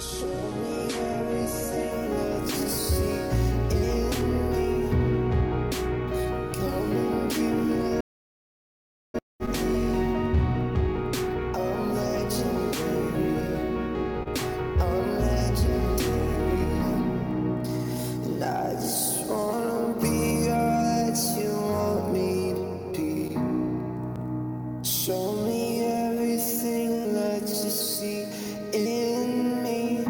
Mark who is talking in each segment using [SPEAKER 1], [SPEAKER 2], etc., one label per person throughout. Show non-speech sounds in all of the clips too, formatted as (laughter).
[SPEAKER 1] Show me everything that you see in me. Come and give me. I'm legendary. I'm legendary. And I just wanna be all that you want me to be. Show me everything that you see in me.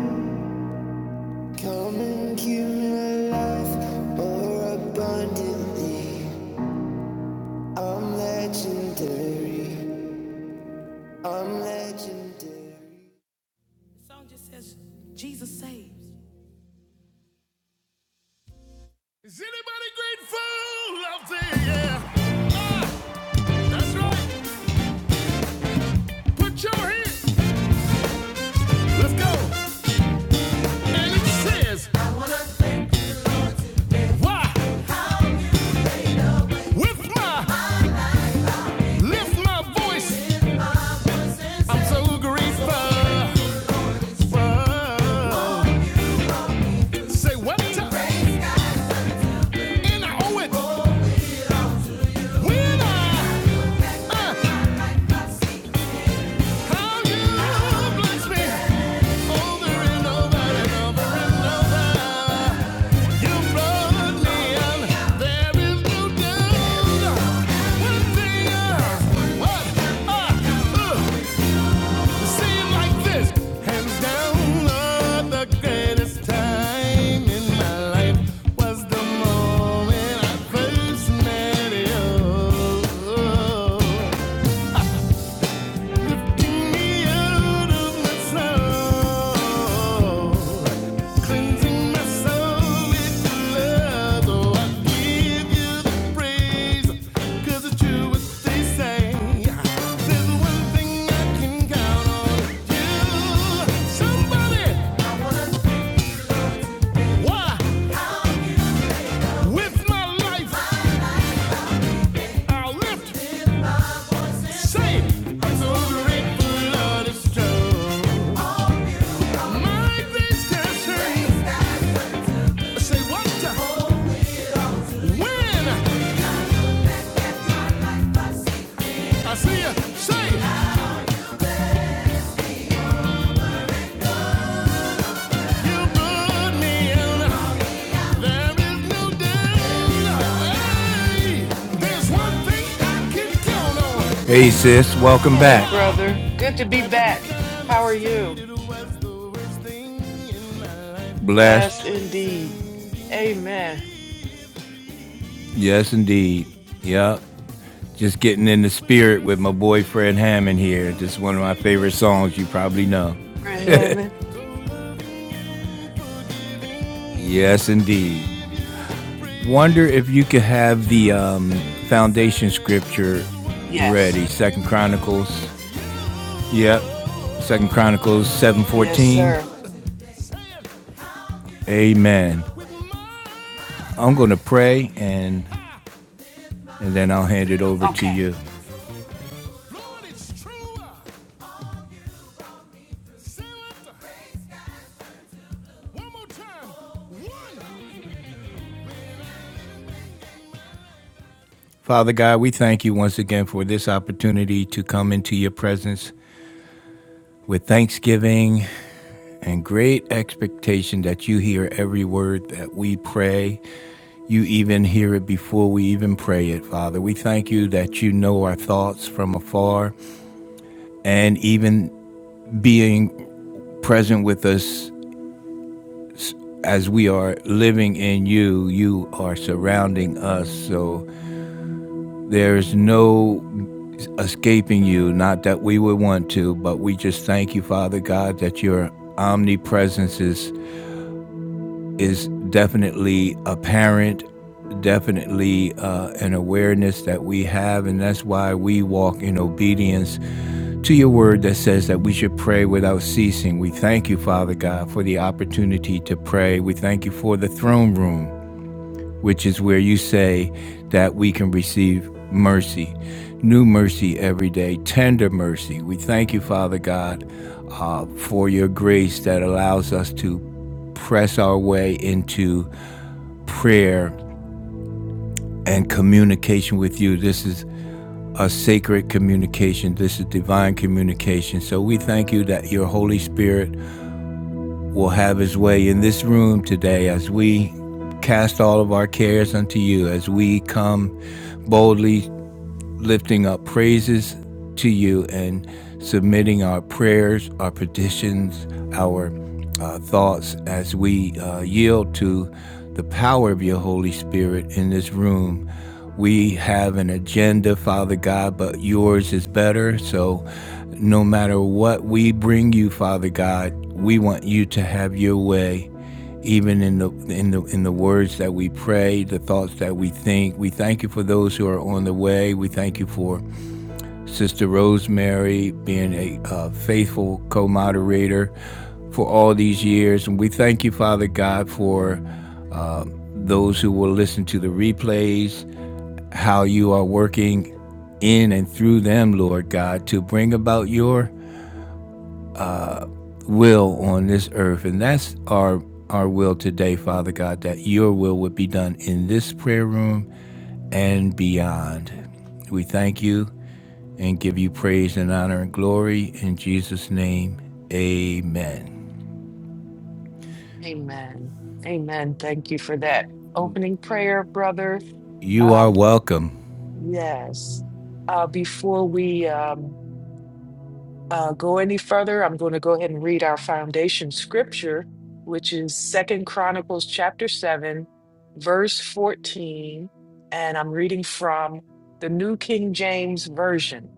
[SPEAKER 1] Come and give me life more abundantly. I'm legendary. I'm legendary. Is anybody grateful out there? yeah? That's right. Put your hands. Let's go. And it says, Why? With my lift my voice. I'm so grateful. Say what? And I owe it when I uh, How you bless me over and over and over You brought me out. There is no doubt. One thing I could say like this, hands down, the greatest time in my life was the moment I first met you. Say what? the When I see you, say you put me in. There is no doubt. Hey, there's one thing I can count on. Hey sis, welcome
[SPEAKER 2] Hey,
[SPEAKER 1] back.
[SPEAKER 2] brother. Good to be back. How are you?
[SPEAKER 1] Blessed.
[SPEAKER 2] Blessed indeed. Amen.
[SPEAKER 1] Yes, indeed. Yep. Just getting in the spirit with my boy Fred Hammond here. Just one of my favorite songs you probably know.
[SPEAKER 2] We're in heaven.
[SPEAKER 1] Yes, indeed. Wonder if you could have the um, foundation scripture ready.
[SPEAKER 2] Yes.
[SPEAKER 1] Second Chronicles. Yep. Second Chronicles seven
[SPEAKER 2] Yes,
[SPEAKER 1] fourteen.
[SPEAKER 2] sir.
[SPEAKER 1] Amen. I'm gonna pray and and then I'll hand it over to
[SPEAKER 2] Okay.
[SPEAKER 1] you. Father God, we thank you once again for this opportunity to come into your presence with thanksgiving and great expectation that you hear every word that we pray. You even hear it before we even pray it, Father. We thank you that you know our thoughts from afar and even being present with us as we are living in you, you are surrounding us. So there's no escaping you, not that we would want to, but we just thank you, Father God, that your omnipresence is is definitely apparent, definitely uh, an awareness that we have, and that's why we walk in obedience to your word that says that we should pray without ceasing. We thank you, Father God, for the opportunity to pray. We thank you for the throne room, which is where you say that we can receive mercy, new mercy every day, tender mercy. We thank you, Father God, uh, for your grace that allows us to press our way into prayer and communication with you. This is a sacred communication. This is divine communication. So we thank you that your Holy Spirit will have his way in this room today as we cast all of our cares unto you, as we come boldly lifting up praises to you and submitting our prayers, our petitions, our uh, thoughts as we uh, yield to the power of your Holy Spirit in this room. We have an agenda, Father God, but yours is better. So no matter what we bring you, Father God, we want you to have your way even in the in the in the words that we pray, the thoughts that we think. We thank you for those who are on the way. We thank you for Sister Rosemary being a uh, faithful co-moderator for all these years, and we thank you, Father God, for those who will listen to the replays. How you are working in and through them, Lord God, to bring about your will on this earth. And that's our our will today, Father God, that your will would be done in this prayer room and beyond. We thank you and give you praise and honor and glory in Jesus' name. Amen.
[SPEAKER 2] Amen. Amen. Thank you for that opening prayer, brother.
[SPEAKER 1] You are
[SPEAKER 2] Um,
[SPEAKER 1] welcome.
[SPEAKER 2] yes. Uh, before we um, uh, go any further, I'm going to go ahead and read our foundation scripture, which is Second Chronicles chapter seven, verse fourteen, and I'm reading from the New King James Version.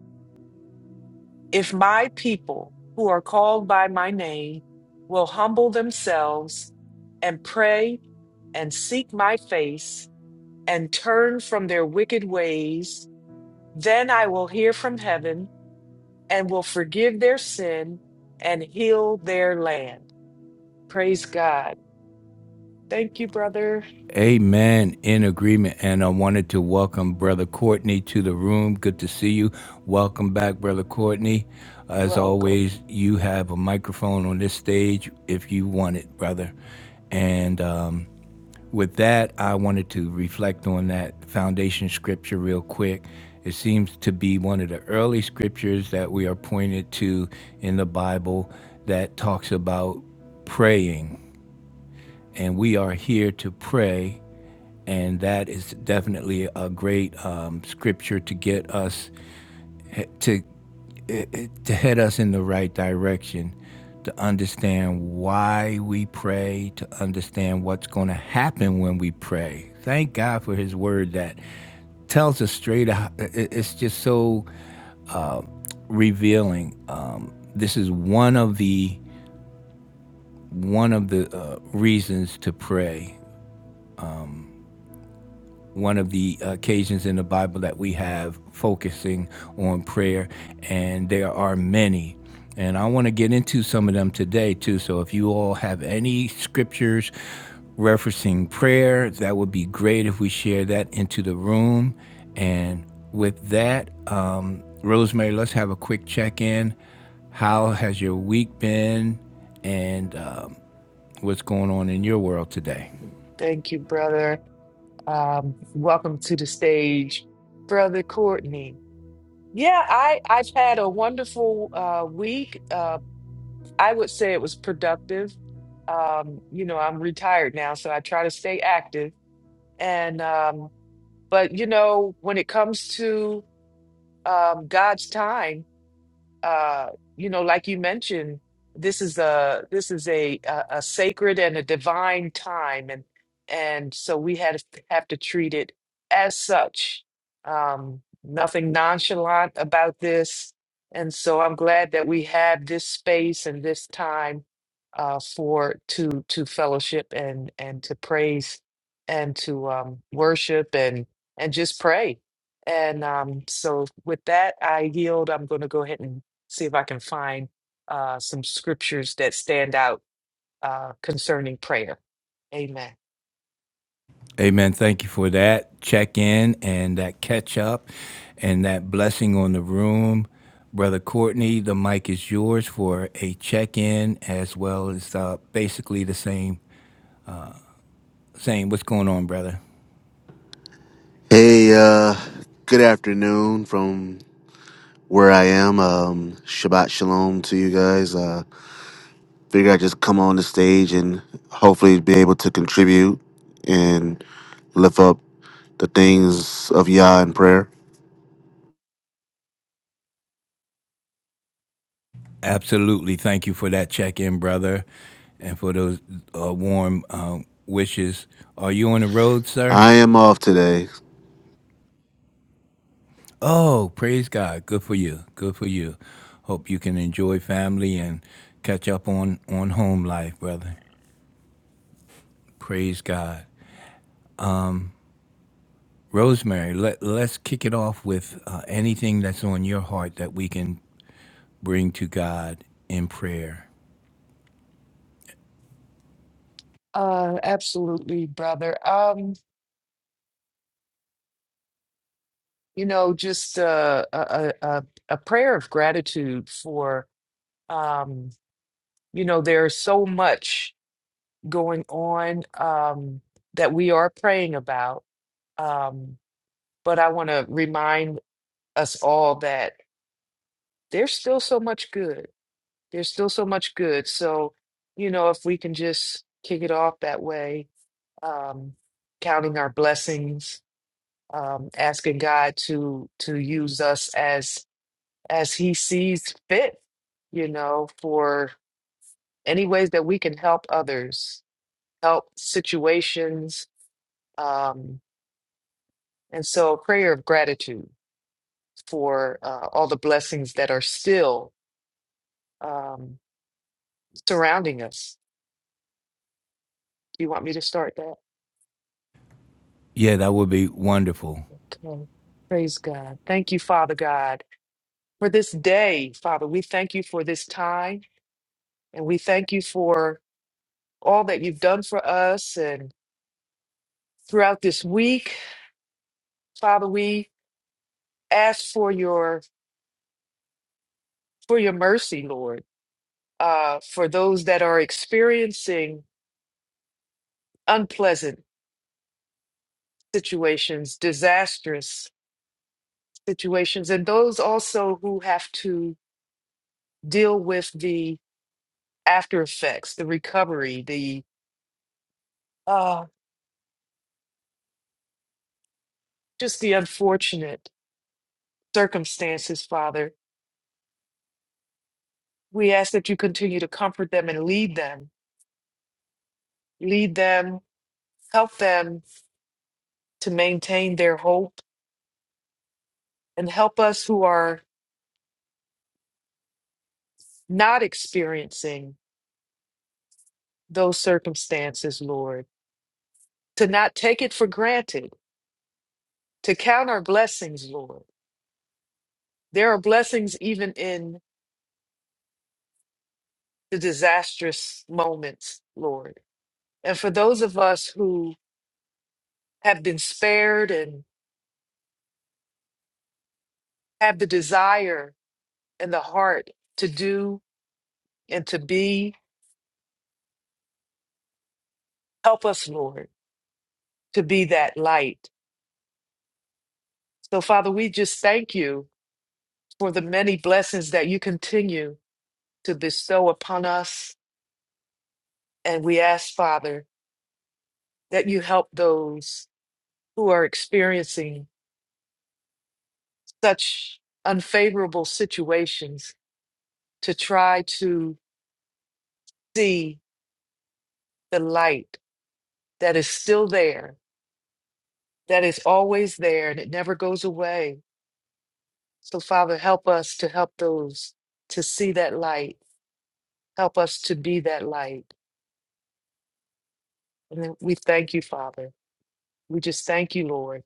[SPEAKER 2] If my people who are called by my name will humble themselves and pray and seek my face and turn from their wicked ways, then I will hear from heaven and will forgive their sin and heal their land. Praise God. Thank you, brother.
[SPEAKER 1] Amen. In agreement. And I wanted to welcome Brother Courtney to the room. Good to see you. Welcome back, Brother Courtney. As
[SPEAKER 2] Welcome.
[SPEAKER 1] always, you have a microphone on this stage if you want it, brother. And um, with that, I wanted to reflect on that foundation scripture real quick. It seems to be one of the early scriptures that we are pointed to in the Bible that talks about praying. And we are here to pray and that is definitely a great um, scripture to get us to eh, eh, to head us in the right direction, to understand why we pray, to understand what's going to happen when we pray. Thank God for His Word that tells us straight out. eh, eh, It's just so revealing. Um, this is one of the one of the uh, reasons to pray one of the occasions in the Bible that we have focusing on prayer, and there are many. And I want to get into some of them today, too. So if you all have any scriptures referencing prayer, that would be great if we share that into the room. And with that, um, Rosemary, let's have a quick check in. How has your week been? And um, what's going on in your world today?
[SPEAKER 2] Thank you, brother. Um, welcome to the stage, brother Courtney. Yeah, I I've had a wonderful uh, week. Uh, I would say it was productive. Um, you know, I'm retired now, so I try to stay active. And um, but you know, when it comes to um, God's time. uh, you know, like you mentioned, this is a this is a a, a sacred and a divine time, and and so we had to have to treat it as such. Um, nothing nonchalant about this, and so I'm glad that we have this space and this time uh, for to to fellowship and and to praise and to um, worship and and just pray. And um, so with that, I yield. I'm going to go ahead and see if I can find uh, some scriptures that stand out uh, concerning prayer. Amen.
[SPEAKER 1] Amen. Thank you for that check in and that catch up and that blessing on the room. Brother Courtney, the mic is yours for a check in as well as uh, basically the same. Same. What's going on, brother?
[SPEAKER 3] Hey, uh, good afternoon from where I am. Um, Shabbat Shalom to you guys. Uh, figure I'd just come on the stage and hopefully be able to contribute and lift up the things of Yah in prayer.
[SPEAKER 1] Absolutely. Thank you for that check in, brother, and for those uh, warm um, wishes. Are you on the road, sir?
[SPEAKER 3] I am off today.
[SPEAKER 1] Oh, praise God. Good for you. Good for you. Hope you can enjoy family and catch up on, on home life, brother. Praise God. Rosemary, let, let's kick it off with uh, anything that's on your heart that we can bring to God in prayer.
[SPEAKER 2] Uh, absolutely, brother. Um, you know, just uh, a, a a a prayer of gratitude for um, you know, there's so much going on um, that we are praying about. Um, but I want to remind us all that there's still so much good. There's still so much good. So, you know, if we can just kick it off that way, um, counting our blessings, um, asking God to to use us as as He sees fit, you know, for any ways that we can help others, help situations, um, and so, prayer of gratitude for uh, all the blessings that are still um, surrounding us. Do you want me to start
[SPEAKER 1] Yeah, that would be wonderful.
[SPEAKER 2] Oh, Praise God. Thank you, Father God, for this day, Father. We thank you for this time and we thank you for all that you've done for us and throughout this week. Father, we ask for your for your mercy, Lord, uh, for those that are experiencing unpleasant situations, disastrous situations, and those also who have to deal with the after effects, the recovery, the uh, just the unfortunate circumstances, Father. We ask that you continue to comfort them and lead them, lead them, help them to maintain their hope, and help us who are not experiencing those circumstances, Lord, to not take it for granted, to count our blessings, Lord. There are blessings even in the disastrous moments, Lord. And for those of us who have been spared and have the desire and the heart to do and to be. Help us, Lord, to be that light. So, Father, we just thank you for the many blessings that you continue to bestow upon us. And we ask, Father, that you help those who are experiencing such unfavorable situations to try to see the light that is still there, that is always there, and it never goes away So, Father, help us to help those to see that light. Help us to be that light. And then we thank you, Father. We just thank you, Lord.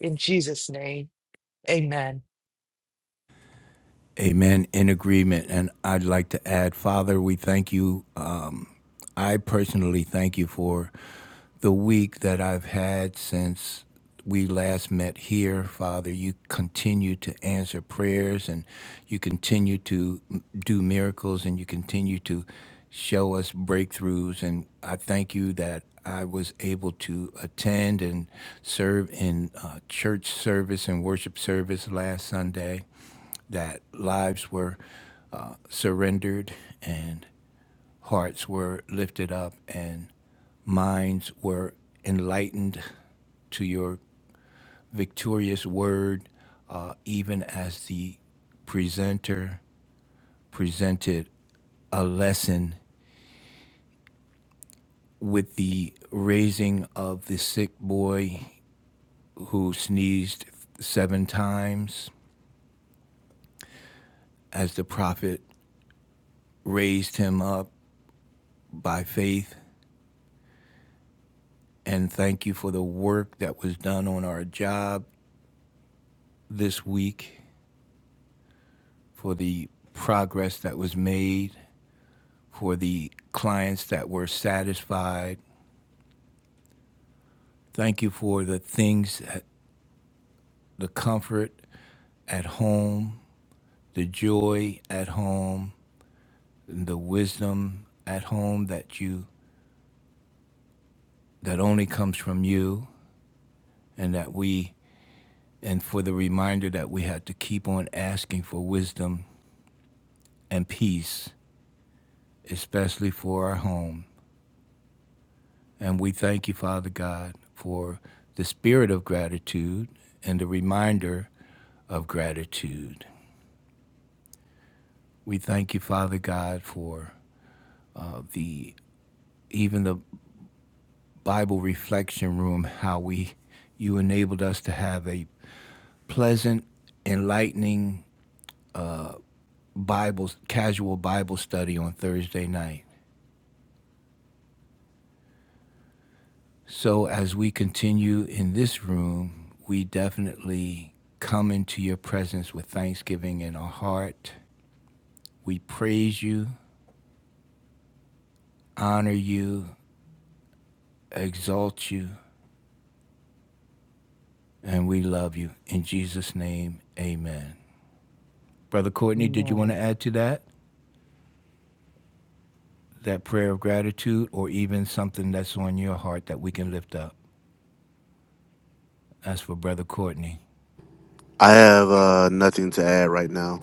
[SPEAKER 2] In Jesus' name, amen.
[SPEAKER 1] Amen. In agreement. And I'd like to add, Father, we thank you. Um, I personally thank you for the week that I've had since we last met here, Father. You continue to answer prayers and you continue to do miracles and you continue to show us breakthroughs. And I thank you that I was able to attend and serve in uh, church service and worship service last Sunday that lives were uh, surrendered and hearts were lifted up and minds were enlightened to your victorious word, uh, even as the presenter presented a lesson with the raising of the sick boy who sneezed seven times as the prophet raised him up by faith and thank you for the work that was done on our job this week, for the progress that was made, for the clients that were satisfied. Thank you for the things, the comfort at home, the joy at home, and the wisdom at home that you that only comes from you, and that we and for the reminder that we have to keep on asking for wisdom and peace, especially for our home. And we thank you, Father God, for the spirit of gratitude and the reminder of gratitude. We thank you, Father God, for uh, the even the Bible reflection room. How we you enabled us to have a pleasant, enlightening Bible casual Bible study on Thursday night. So as we continue in this room, we definitely come into your presence with thanksgiving in our heart We praise you, honor you, exalt you, and we love you. In Jesus' name, amen. Brother Courtney, did you want to
[SPEAKER 2] Amen.
[SPEAKER 1] add to that? That prayer of gratitude or even something that's on your heart that we can lift up? That's for Brother Courtney.
[SPEAKER 3] I have uh, nothing to add right now.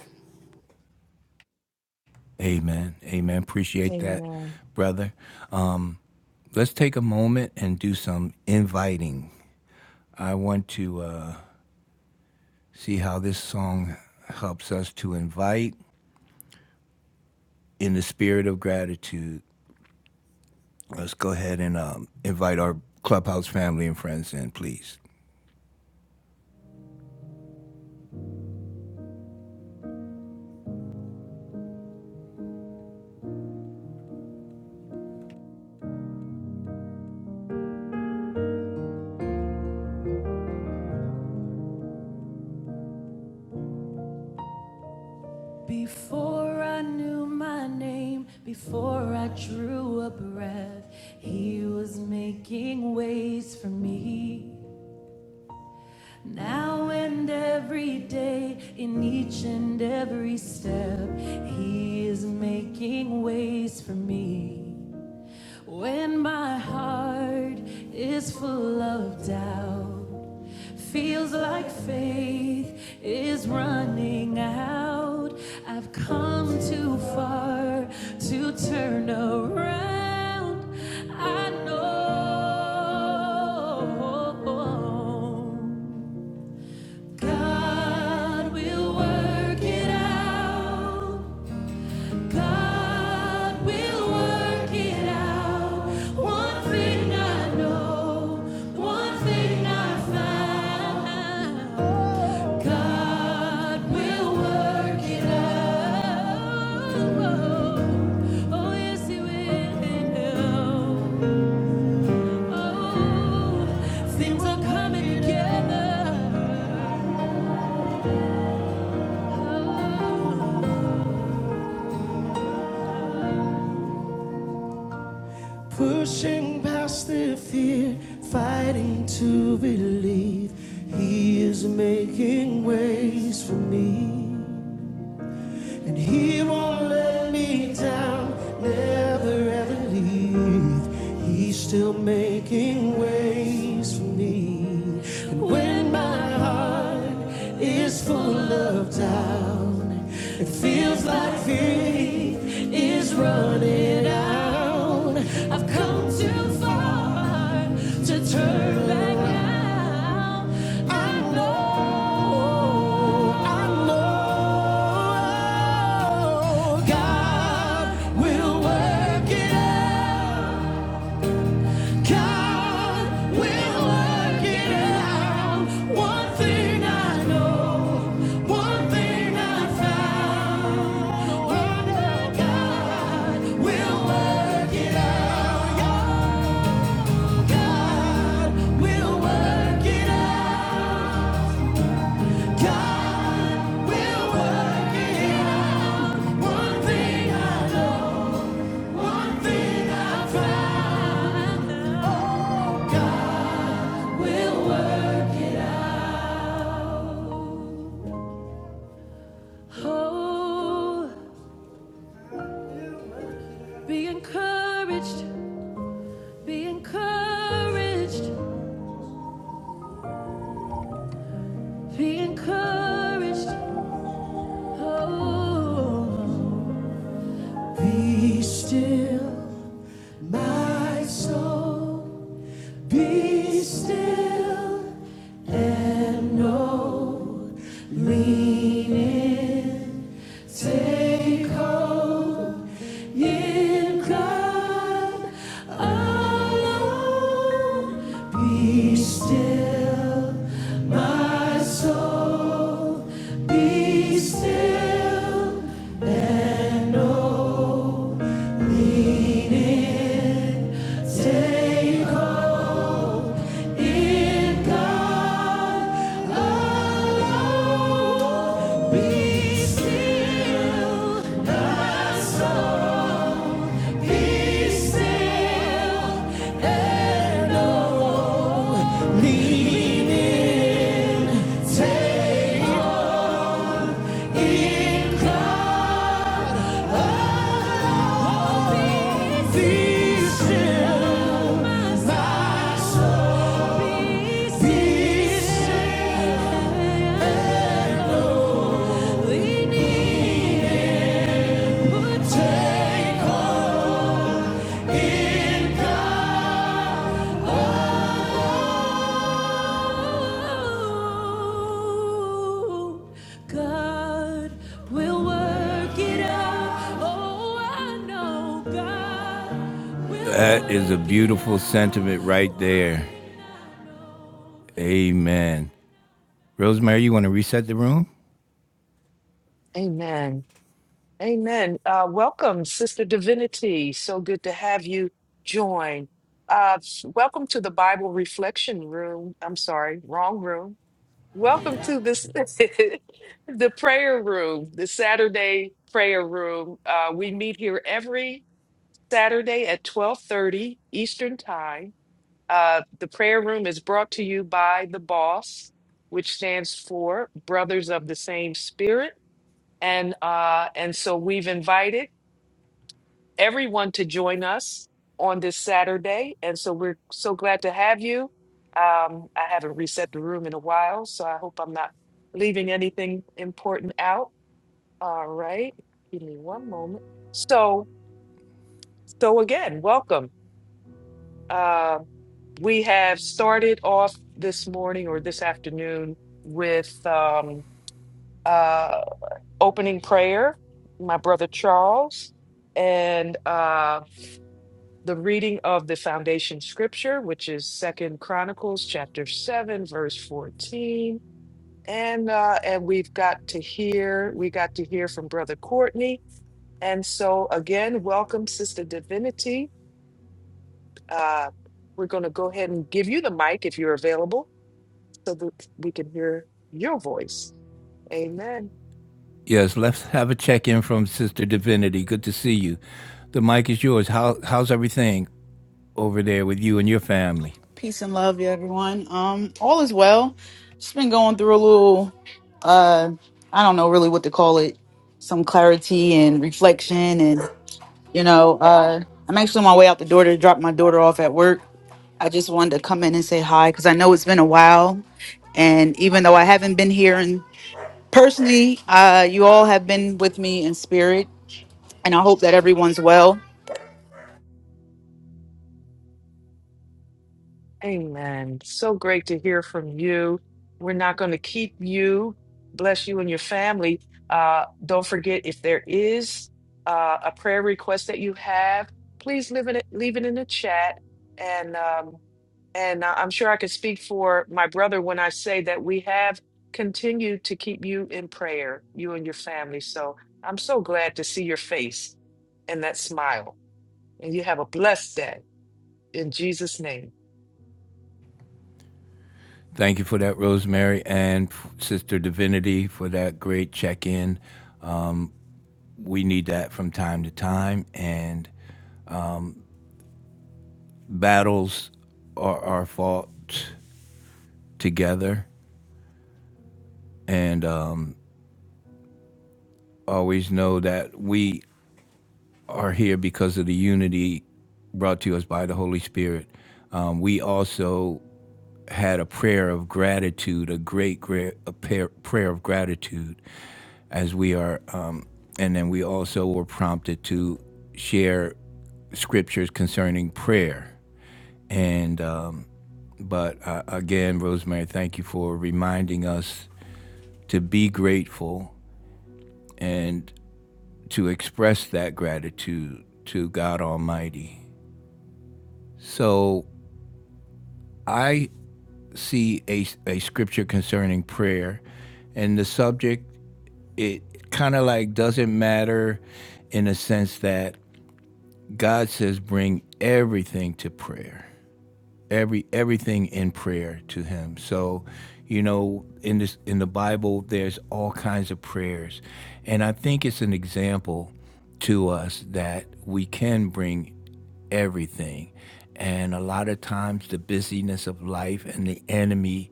[SPEAKER 1] Amen. Amen. Appreciate that,
[SPEAKER 2] Amen.
[SPEAKER 1] brother. Um, let's take a moment and do some inviting. I want to uh, see how this song helps us to invite in the spirit of gratitude. Let's go ahead and um, invite our clubhouse family and friends in, please. Before I knew my name, before I drew a breath, he was making ways for me. Now and every day, in each and every step, he is making ways for me. When my heart is full of doubt, feels like faith is running out. I've come too far to turn around. I know God will work it out. God will work it out. One thing I know, one thing I found. God will work it out. Oh, yes, He will. Oh, things are coming together. Pushing past the fear, fighting to believe. He is making ways for me. And He won't let me down, never ever leave. He's still making ways for me. And when my heart is full of doubt, it feels like faith is right running out. I've come too far to turn back now. I know, I know God will work it out. God will work it out. One thing I know, one thing I found. Oh, God will work it out. Your God will work it out. God will work it out. One thing I know, one thing I found. Oh, God will work it out. Oh, be encouraged, be encouraged, be encouraged. Oh, be still, my soul, be still and know, lean in, take hold. In God alone, be still, my soul, be still and know Take hope in God alone. Be still thy soul. Be still and know. Lean in. Take hope in God we need it. Oh, That is a beautiful sentiment right there. Amen. Rosemary, you want to reset the room?
[SPEAKER 2] Amen. Amen. Uh, welcome, Sister Divinity. So good to have you join. Uh, s- welcome to the Bible Reflection Room. I'm sorry, wrong room Welcome to this (laughs) the prayer room, the Saturday prayer room. Uh, we meet here every Saturday at 12:30 Eastern Time. Uh, the prayer room is brought to you by the boss, which stands for Brothers of the Same Spirit. And uh, and so we've invited everyone to join us on this Saturday. And so we're so glad to have you. Um, I haven't reset the room in a while, so I hope I'm not leaving anything important out. All right. Give me one moment. So, so again, welcome. Uh, we have started off this morning or this afternoon with um, uh, opening prayer, my brother Charles. And uh, the reading of the foundation scripture, which is Second Chronicles chapter seven, verse fourteen. And uh, and we've got to hear, we got to hear from Brother Courtney. And so again, welcome, Sister Divinity. Uh, we're going to go ahead and give you the mic if you're available, so that we can hear your voice. Amen.
[SPEAKER 1] Yes, let's have a check in from Sister Divinity. Good to see you. The mic is yours. How, how's everything over there with you and your family?
[SPEAKER 4] Peace and love, yeah, everyone. Um, all is well. Just been going through a little, uh, I don't know really what to call it, some clarity and reflection, and you know, uh, I'm actually on my way out the door to drop my daughter off at work. I just wanted to come in and say hi because I know it's been a while, and even though I haven't been here and personally, uh, you all have been with me in spirit, and I hope that everyone's well.
[SPEAKER 2] Amen. So great to hear from you. We're not going to keep you. Bless you and your family. Uh, don't forget if there is uh, a prayer request that you have, please leave it leave it in the chat. And um, and I- I'm sure I could speak for my brother when I say that we have continued to keep you in prayer, you and your family. So I'm so glad to see your face and that smile. And you have a blessed day in Jesus' name.
[SPEAKER 1] Thank you for that, Rosemary, and Sister Divinity for that great check in. We need that from time to time, and battles are our fault together. And um, always know that we are here because of the unity brought to us by the Holy Spirit. Um, we also had a prayer of gratitude, a great, great a prayer, prayer of gratitude, as we are, um, and then we also were prompted to share scriptures concerning prayer. And um, but uh, again, Rosemary, thank you for reminding us to be grateful and to express that gratitude to God Almighty. So I see a, a scripture concerning prayer, and the subject it kind of like doesn't matter in the sense that God says bring everything to prayer. Every everything in prayer to him. So, you know, in this in the Bible there's all kinds of prayers. And I think it's an example to us that we can bring everything. And a lot of times, the busyness of life and the enemy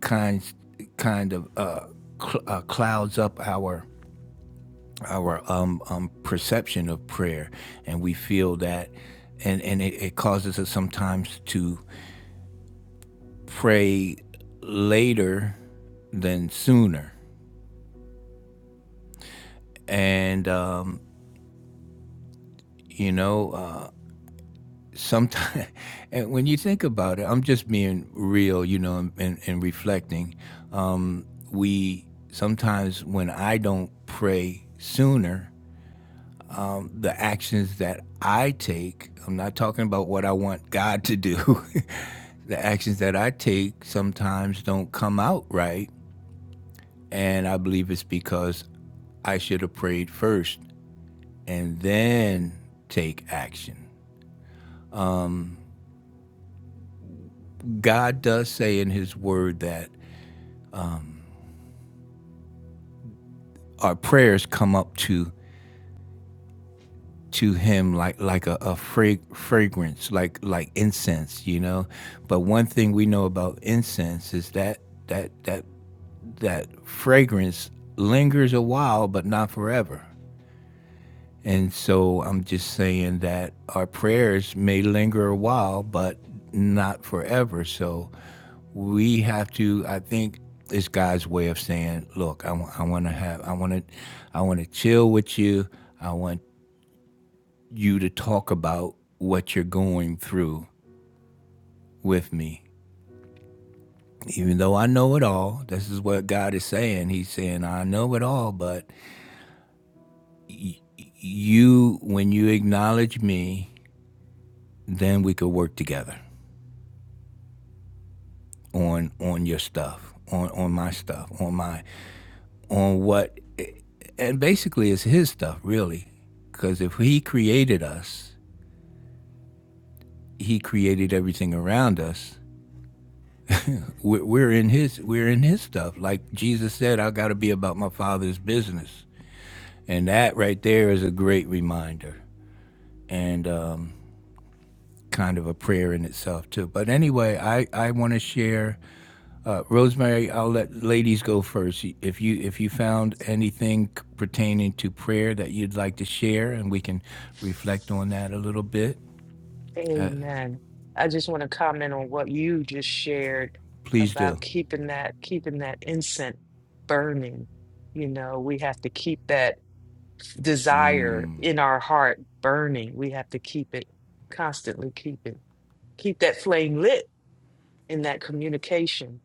[SPEAKER 1] kinds kind of uh, cl- uh, clouds up our our um, um, perception of prayer, and we feel that, and and it, it causes us sometimes to pray later than sooner, and um, you know. Uh, Sometimes, (laughs) and when you think about it, I'm just being real, you know, and, and, and reflecting. Um, we sometimes, when I don't pray sooner, the actions that I take, I'm not talking about what I want God to do. (laughs) the actions that I take sometimes don't come out right. And I believe it's because I should have prayed first and then take action. God does say in his word that our prayers come up to to him like like a, a fra- fragrance like like incense you know but one thing we know about incense is that that that that fragrance lingers a while, but not forever. And so I'm just saying that our prayers may linger a while, but not forever. So we have to, I think, it's God's way of saying, look, I, w- I want to have, I want to, I want to chill with you. I want you to talk about what you're going through with me. Even though I know it all, this is what God is saying. He's saying, I know it all, but you when you acknowledge me then we could work together on on your stuff on on my stuff on my on what and basically it's his stuff really because if he created us he created everything around us we're, we're in his we're in his stuff like jesus said i got to be about my father's business and that right there is a great reminder and um, kind of a prayer in itself too but anyway i i want to share Uh, Rosemary, I'll let ladies go first. If you if you found anything pertaining to prayer that you'd like to share, and we can reflect on that a little bit, uh,
[SPEAKER 2] Amen. I just want to comment on what you just shared
[SPEAKER 1] please do.
[SPEAKER 2] about keeping that keeping that incense burning. You know, we have to keep that desire in our heart burning. We have to keep it constantly keep it. Keep that flame lit in that communication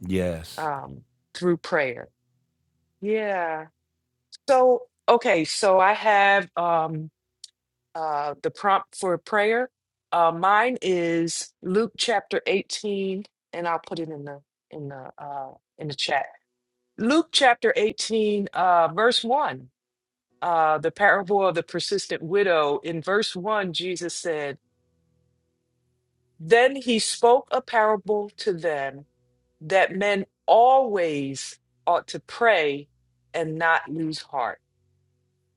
[SPEAKER 1] Yes.
[SPEAKER 2] um, through prayer. Yeah. So, okay, so I have um uh, the prompt for prayer. Uh, mine is Luke chapter 18, and I'll put it in the in the uh, in the chat. Luke chapter 18, uh, verse one. Uh, the parable of the persistent widow. In verse one, Jesus said, "Then he spoke a parable to them that men always ought to pray and not lose heart."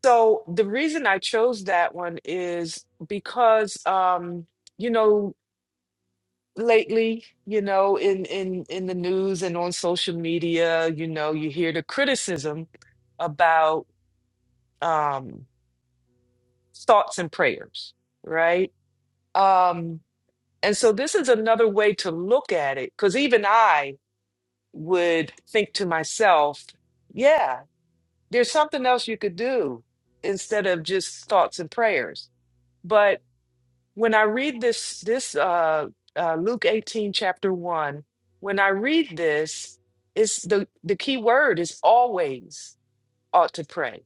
[SPEAKER 2] So the reason I chose that one is because um, you know lately, you know, in in in the news and on social media, you know, you hear the criticism about um thoughts and prayers, right? Um and so this is another way to look at it because even I would think to myself, yeah, there's something else you could do instead of just thoughts and prayers. But when I read this, this uh, uh, Luke 18, chapter 1, when I read this, it's the, the key word is always ought to pray.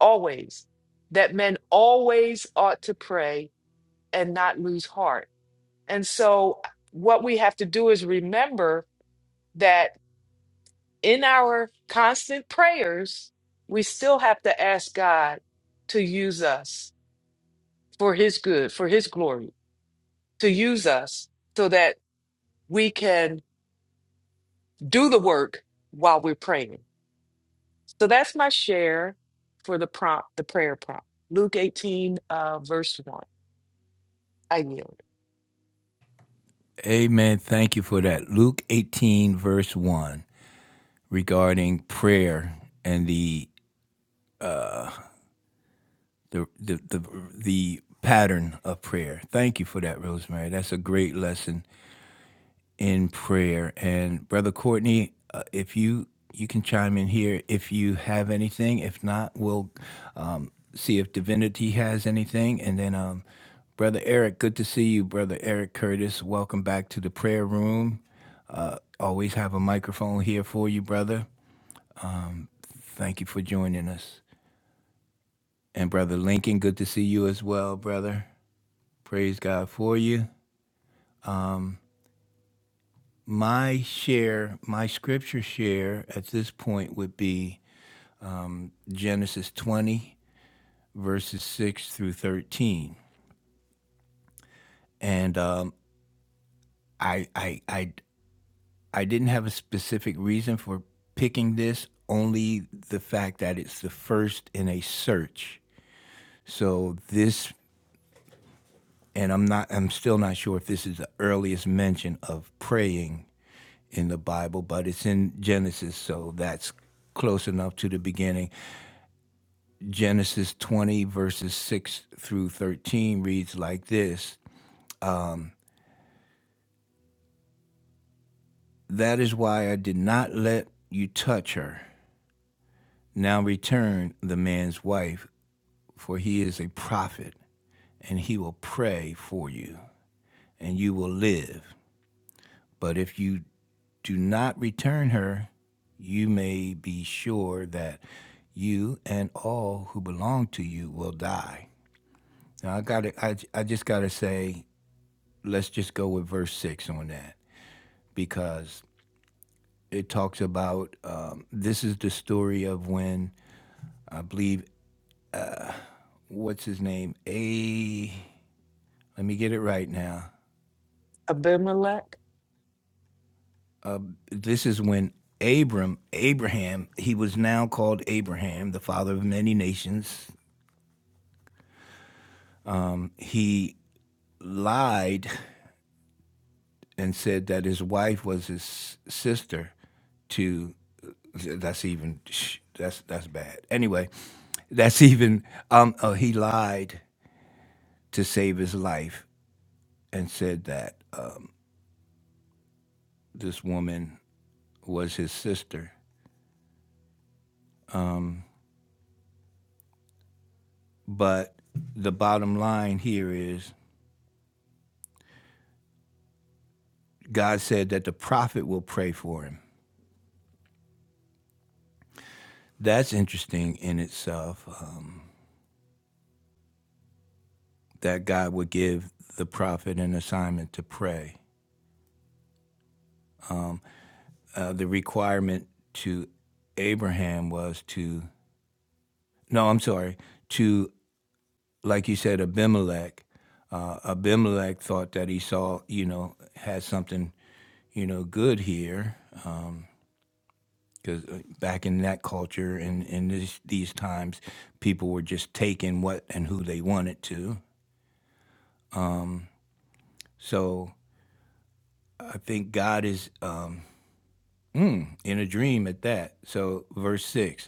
[SPEAKER 2] Always. That men always ought to pray and not lose heart. And so, what we have to do is remember that in our constant prayers, we still have to ask God to use us for his good, for his glory, to use us so that we can do the work while we're praying. So that's my share for the prompt, the prayer prompt. Luke 18, uh, verse 1. I yield.
[SPEAKER 1] Amen. Thank you for that. Luke 18 verse 1 regarding prayer and the uh the the the, the pattern of prayer. Thank you for that, Rosemary. That's a great lesson in prayer. And Brother Courtney, uh, if you you can chime in here if you have anything. If not, we'll um, see if Divinity has anything. And then, um, Brother Eric, good to see you, Brother Eric Curtis. Welcome back to the prayer room. Always have a microphone here for you, brother. Thank you for joining us. And Brother Lincoln, good to see you as well, brother. Praise God for you. My share, my scripture share at this point would be Genesis 20 verses 6 through 13. And um, I, I, I, I didn't have a specific reason for picking this, only the fact that it's the first in a search. So this, and I'm not, I'm still not sure if this is the earliest mention of praying in the Bible, but it's in Genesis, so that's close enough to the beginning. Genesis 20, verses 6 through 13 reads like this That is why I did not let you touch her. Now return the man's wife, for he is a prophet, and he will pray for you, and you will live. But if you do not return her, you may be sure that you and all who belong to you will die. Now I got to I, I just got to say let's just go with verse 6 on that because it talks about um, this is the story of when I believe what's his name? A Let me get it right now.
[SPEAKER 2] Abimelech.
[SPEAKER 1] This is when Abram, Abraham, he was now called Abraham, the father of many nations. He lied and said that his wife was his sister to that's even that's that's bad. Anyway, that's (laughs) even um uh, he lied to save his life and said that uh, this woman was his sister. But the bottom line here is God said that the prophet will pray for him. That's interesting in itself, uh, that God would give the prophet an assignment to pray. Uh, the requirement to Abraham was to, no, I'm sorry, to, like you said, Abimelech. Uh, Abimelech thought that he saw, you know, had something, you know, good here. Because back in that culture and in in this, these times, people were just taking what and who they wanted to. So I think God is uh, in a dream at that. So, verse 6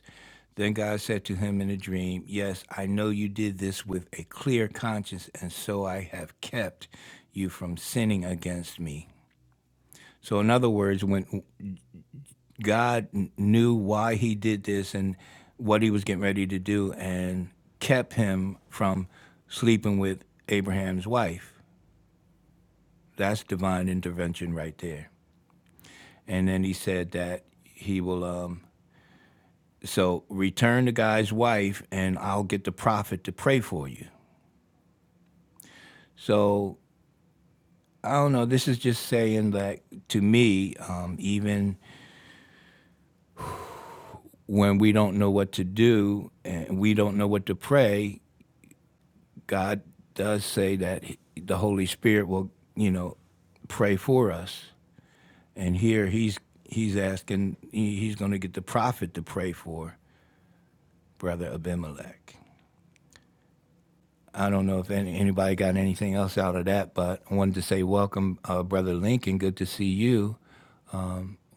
[SPEAKER 1] Then God said to him in a dream, Yes, I know you did this with a clear conscience, and so I have kept you from sinning against me. So, in other words, when God knew why he did this and what he was getting ready to do, and kept him from sleeping with Abraham's wife. That's divine intervention right there. And then he said that he will um, So return the guy's wife, and I'll get the prophet to pray for you. So I don't know. This is just saying that to me, um, even when we don't know what to do and we don't know what to pray, God does say that the Holy Spirit will, you know, pray for us. And here he's he's asking he's going to get the prophet to pray for brother Abimelech. I don't know if any, anybody got anything else out of that, but I wanted to say welcome, uh, Brother Lincoln. Good to see you.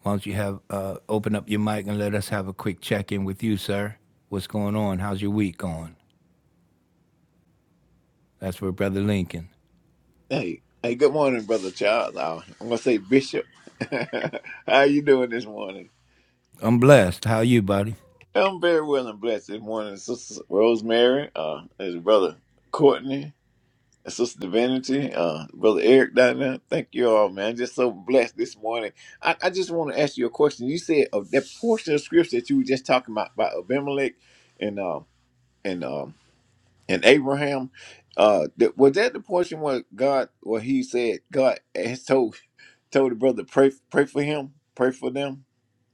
[SPEAKER 1] Why don't you have uh, open up your mic and let us have a quick check in with you, sir? What's going on? How's your week going? That's for Brother Lincoln.
[SPEAKER 5] Hey, hey, good morning, brother Charles. Uh, I'm gonna say Bishop. (laughs) How you doing this morning?
[SPEAKER 1] I'm blessed. How are you, buddy?
[SPEAKER 5] I'm very well and blessed this morning, Sister Rosemary, uh, as brother Courtney, and Sister Divinity, uh, brother Eric down there. Thank you all, man. Just so blessed this morning. I, I just want to ask you a question. You said of that portion of scripture that you were just talking about about Abimelech and um and um and Abraham. Uh, that, was that the portion where God, where He said God has told told the brother pray pray for him, pray for them.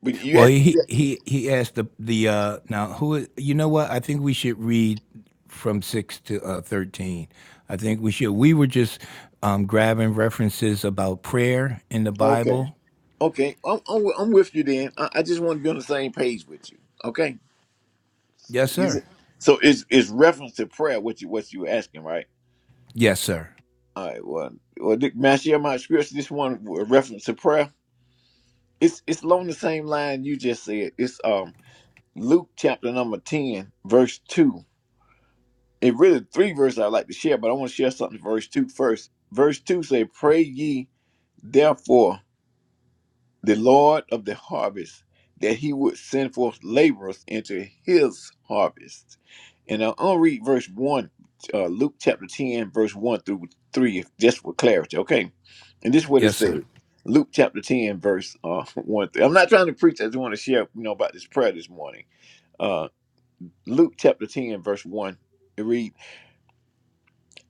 [SPEAKER 5] But you
[SPEAKER 1] Well,
[SPEAKER 5] asked,
[SPEAKER 1] he he he asked the the uh, now who is- you know what? I think we should read from 6 to uh, 13. I think we should. We were just um, grabbing references about prayer in the
[SPEAKER 5] okay,
[SPEAKER 1] Bible.
[SPEAKER 5] okay, I'm, I'm wi- I'm with you then. I, I just want to be on the same page with you. Okay,
[SPEAKER 1] Yes,
[SPEAKER 5] Is
[SPEAKER 1] sir.
[SPEAKER 5] it- so it's it's reference to prayer what you what you were asking, right?
[SPEAKER 1] Yes, sir.
[SPEAKER 5] All right, well, well, Dick, may I share my experience? This one with reference to prayer. It's it's along the same line you just said. It's um Luke chapter number ten, verse two. It really three verses I like to share, but I want to share something verse two first. Verse two say, "Pray ye." therefore the Lord of the harvest, that he would send forth laborers into his harvest. And I'll I'll read verse 1, uh, Luke chapter 10, verse 1 through 3, if- just for clarity, okay? And this is what it
[SPEAKER 1] Yes, sir.
[SPEAKER 5] says Luke chapter 10, verse uh, (laughs) 1 through. I'm not trying to preach, I just want to share, you know, about this prayer this morning. Uh, Luke chapter 10, verse 1. It read,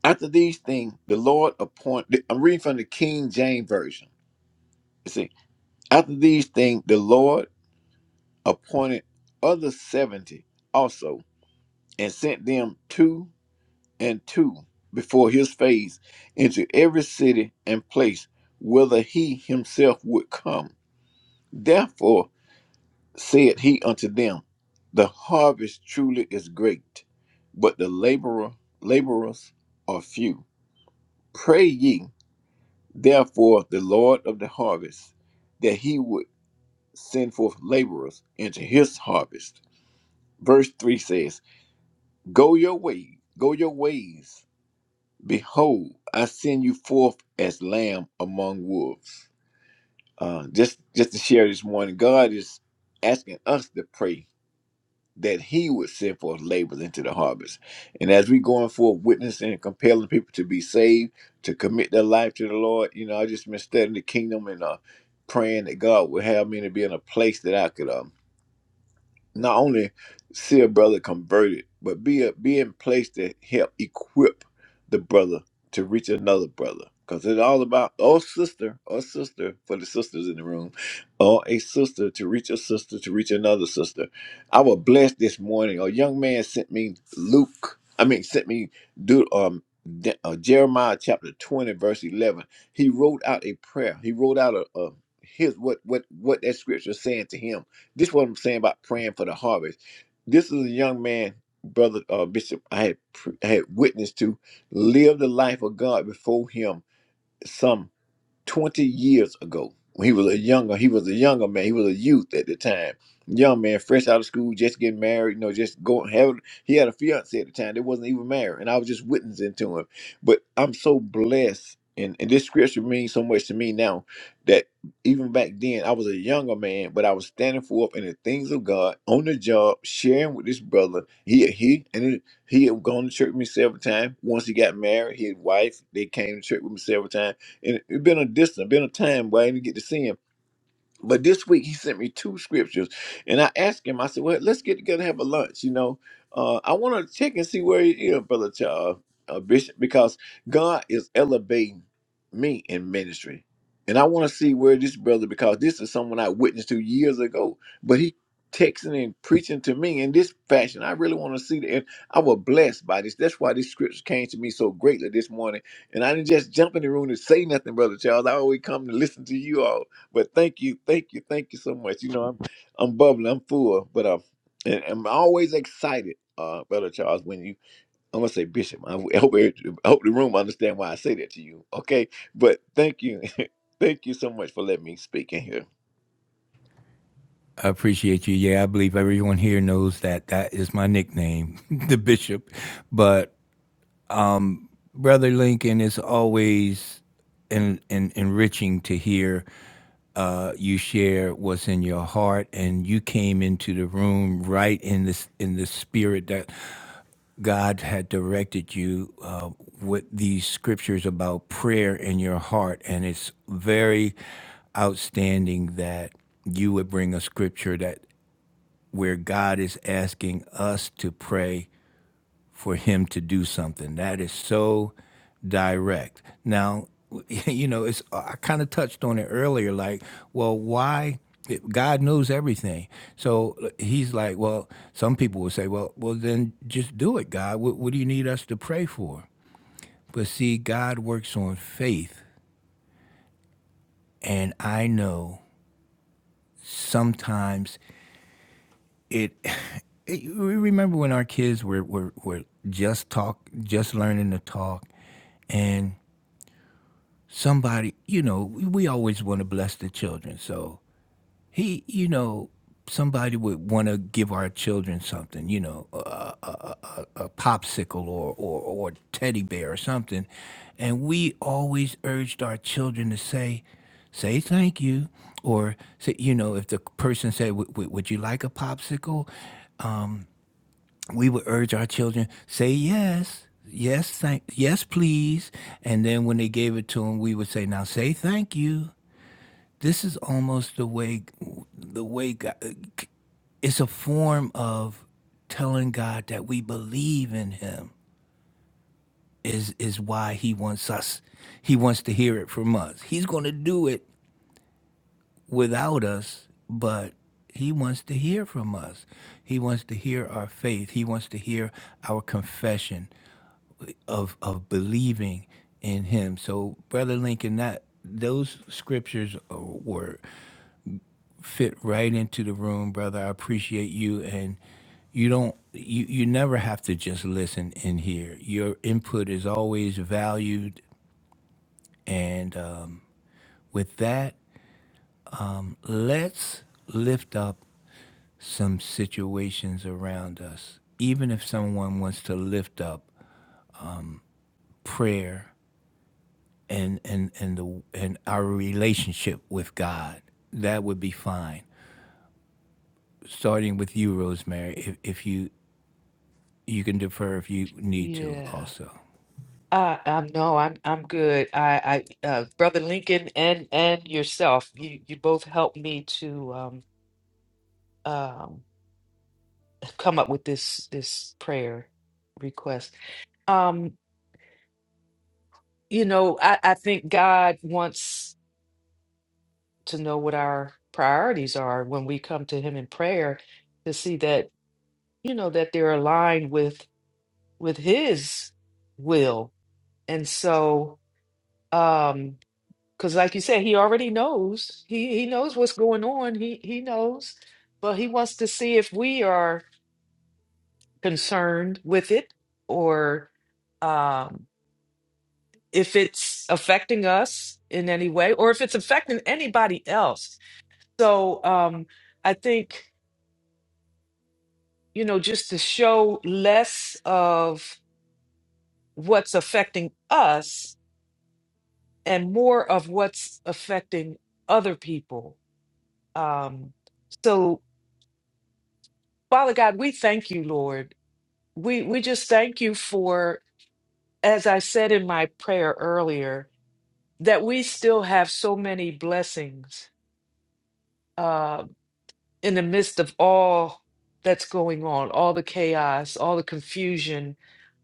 [SPEAKER 5] After these things, the Lord appointed, I'm reading from the King James Version. You see, after these things, the Lord appointed other seventy also, and sent them two and two before his face into every city and place whither he himself would come. Therefore said he unto them, The harvest truly is great, but the laborer laborers are few. Pray ye therefore the Lord of the harvest, that he would send forth laborers into his harvest. Verse 3 says, Go your way, go your ways. Behold, I send you forth as lamb among wolves. Uh, just just to share this morning, God is asking us to pray that He would send forth laborers into the harvest. And as we going forth witnessing and compelling people to be saved, to commit their life to the Lord, you know, I just been studying the kingdom and uh, praying that God would have me to be in a place that I could um not only see a brother converted, but be a, be in place to help equip the brother to reach another brother. Cause it's all about oh sister or sister for the sisters in the room, or a sister to reach a sister to reach another sister. I was blessed this morning. A young man sent me Luke. I mean, sent me do um De- uh, Jeremiah chapter twenty verse eleven. He wrote out a prayer. He wrote out a, a his what what what that scripture is saying to him this is what I'm saying about praying for the harvest. This is a young man, brother uh, Bishop. I had pre- I had witnessed to live the life of God before him. Some 20 years ago when he was a younger he was a younger man he was a youth at the time young man fresh out of school just getting married you know just going having he had a fiance at the time that wasn't even married and i was just witnessing to him but i'm so blessed and, and this scripture means so much to me now that even back then i was a younger man but i was standing for up in the things of god on the job sharing with this brother he he and it, he had gone to church with me several times once he got married his wife they came to church with me several times and it, it been a distance, been a time where I didn't get to see him. But this week he sent me two scriptures, and I asked him. I said, "Well, let's get together and have a lunch." You know, uh, I want to check and see where he is, brother Ch- uh, uh, Bishop, because God is elevating me in ministry, and I want to see where this brother, because this is someone I witnessed to years ago, but he texting and preaching to me in this fashion. I really want to see that. And I was blessed by this. That's why this scripture came to me so greatly this morning. And I didn't just jump in the room and say nothing, brother Charles. I always come to listen to you all but thank you, thank you, thank you so much. You know, I'm I'm bubbling, I'm full, but I'm and I'm always excited, uh, Brother Charles. When you, I'm gonna say Bishop. I (laughs) hope every- I hope the room understand why I say that to you. Okay, but thank you, (laughs) thank you so much for letting me speak in here.
[SPEAKER 1] I appreciate you. Yeah, I believe everyone here knows that that is my nickname, (laughs) the bishop. But Brother Lincoln, it's always en- en- enriching to hear uh, you share what's in your heart, and you came into the room right in this in the spirit that God had directed you uh, with these scriptures about prayer in your heart, and it's very outstanding that you would bring a scripture that where God is asking us to pray for Him to do something. That is so direct. Now, (laughs) you know, it's I kind of touched on it earlier. Like, well, why? God knows everything, so He's like, well, some people will say, well, well, then just do it, God. What, what do you need us to pray for? But see, God works on faith, and I know sometimes it, it you remember when our kids were, were were just talk just learning to talk and somebody you know we, we always want to bless the children so he you know somebody would want to give our children something you know a popsicle or or or teddy bear or something and we always urged our children to say say thank you or say you know if the person said would, would would you like a popsicle we would urge our children say yes yes thank yes please and then when they gave it to them we would say now say thank you this is almost the way the way god, it's a form of telling god that we believe in him is is why he wants us he wants to hear it from us he's going to do it without us but he wants to hear from us. He wants to hear our faith. He wants to hear our confession. of of believing in him. So, brother Lincoln, that those scriptures uh, were fit right into the room, brother. I appreciate you, and you don't you you never have to just listen in here. Your input is always valued, and um, with that, let's lift up some situations around us, even if someone wants to lift up prayer and and and the and our relationship with God. That would be fine. Starting with you, Rosemary, if, if you you can defer if you need to
[SPEAKER 2] Yeah.
[SPEAKER 1] also.
[SPEAKER 2] I, I'm no, I'm I'm good. I, I uh Brother Lincoln and and yourself, you you both helped me to um um come up with this this prayer request. Um, you know, I, I think God wants to know what our priorities are when we come to him in prayer to see that you know that they're aligned with with his will and so um because like you said he already knows he he knows what's going on he he knows but he wants to see if we are concerned with it or um if it's affecting us in any way or if it's affecting anybody else so um i think you know, just to show less of what's affecting us and more of what's affecting other people. Um, so, Father God, we thank you, Lord. We we just thank you for, as I said in my prayer earlier, that we still have so many blessings uh, in the midst of all that's going on, all the chaos, all the confusion,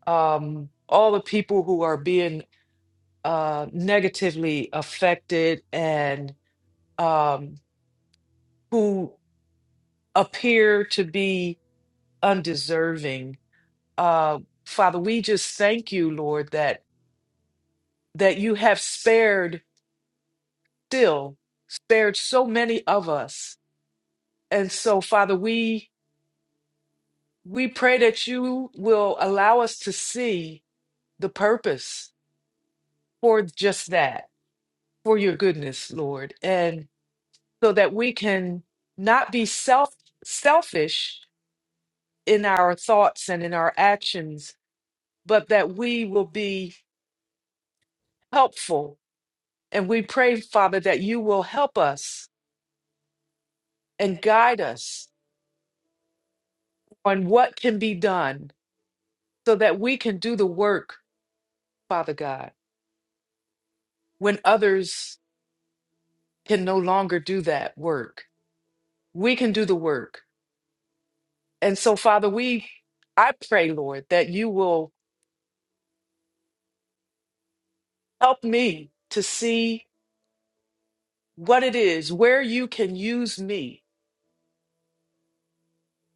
[SPEAKER 2] um, all the people who are being uh, negatively affected and um, who appear to be undeserving. Uh, Father, we just thank you, Lord, that that you have spared still spared so many of us. And so, Father, we we pray that you will allow us to see the purpose for just that, for your goodness, Lord, and so that we can not be self selfish in our thoughts and in our actions, but that we will be helpful. And we pray, Father, that you will help us and guide us on what can be done so that we can do the work, Father God, when others can no longer do that work. We can do the work. And so, Father, we, I pray, Lord, that you will help me to see what it is, where you can use me,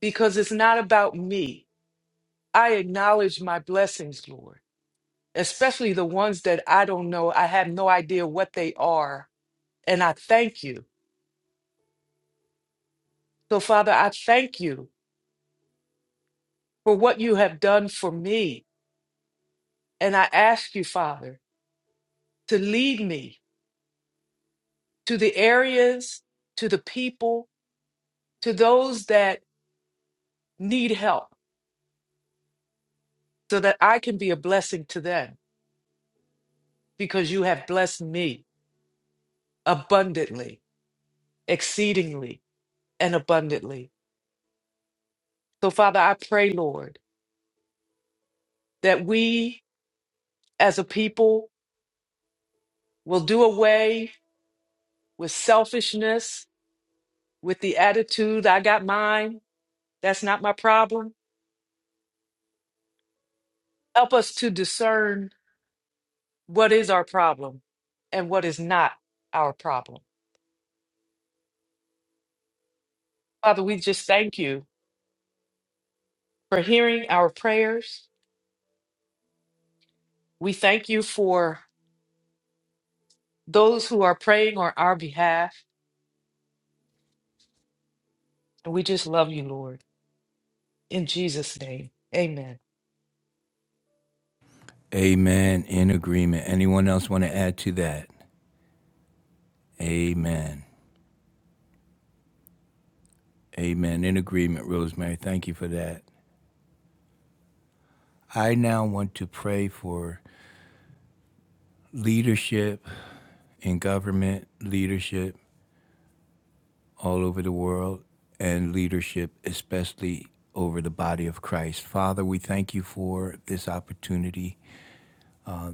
[SPEAKER 2] because it's not about me. I acknowledge my blessings, Lord, especially the ones that I don't know. I have no idea what they are. And I thank you. So, Father, I thank you for what you have done for me. And I ask you, Father, to lead me to the areas, to the people, to those that need help so that I can be a blessing to them because you have blessed me abundantly, exceedingly, and abundantly. So, Father, I pray, Lord, that we as a people will do away with selfishness, with the attitude, I got mine, that's not my problem. Help us to discern what is our problem and what is not our problem. Father, we just thank you for hearing our prayers. We thank you for those who are praying on our behalf. And we just love you, Lord. In Jesus' name, amen.
[SPEAKER 1] Amen. In agreement. Anyone else want to add to that? Amen. Amen. In agreement, Rosemary. Thank you for that. I now want to pray for leadership in government, leadership all over the world and leadership, especially over the body of Christ. Father, we thank you for this opportunity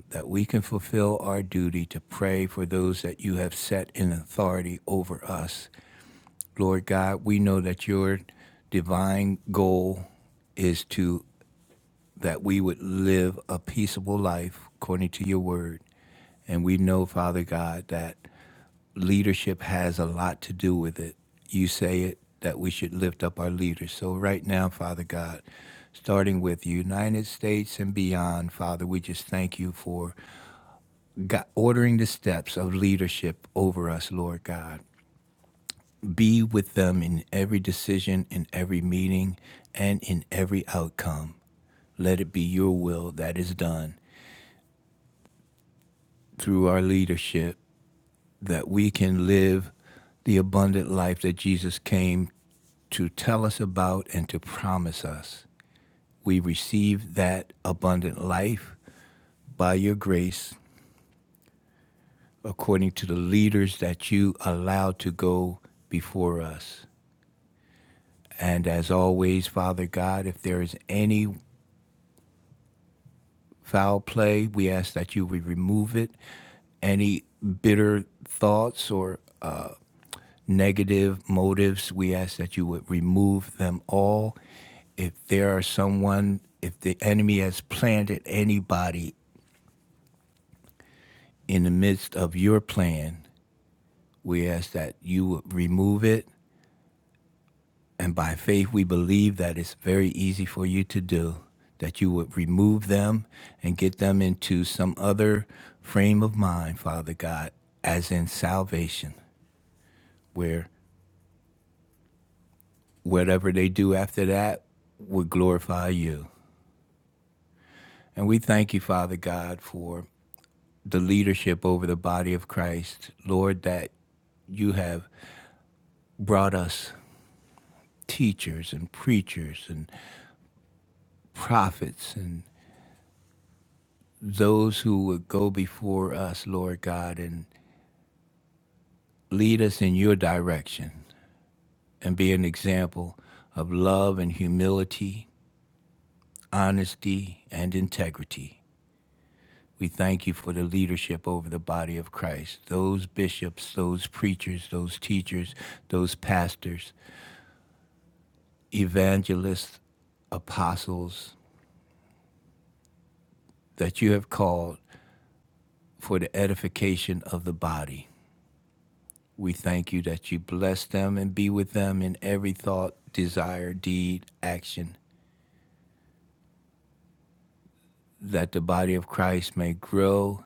[SPEAKER 1] that we can fulfill our duty to pray for those that you have set in authority over us. Lord God, we know that your divine goal is to that we would live a peaceable life according to your word. And we know, Father God, that leadership has a lot to do with it. You say it that we should lift up our leaders. So, right now, Father God, starting with the United States and beyond, Father, we just thank you for God, ordering the steps of leadership over us, Lord God. Be with them in every decision, in every meeting, and in every outcome. Let it be your will that is done through our leadership that we can live the abundant life that Jesus came to tell us about and to promise us. We receive that abundant life by your grace according to the leaders that you allowed to go before us. And as always, Father God, if there is any foul play. We ask that you would remove it. Any bitter thoughts or uh, negative motives, we ask that you would remove them all. If there are someone, if the enemy has planted anybody in the midst of your plan, we ask that you would remove it. And by faith, we believe that it's very easy for you to do, that you would remove them and get them into some other frame of mind, Father God, as in salvation, where whatever they do after that would glorify you. And we thank you, Father God, for the leadership over the body of Christ, Lord, that you have brought us teachers and preachers and prophets and those who would go before us, Lord God, and lead us in your direction and be an example of love and humility, honesty and integrity. We thank you for the leadership over the body of Christ, those bishops, those preachers, those teachers, those pastors, evangelists, apostles that you have called for the edification of the body. We thank you that you bless them and be with them in every thought, desire, deed, action, that the body of Christ may grow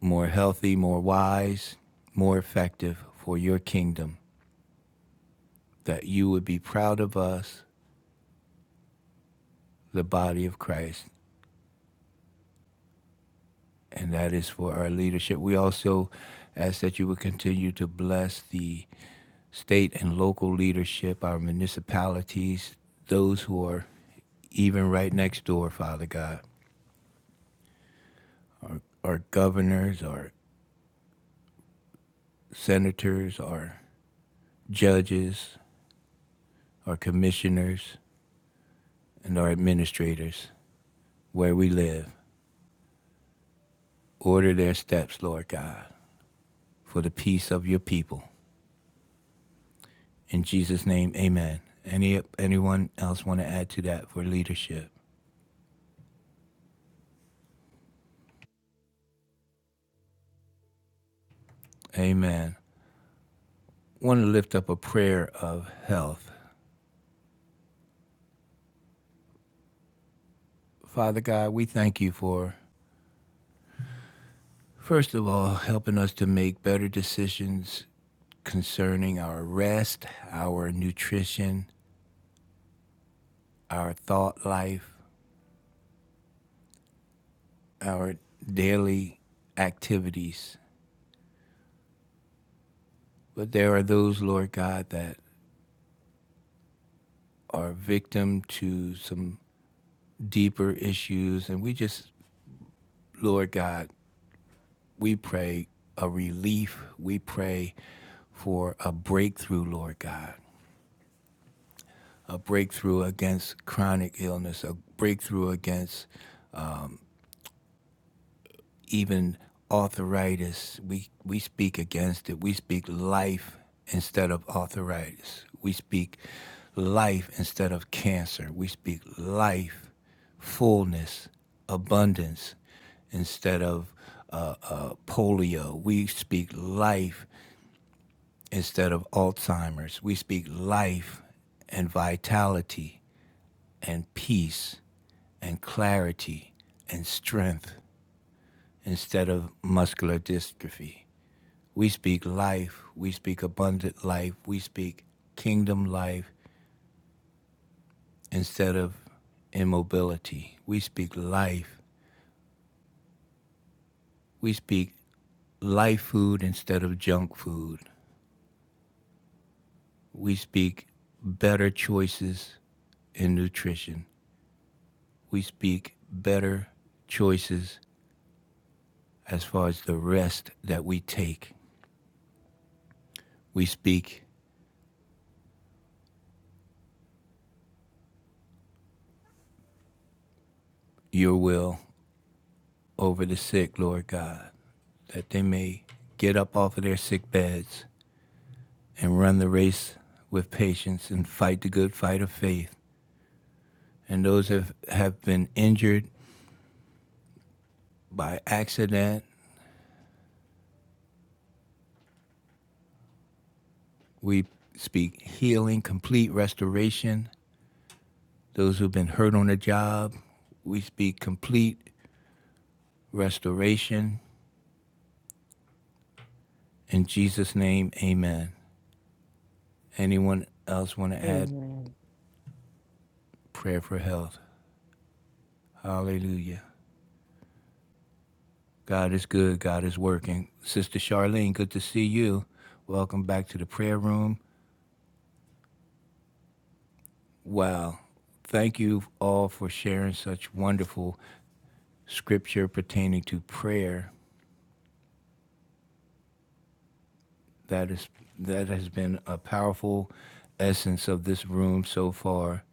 [SPEAKER 1] more healthy, more wise, more effective for your kingdom, that you would be proud of us, the body of Christ, and that is for our leadership. We also ask that you would continue to bless the state and local leadership, our municipalities, those who are even right next door, Father God. or governors or senators or judges or commissioners and our administrators where we live. Order their steps, Lord God, for the peace of your people. In Jesus' name, amen. Any anyone else want to add to that for leadership? Amen. I want to lift up a prayer of health. Father God, we thank you for first of all helping us to make better decisions concerning our rest, our nutrition, our thought life, our daily activities. But there are those, Lord God, that are victim to some deeper issues. And we just, Lord God, we pray a relief. We pray for a breakthrough, Lord God, a breakthrough against chronic illness, a breakthrough against even arthritis. We we speak against it. We speak life instead of arthritis. We speak life instead of cancer. We speak life, fullness, abundance instead of uh, uh, polio. We speak life instead of Alzheimer's. We speak life and vitality and peace and clarity and strength instead of muscular dystrophy. We speak life. We speak abundant life. We speak kingdom life instead of immobility. We speak life. We speak life food instead of junk food. We speak better choices in nutrition. We speak better choices as far as the rest that we take. We speak your will over the sick, Lord God, that they may get up off of their sick beds and run the race with patience and fight the good fight of faith. And those that have been injured by accident, we speak healing, complete restoration. Those who've been hurt on the job, we speak complete restoration. In Jesus' name, amen. Anyone else want to add
[SPEAKER 2] Amen.
[SPEAKER 1] prayer for health? Hallelujah. God is good. God is working. Sister Charlene, good to see you. Welcome back to the prayer room. Wow. Thank you all for sharing such wonderful scripture pertaining to prayer. That is that has been a powerful essence of this room so far.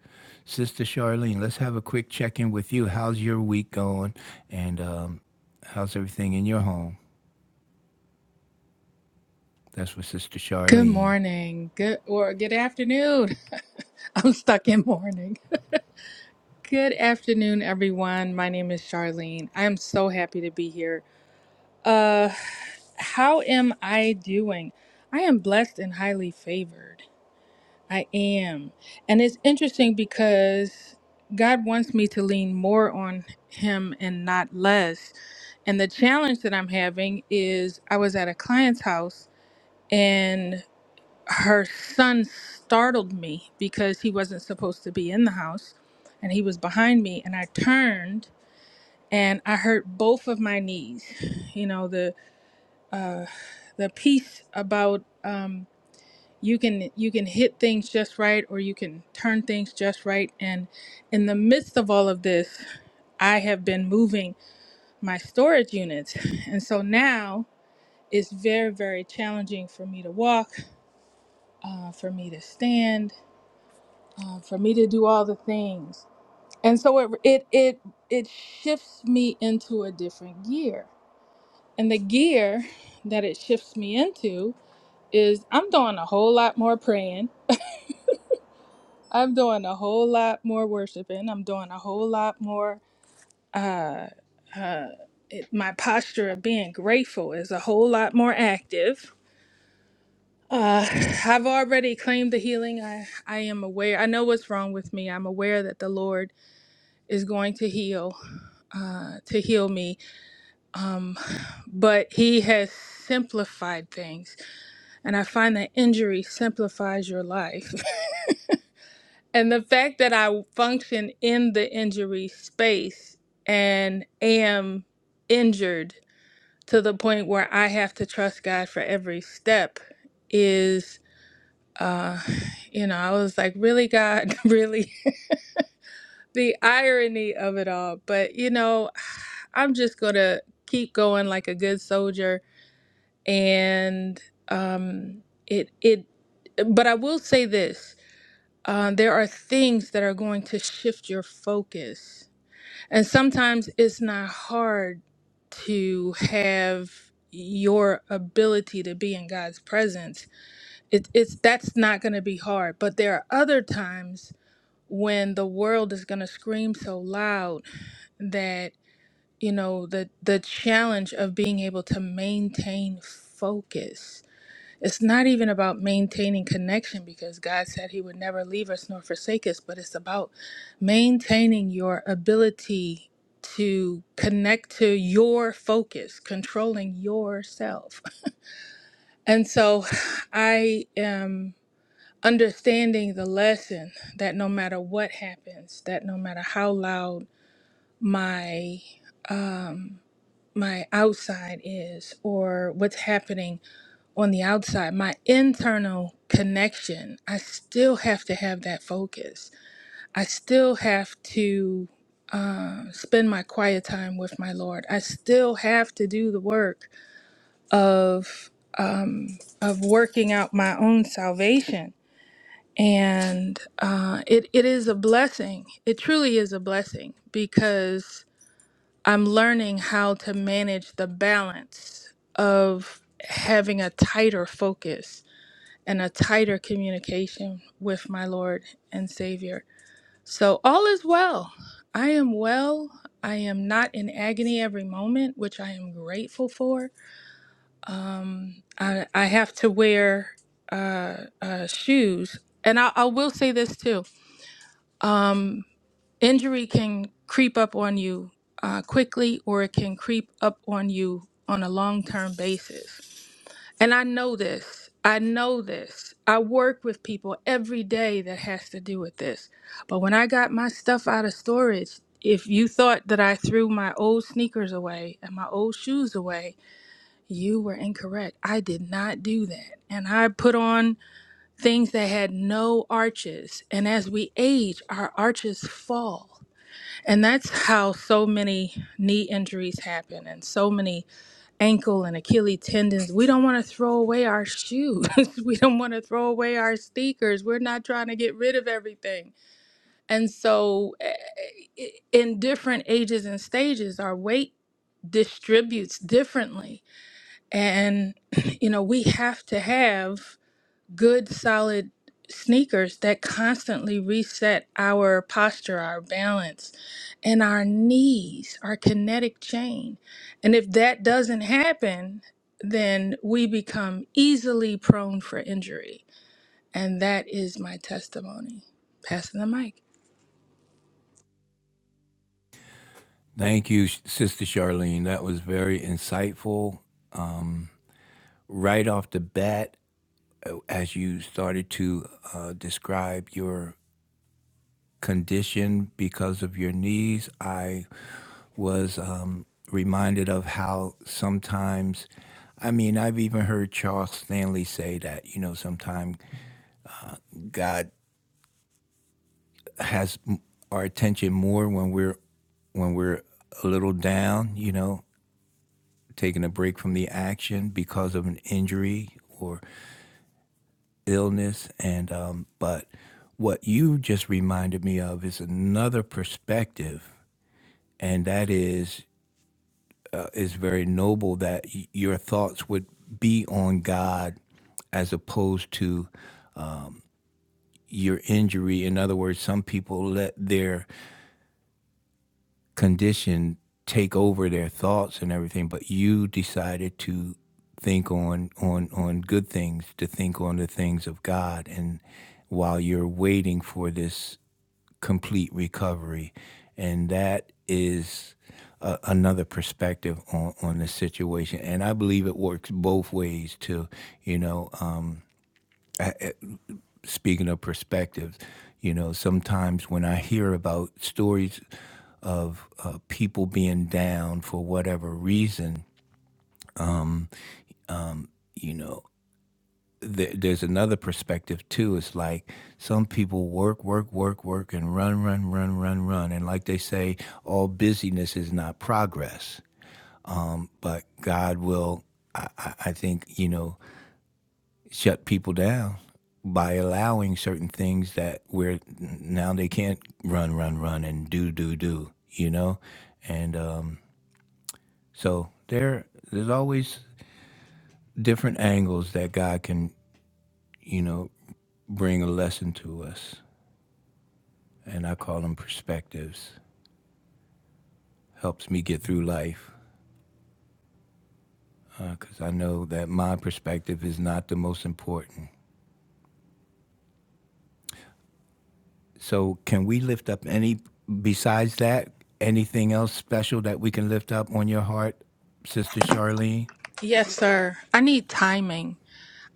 [SPEAKER 1] Sister Charlene, let's have a quick check-in with you. How's your week going? And um, how's everything in your home? That's for Sister
[SPEAKER 6] Good
[SPEAKER 1] Charlene.
[SPEAKER 6] morning. Good or good afternoon. (laughs) I'm stuck in morning. Good afternoon, everyone. My name is Charlene. I am so happy to be here. Uh how am I doing? I am blessed and highly favored. I am. And it's interesting because God wants me to lean more on him and not less. And the challenge that I'm having is I was at a client's house her son startled me because he wasn't supposed to be in the house and he was behind me and i turned and i hurt both of my knees you know the uh the piece about um you can you can hit things just right or you can turn things just right and in the midst of all of this i have been moving my storage units and so now it's very very challenging for me to walk uh, for me to stand uh, for me to do all the things. And so it it it it shifts me into a different gear. And the gear (laughs) that it shifts me into is I'm doing a whole lot more praying. I'm doing a whole lot more worshiping. I'm doing a whole lot more. Uh, uh, it, my posture of being grateful is a whole lot more active. Uh, (sighs) I've already claimed the healing. I, I am aware. I know what's wrong with me. I'm aware that the Lord is going to heal uh, to heal me um, but he has simplified things and i find that injury simplifies your life (laughs) and the fact that i function in the injury space and am injured to the point where i have to trust god for every step is uh you know i was like really god (laughs) really the irony of it all. But you know, (sighs) I'm just gonna keep going like a good soldier. And um, it it, but I will say this: uh, there are things that are going to shift your focus, and sometimes it's not hard to have your ability to be in God's presence. It, it's that's not going to be hard. But there are other times when the world is going to scream so loud that you know the the challenge of being able to maintain focus it's not even about maintaining connection because god said he would never leave us nor forsake us but it's about maintaining your ability to connect to your focus controlling yourself and so i am understanding the lesson that no matter what happens that no matter how loud my um my outside is or what's happening on the outside my internal connection i still have to have that focus i still have to uh, spend my quiet time with my lord i still have to do the work of um, of working out my own salvation and uh, it, it is a blessing it truly is a blessing because I'm learning how to manage the balance of having a tighter focus and a tighter communication with my Lord and Savior. So, all is well. I am well. I am not in agony every moment, which I am grateful for. Um, I, I have to wear uh, uh, shoes. And I, I will say this too. Um, Injury can creep up on you uh, quickly, or it can creep up on you on a long term basis. And I know this. I know this. I work with people every day that has to do with this. But when I got my stuff out of storage, if you thought that I threw my old sneakers away and my old shoes away, you were incorrect. I did not do that. And I put on things that had no arches. And as we age, our arches fall. And that's how so many knee injuries happen and so many ankle and Achilles tendons. We don't want to throw away our shoes. (laughs) we don't want to throw away our sneakers. We're not trying to get rid of everything. And so, eh, eh, in different ages and stages, our weight distributes differently. And, (clears throat) you know, we have to have good solid sneakers that constantly reset our posture, our balance, and our knees, our kinetic chain. And if that doesn't happen, then we become easily prone for injury. And that is my testimony. Passing the mic.
[SPEAKER 1] Thank you, Sh- Sister Charlene. That was very insightful Um, right off the bat as you started to uh, describe your condition because of your knees, I was um, reminded of how sometimes, I mean, I've even heard Charles Stanley say that, you know, sometimes God has m- our attention more when we're when we're a little down, you know, taking a break from the action because of an injury or illness and um, but what you just reminded me of is another perspective and that is uh, is very noble that y- your thoughts would be on God as opposed to your injury in other words some people let their condition take over their thoughts and everything but you decided to think on on on good things to think on the things of God and while you're waiting for this complete recovery. And that is a, another perspective on, on the situation. And I believe it works both ways too. You know, um, speaking of perspectives, you know, sometimes when I hear about stories of uh, people being down for whatever reason, you know, th- there's another perspective too. It's like some people work, work, work, work, and run, run, run, run, run. And like they say, all busyness is not progress. but God will, I, I think, you know, shut people down by allowing certain things that where now they can't run, run, run and do, do, do, you know? And um, so there, there's always different angles that God can, you know, bring a lesson to us. And I call them perspectives. Helps me get through life because I know that my perspective is not the most important. So can we lift up any, besides that, anything else special that we can lift up on your heart, Sister Charlene?
[SPEAKER 6] Yes, sir. I need timing.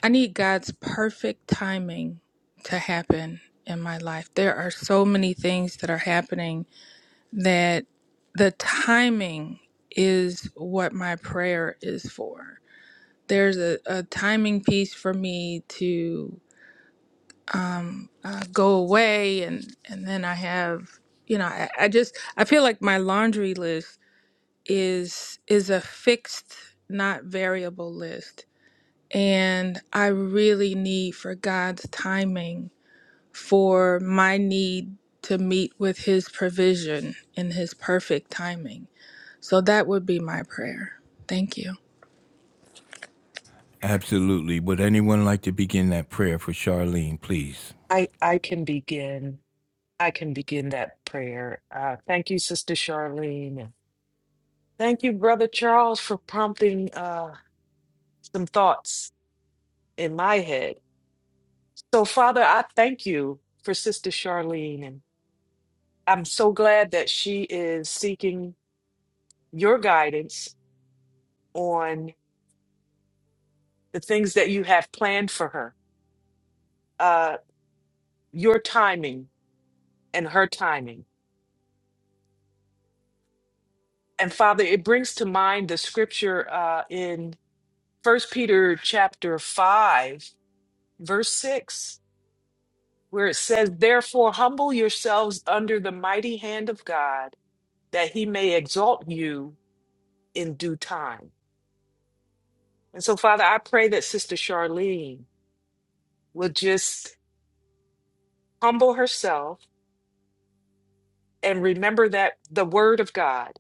[SPEAKER 6] I need God's perfect timing to happen in my life. There are so many things that are happening that the timing is what my prayer is for. There's a, a timing piece for me to uh, go away, and, and then I have, you know, I, I just I feel like my laundry list is is a fixed, not variable list, and I really need for God's timing for my need to meet with His provision and His perfect timing So that would be my prayer. Thank you.
[SPEAKER 1] Absolutely. Would anyone like to begin that prayer for Charlene, please?
[SPEAKER 2] I, I can begin. I can begin that prayer. Uh, thank you, Sister Charlene. and Thank you, Brother Charles, for prompting uh, some thoughts in my head. So, Father, I thank you for Sister Charlene. And I'm so glad that she is seeking your guidance on the things that you have planned for her, uh, your timing and her timing. And Father, it brings to mind the scripture uh, in First Peter chapter 5, verse 6 where it says, Therefore, humble yourselves under the mighty hand of God, that he may exalt you in due time. And so, Father, I pray that Sister Charlene will just humble herself and remember that the word of God,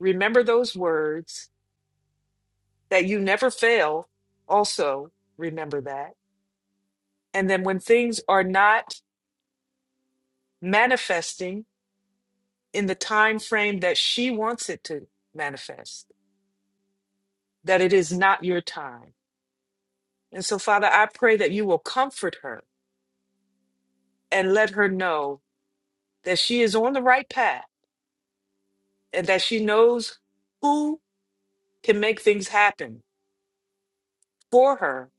[SPEAKER 2] remember those words that you never fail. Also, remember that. And then, when things are not manifesting in the time frame that she wants it to manifest, that it is not your time And so, Father, I pray that you will comfort her and let her know that she is on the right path and that she knows who can make things happen for her,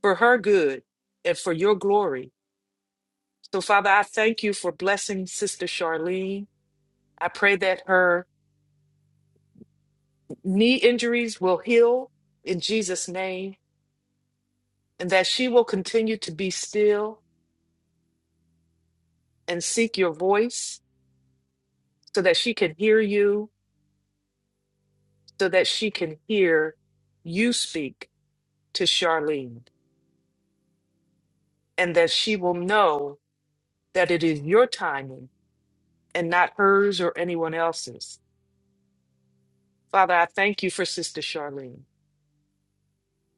[SPEAKER 2] for her good, and for your glory. So, Father, I thank you for blessing Sister Charlene. I pray that her knee injuries will heal in Jesus' name and that she will continue to be still and seek your voice so that she can hear you, so that she can hear you speak to Charlene, and that she will know that it is your timing and not hers or anyone else's. Father, I thank you for Sister Charlene.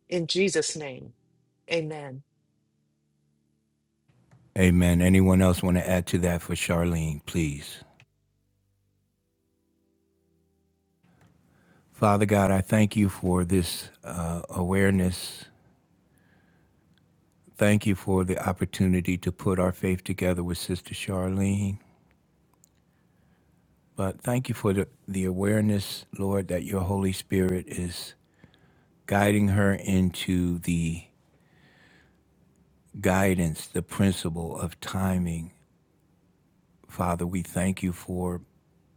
[SPEAKER 2] In Jesus' name, amen.
[SPEAKER 1] Amen. Anyone else want to add to that for Charlene, please? Father God, I thank you for this uh, awareness. Thank you for the opportunity to put our faith together with Sister Charlene. But thank you for the, the awareness, Lord, that your Holy Spirit is guiding her into the guidance, the principle of timing. Father, we thank you for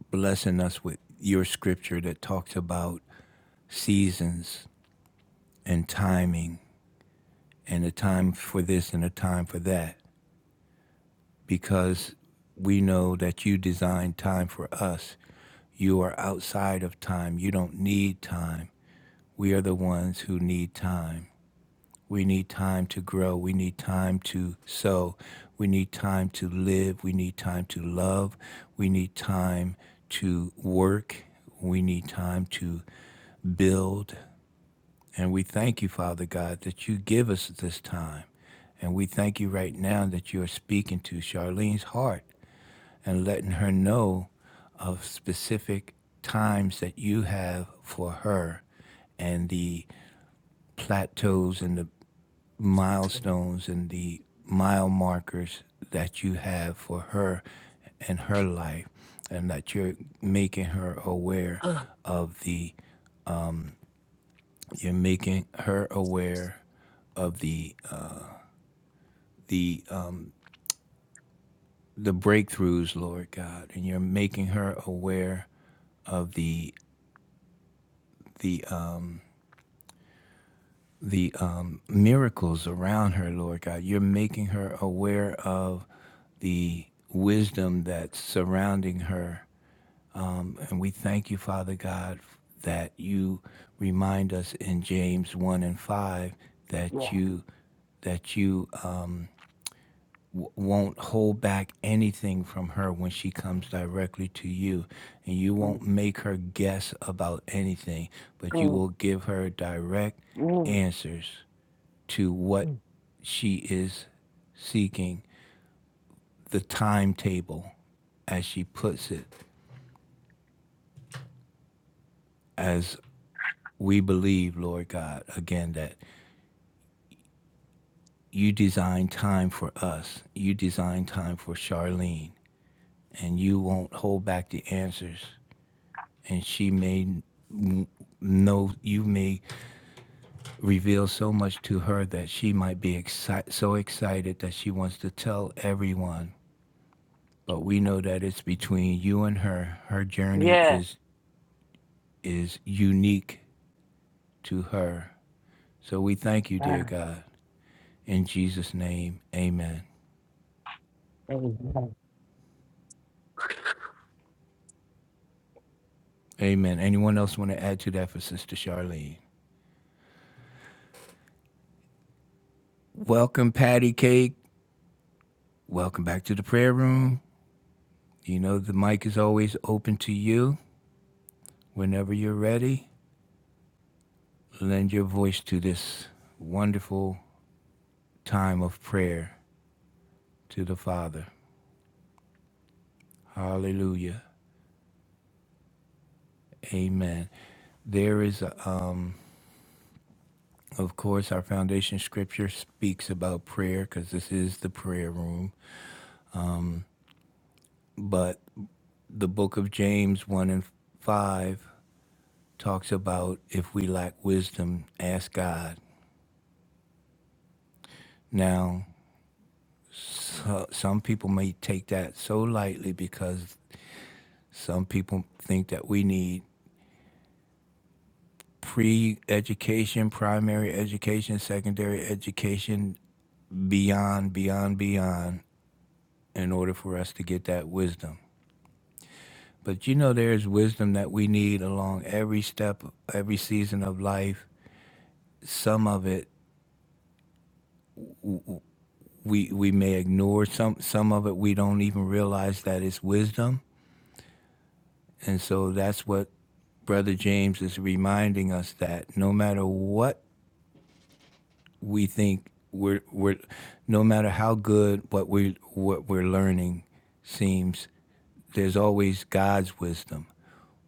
[SPEAKER 1] blessing us with your scripture that talks about seasons and timing and a time for this and a time for that because we know that you designed time for us. You are outside of time. You don't need time. We are the ones who need time. We need time to grow. We need time to sow. We need time to live. We need time to love. We need time to work. We need time to build. And we thank you, Father God, that you give us this time. And we thank you right now that you are speaking to Charlene's heart and letting her know of specific times that you have for her and the plateaus and the milestones and the mile markers that you have for her and her life, and that you're making her aware
[SPEAKER 2] Uh,
[SPEAKER 1] of the you're making her aware of the uh, the um, the breakthroughs, Lord God, and you're making her aware of the the uh, the um, miracles around her, Lord God. You're making her aware of the wisdom that's surrounding her And we thank you, Father God, that you remind us in James 1 and 5 that
[SPEAKER 2] yeah.
[SPEAKER 1] you that you um, w- won't hold back anything from her when she comes directly to you and you
[SPEAKER 2] Mm,
[SPEAKER 1] won't make her guess about anything but you
[SPEAKER 2] mm,
[SPEAKER 1] will give her direct
[SPEAKER 2] mm,
[SPEAKER 1] answers to what
[SPEAKER 2] mm.
[SPEAKER 1] she is seeking the timetable as she puts it, as we believe, Lord God, again, that you design time for us. You design time for Charlene, and you won't hold back the answers. And she may know you may reveal so much to her that she might be exci- so excited that she wants to tell everyone. But we know that it's between you and her. Her journey
[SPEAKER 2] Yeah.
[SPEAKER 1] is is unique to her. So we thank you, dear
[SPEAKER 2] Ah,
[SPEAKER 1] God. In Jesus' name, amen.
[SPEAKER 2] amen.
[SPEAKER 1] Amen. Anyone else want to add to that for Sister Charlene? Welcome, Patty Cake. Welcome back to the prayer room. You know, the mic is always open to you whenever you're ready. Lend your voice to this wonderful time of prayer to the Father. Hallelujah. Amen. There is, a, um, of course, our foundation scripture speaks about prayer because this is the prayer room. But the book of James 1 and 5 talks about if we lack wisdom, ask God. Now, so, some people may take that so lightly because some people think that we need pre-education, primary education, secondary education, beyond, beyond, beyond, in order for us to get that wisdom. But you know, there is wisdom that we need along every step, every season of life. Some of it we we may ignore. Some some of it we don't even realize that it's wisdom And so that's what Brother James is reminding us that no matter what we think we're, we're no matter how good what we what we're learning seems, there's always God's wisdom.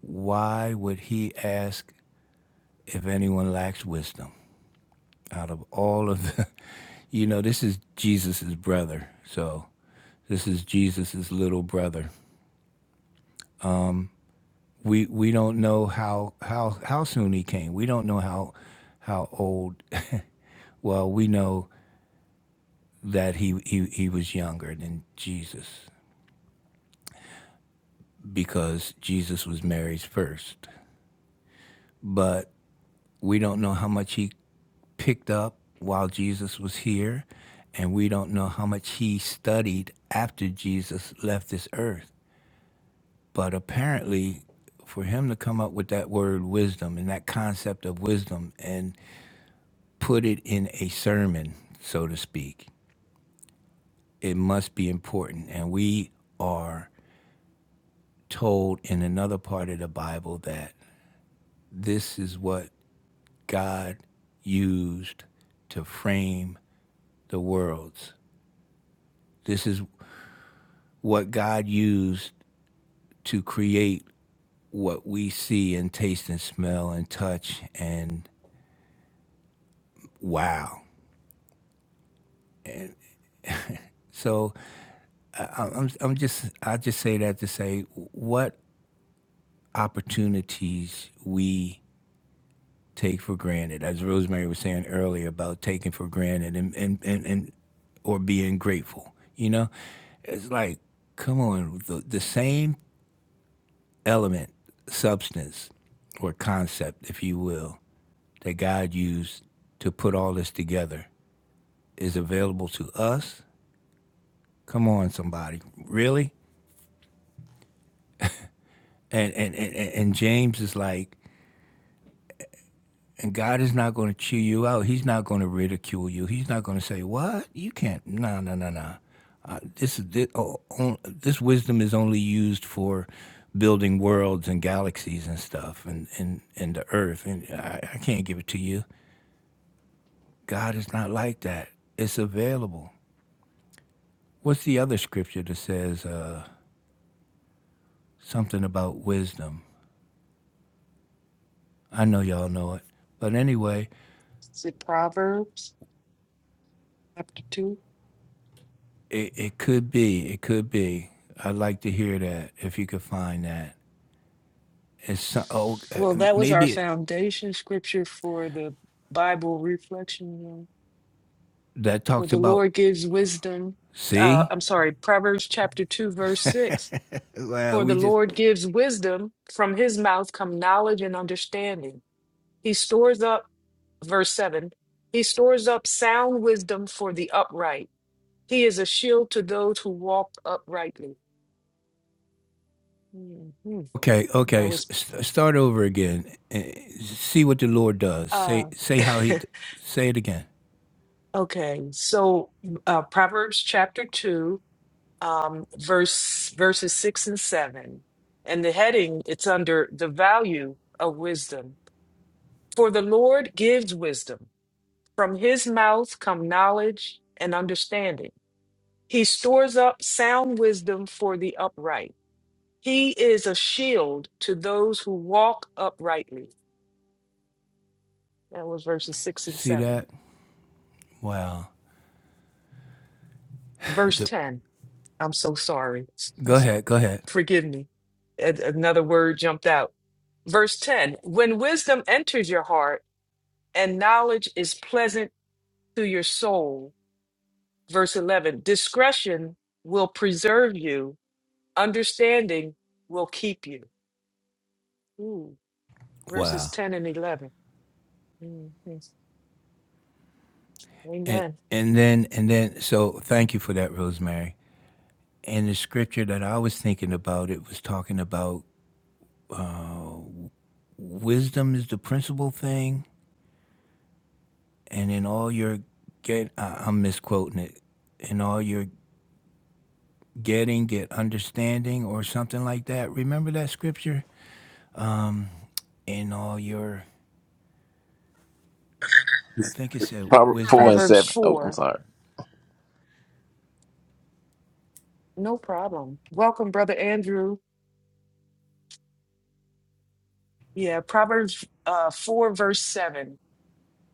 [SPEAKER 1] Why would He ask if anyone lacks wisdom? Out of all of the, (laughs) you know, this is Jesus's brother, so this is Jesus's little brother. we we don't know how how how soon he came. We don't know how how old. (laughs) well, we know that he, he he was younger than Jesus because Jesus was Mary's first. But we don't know how much he picked up while Jesus was here, and we don't know how much he studied after Jesus left this earth. But apparently, for him to come up with that word wisdom and that concept of wisdom and put it in a sermon, so to speak, it must be important. And we are told in another part of the Bible that this is what God used to frame the worlds. This is what God used to create what we see and taste and smell and touch and wow. So I- am I'm just I just say that to say what opportunities we take for granted, as Rosemary was saying earlier about taking for granted and and and, and or being grateful. You know, it's like, come on, the, the same element, substance, or concept, if you will, that God used to put all this together is available to us. Come on, somebody, really? And and and, and James is like. And God is not going to chew you out. He's not going to ridicule you. He's not going to say, What? You can't. No, no, no, no. this this, oh, on- this wisdom is only used for building worlds and galaxies and stuff and and, and the earth and I, I can't give it to you god is not like that it's available what's the other scripture that says uh, something about wisdom i know y'all know it but anyway
[SPEAKER 2] Is it Proverbs chapter 2?
[SPEAKER 1] it, it could be it could be i'd like to hear that if you could find that it's so- oh uh,
[SPEAKER 2] Well, that was our
[SPEAKER 1] maybe it,
[SPEAKER 2] foundation scripture for the Bible reflection room.
[SPEAKER 1] that
[SPEAKER 2] For
[SPEAKER 1] talks
[SPEAKER 2] the
[SPEAKER 1] about
[SPEAKER 2] Lord gives wisdom. Uh,
[SPEAKER 1] see
[SPEAKER 2] I'm sorry, Proverbs chapter 2, verse 6.
[SPEAKER 1] well
[SPEAKER 2] For
[SPEAKER 1] we
[SPEAKER 2] the
[SPEAKER 1] just
[SPEAKER 2] Lord gives wisdom, from his mouth come knowledge and understanding. He stores up, verse 7, he stores up sound wisdom for the upright. He is a shield to those who walk uprightly. Mhm.
[SPEAKER 1] Okay,
[SPEAKER 2] That
[SPEAKER 1] okay. S-
[SPEAKER 2] was,
[SPEAKER 1] s- start over again. and See what the Lord does. Say
[SPEAKER 2] uh,
[SPEAKER 1] say how he
[SPEAKER 2] (laughs)
[SPEAKER 1] say it again.
[SPEAKER 2] okay. So, uh, Proverbs chapter 2, um, verse, verses 6 and 7. And the heading, it's under the value of wisdom. For the Lord gives wisdom. From his mouth come knowledge and understanding. He stores up sound wisdom for the upright. He is a shield to those who walk uprightly. That was verses six and
[SPEAKER 1] See
[SPEAKER 2] seven.
[SPEAKER 1] that? Wow.
[SPEAKER 2] Verse
[SPEAKER 1] The,
[SPEAKER 2] 10. I'm so sorry.
[SPEAKER 1] go
[SPEAKER 2] (laughs)
[SPEAKER 1] ahead, go ahead.
[SPEAKER 2] Forgive me. A- Another word jumped out. Verse 10 When wisdom enters your heart and knowledge is pleasant to your soul. Verse 11 Discretion will preserve you Understanding will keep you. Ooh, verses
[SPEAKER 1] Wow.
[SPEAKER 2] 10 and 11. Mhm.
[SPEAKER 1] And
[SPEAKER 2] Amen.
[SPEAKER 1] and then and then so thank you for that, Rosemary. And the scripture that I was thinking about it was talking about wisdom is the principal thing, and in all your get I, I'm misquoting it. In all your getting, get understanding or something like that. Remember that scripture? in all your I think it said
[SPEAKER 5] Proverbs four
[SPEAKER 1] wisdom
[SPEAKER 5] and
[SPEAKER 1] is
[SPEAKER 2] Proverbs
[SPEAKER 5] seven. Oh, I'm
[SPEAKER 2] 4.
[SPEAKER 5] sorry.
[SPEAKER 2] No problem. Welcome, Brother Andrew. Yeah, Proverbs uh, 4, verse 7.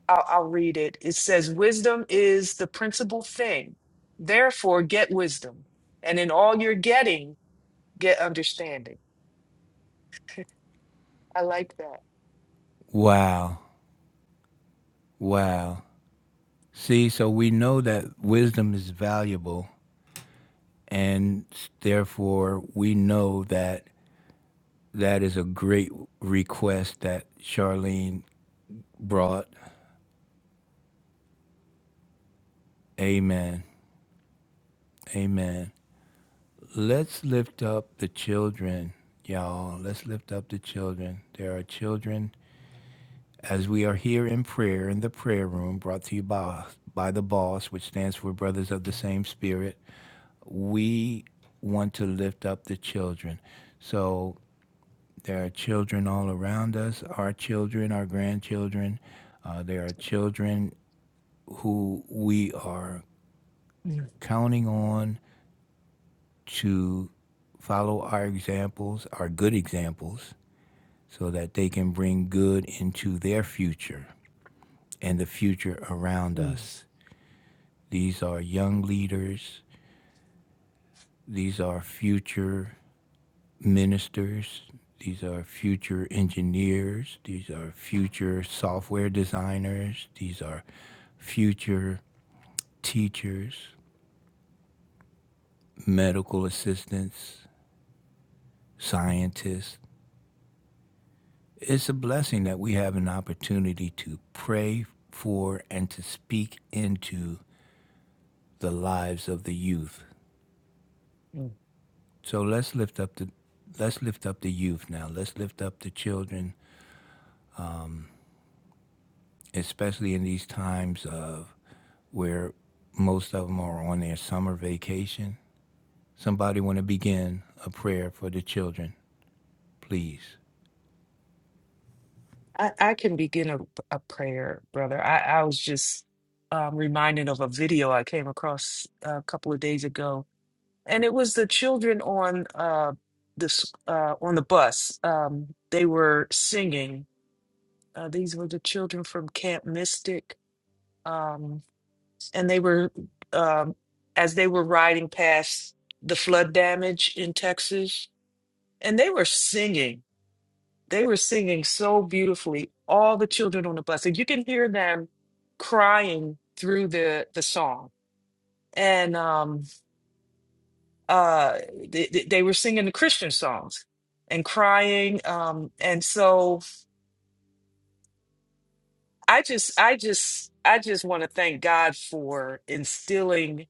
[SPEAKER 2] I'll, I'll read it. It says, Wisdom is the principal thing. Therefore, get wisdom. And in all you're getting, get understanding. I like that.
[SPEAKER 1] wow. Wow. See, so we know that wisdom is valuable and therefore we know that that is a great request that Charlene brought. Amen. Amen. Let's lift up the children, y'all. Let's lift up the children. There are children as we are here in prayer in the prayer room brought to you by, by the boss which stands for brothers of the same spirit we want to lift up the children so there are children all around us our children our grandchildren uh, there are children who we are
[SPEAKER 2] Mm,
[SPEAKER 1] counting on to follow our examples our good examples so that they can bring good into their future and the future around
[SPEAKER 2] mm,
[SPEAKER 1] us These are young leaders. These are future ministers. These are future engineers. These are future software designers. These are future teachers, medical assistants, scientists. It's a blessing that we have an opportunity to pray for and to speak into the lives of the youth.
[SPEAKER 2] mm.
[SPEAKER 1] So let's lift up the let's lift up the youth now. Let's lift up the children especially in these times of where most of them are on their summer vacation. Somebody want to begin a prayer for the children, please.
[SPEAKER 2] I, I can begin a, a prayer, brother. I, I was just um, reminded of a video I came across a couple of days ago, and it was the children on uh, this uh, on the bus. Um, they were singing. Uh, these were the children from Camp Mystic, um, and they were um, as they were riding past the flood damage in Texas, and they were singing They were singing so beautifully, all the children on the bus. And you can hear them crying through the the song. And um uh they, they they were singing the Christian songs and crying. Um and so I just I just I just want to thank God for instilling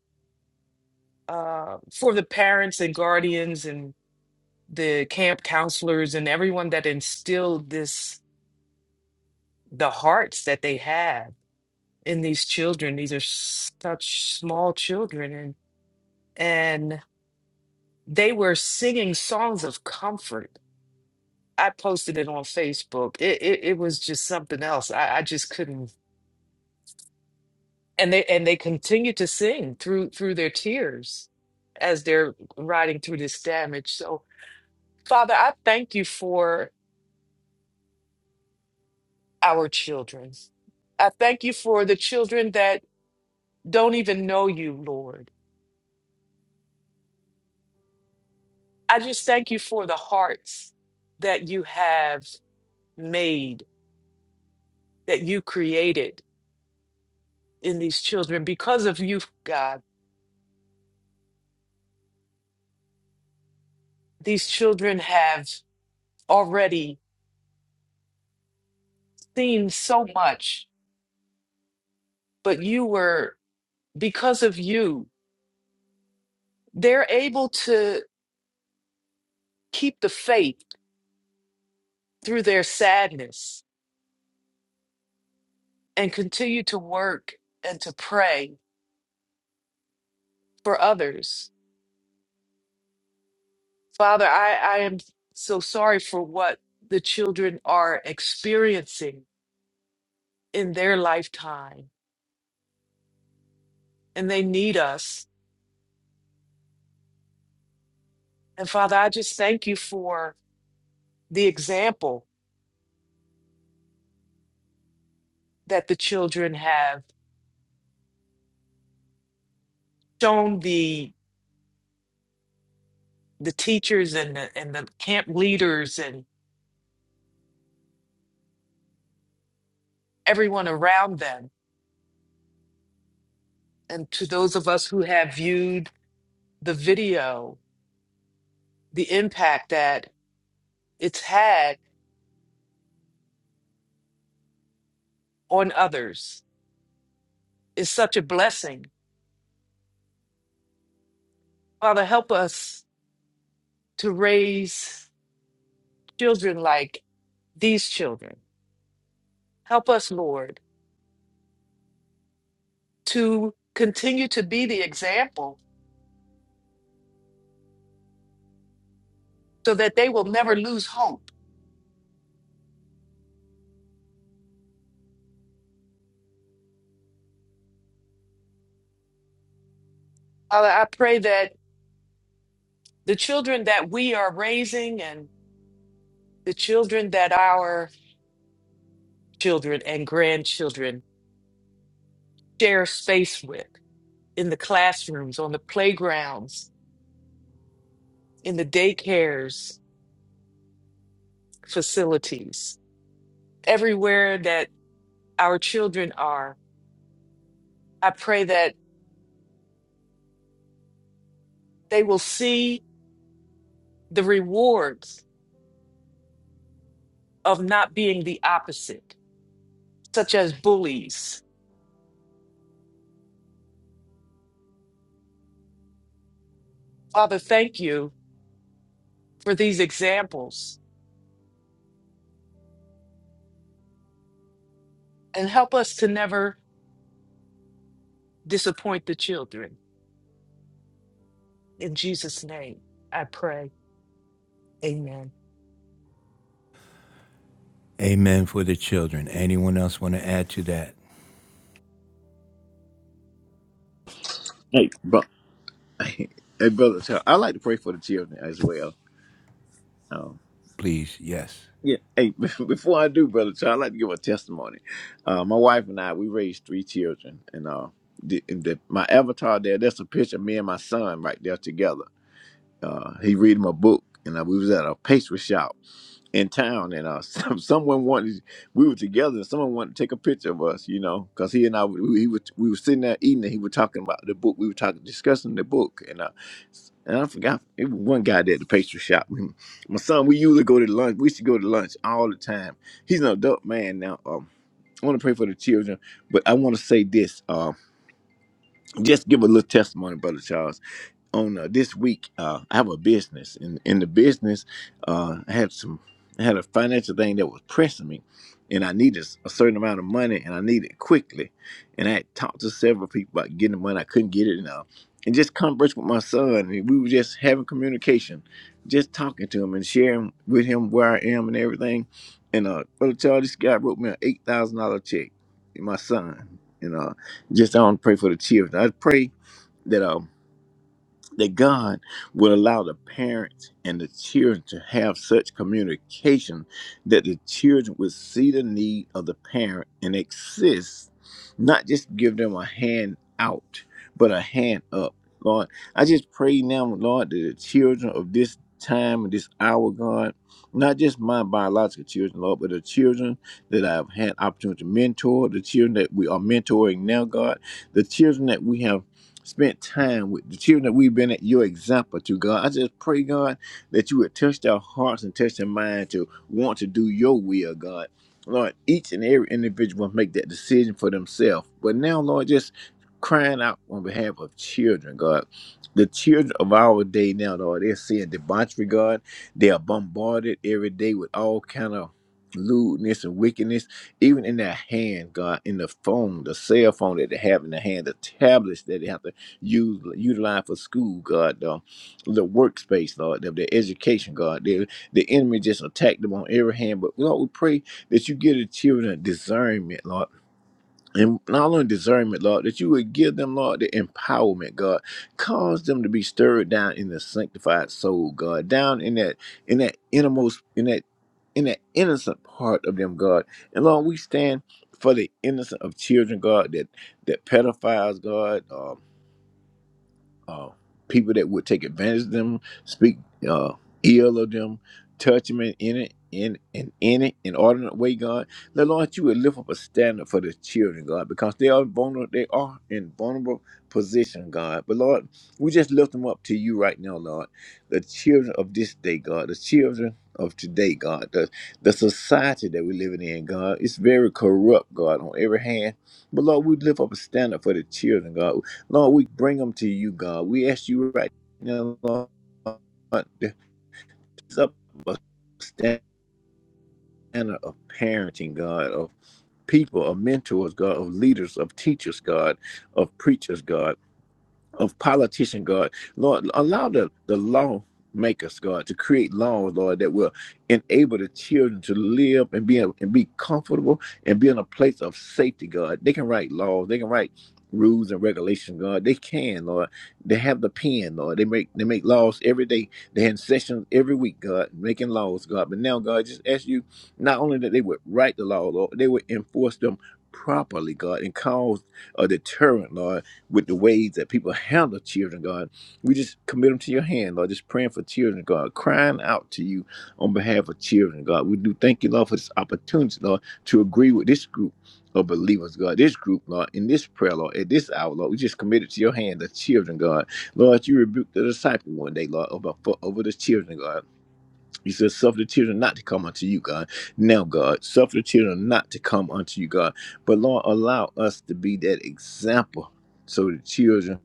[SPEAKER 2] uh for the parents and guardians and the camp counselors and everyone that instilled this the hearts that they have in these children. These are such small children, and and they were singing songs of comfort. I posted it on Facebook. It it, it was just something else. I, I just couldn't. And they and they continued to sing through through their tears as they're riding through this damage. So, Father, I thank you for our children. I thank you for the children that don't even know you, Lord. I just thank you for the hearts that you have made, that you created in these children. Because of you, God, these children have already seen so much, but you were, because of you, they're able to keep the faith through their sadness and continue to work and to pray for others. Father, I, I am so sorry for what the children are experiencing in their lifetime, and they need us And Father, I just thank you for the example that the children have shown the the teachers and the, and the camp leaders and everyone around them. And to those of us who have viewed the video, the impact that it's had on others is such a blessing. Father, help us to raise children like these children. Help us, Lord, to continue to be the example so that they will never lose hope. Father, I pray that the children that we are raising and the children that our children and grandchildren share space with in the classrooms, on the playgrounds, in the daycares, facilities, everywhere that our children are, I pray that they will see the rewards of not being the opposite, such as bullies. Father, thank you for these examples and help us to never disappoint the children. In Jesus' name, I pray. Amen.
[SPEAKER 1] Amen for the children. Anyone else want to add to that?
[SPEAKER 5] Hey, Bro- hey, brother Charles, I like to pray for the children as well. Um,
[SPEAKER 1] Please, yes.
[SPEAKER 5] yeah. Hey, (laughs) before I do, brother Charles, i like to give a testimony. Uh, my wife and I, we raised three children, and uh, the, and the, my avatar there, that's a picture of me and my son right there together. Uh, he reading my book, and uh, we was at a pastry shop. in town, and uh, (laughs) some, someone wanted we were together, and someone wanted to take a picture of us, you know, because he and I we, he was we were sitting there eating, and he was talking about the book. We were talking discussing the book, and uh, s- and I forgot it was one guy there at the pastry shop. (laughs) We- My son, we usually go to lunch. We used to go to lunch all the time. He's an adult man now. Um, I want to pray for the children, but I want to say this. Uh, just give a little testimony, brother Charles on uh, this week. Uh, I have a business, and in the business, uh, I had some I had a financial thing that was pressing me, and I needed a certain amount of money, and I needed it quickly. And I had talked to several people about getting the money. I couldn't get it, and uh, and just conversed with my son, and we were just having communication, just talking to him and sharing with him where I am and everything. And uh, brother Charles, this guy wrote me an eight thousand dollar check, my son, and uh, just I want to pray for the children. I pray that. um that God will allow the parents and the children to have such communication that the children will see the need of the parent and exist, not just give them a hand out, but a hand up. Lord, I just pray now, Lord, that the children of this time and this hour, God, not just my biological children, Lord, but the children that I've had opportunity to mentor, the children that we are mentoring now, God, the children that we have spent time with the children that we've been at your example to God. I just pray, God, that you would touch their hearts and touch their mind to want to do your will, God. Lord, each and every individual must make that decision for themselves. But now, Lord, just crying out on behalf of children, God. The children of our day now, Lord, they're seeing debauchery, God. They are bombarded every day with all kind of lewdness and wickedness, even in their hand, God, in the phone, the cell phone that they have in their hand, the tablets that they have to use utilize for school, God, the, the workspace, Lord, the, the education, God. The, the enemy just attacked them on every hand. But Lord, we pray that you give the children a discernment, Lord. And not only discernment, Lord, that you would give them, Lord, the empowerment, God. Cause them to be stirred down in the sanctified soul, God. Down in that in that innermost in that in that innocent part of them, God. And Lord, we stand for the innocent of children, God, that that pedophiles, God, um uh, people that would take advantage of them, speak uh, ill of them, touch them in, in it, in in in it, in ordinate way, God. Now, Lord, you would lift up a standard for the children, God, because they are vulnerable. They are in vulnerable position, God. But Lord, we just lift them up to you right now, Lord. The children of this day, God. The children of today, God. The the society that we're living in, God. It's very corrupt, God, on every hand. But Lord, we lift up a standard for the children, God. Lord, we bring them to you, God. We ask you right now, Lord, to raise up a standard of parenting, God, of people, of mentors, God, of leaders, of teachers, God, of preachers, God of politician, God. Lord, allow the, the law makers, God, to create laws, Lord, that will enable the children to live and be and be comfortable and be in a place of safety, God. They can write laws, they can write rules and regulations, God. They can, Lord. They have the pen, Lord. They make they make laws every day. They have sessions every week, God, making laws, God. But now, God, just ask you not only that they would write the law, Lord, they would enforce them properly, God, and cause a deterrent, Lord with the ways that people handle children, God. We just commit them to your hand, Lord. Just praying for children, God, crying out to you on behalf of children, God. We do thank you, Lord, for this opportunity, Lord, to agree with this group of believers, God. This group, Lord, in this prayer, Lord, at this hour, Lord, we just committed to your hand, the children, God. Lord, you rebuked the disciple one day, Lord, over, for, over the children, God. He says, Suffer the children not to come unto you, God. Now, God, suffer the children not to come unto you, God. But Lord, allow us to be that example so the children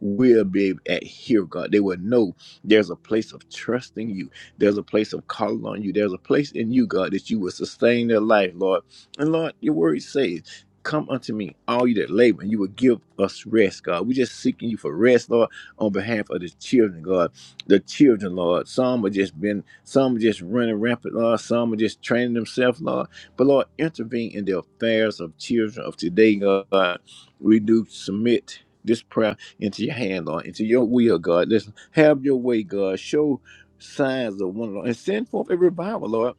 [SPEAKER 5] will be able to hear God. They will know there's a place of trusting you. There's a place of calling on you. There's a place in you, God, that you will sustain their life, Lord. And Lord, your word says, Come unto me, all you that labor, and you will give us rest, God. We're just seeking you for rest, Lord, on behalf of the children, God. The children, Lord. Some are just been, some are just running rampant, Lord. Some are just training themselves, Lord. But Lord, intervene in the affairs of children of today, God. We do submit this prayer into your hand, Lord, into your will, God. Listen, have your way, God. Show signs of one, Lord, and send forth a revival, Lord.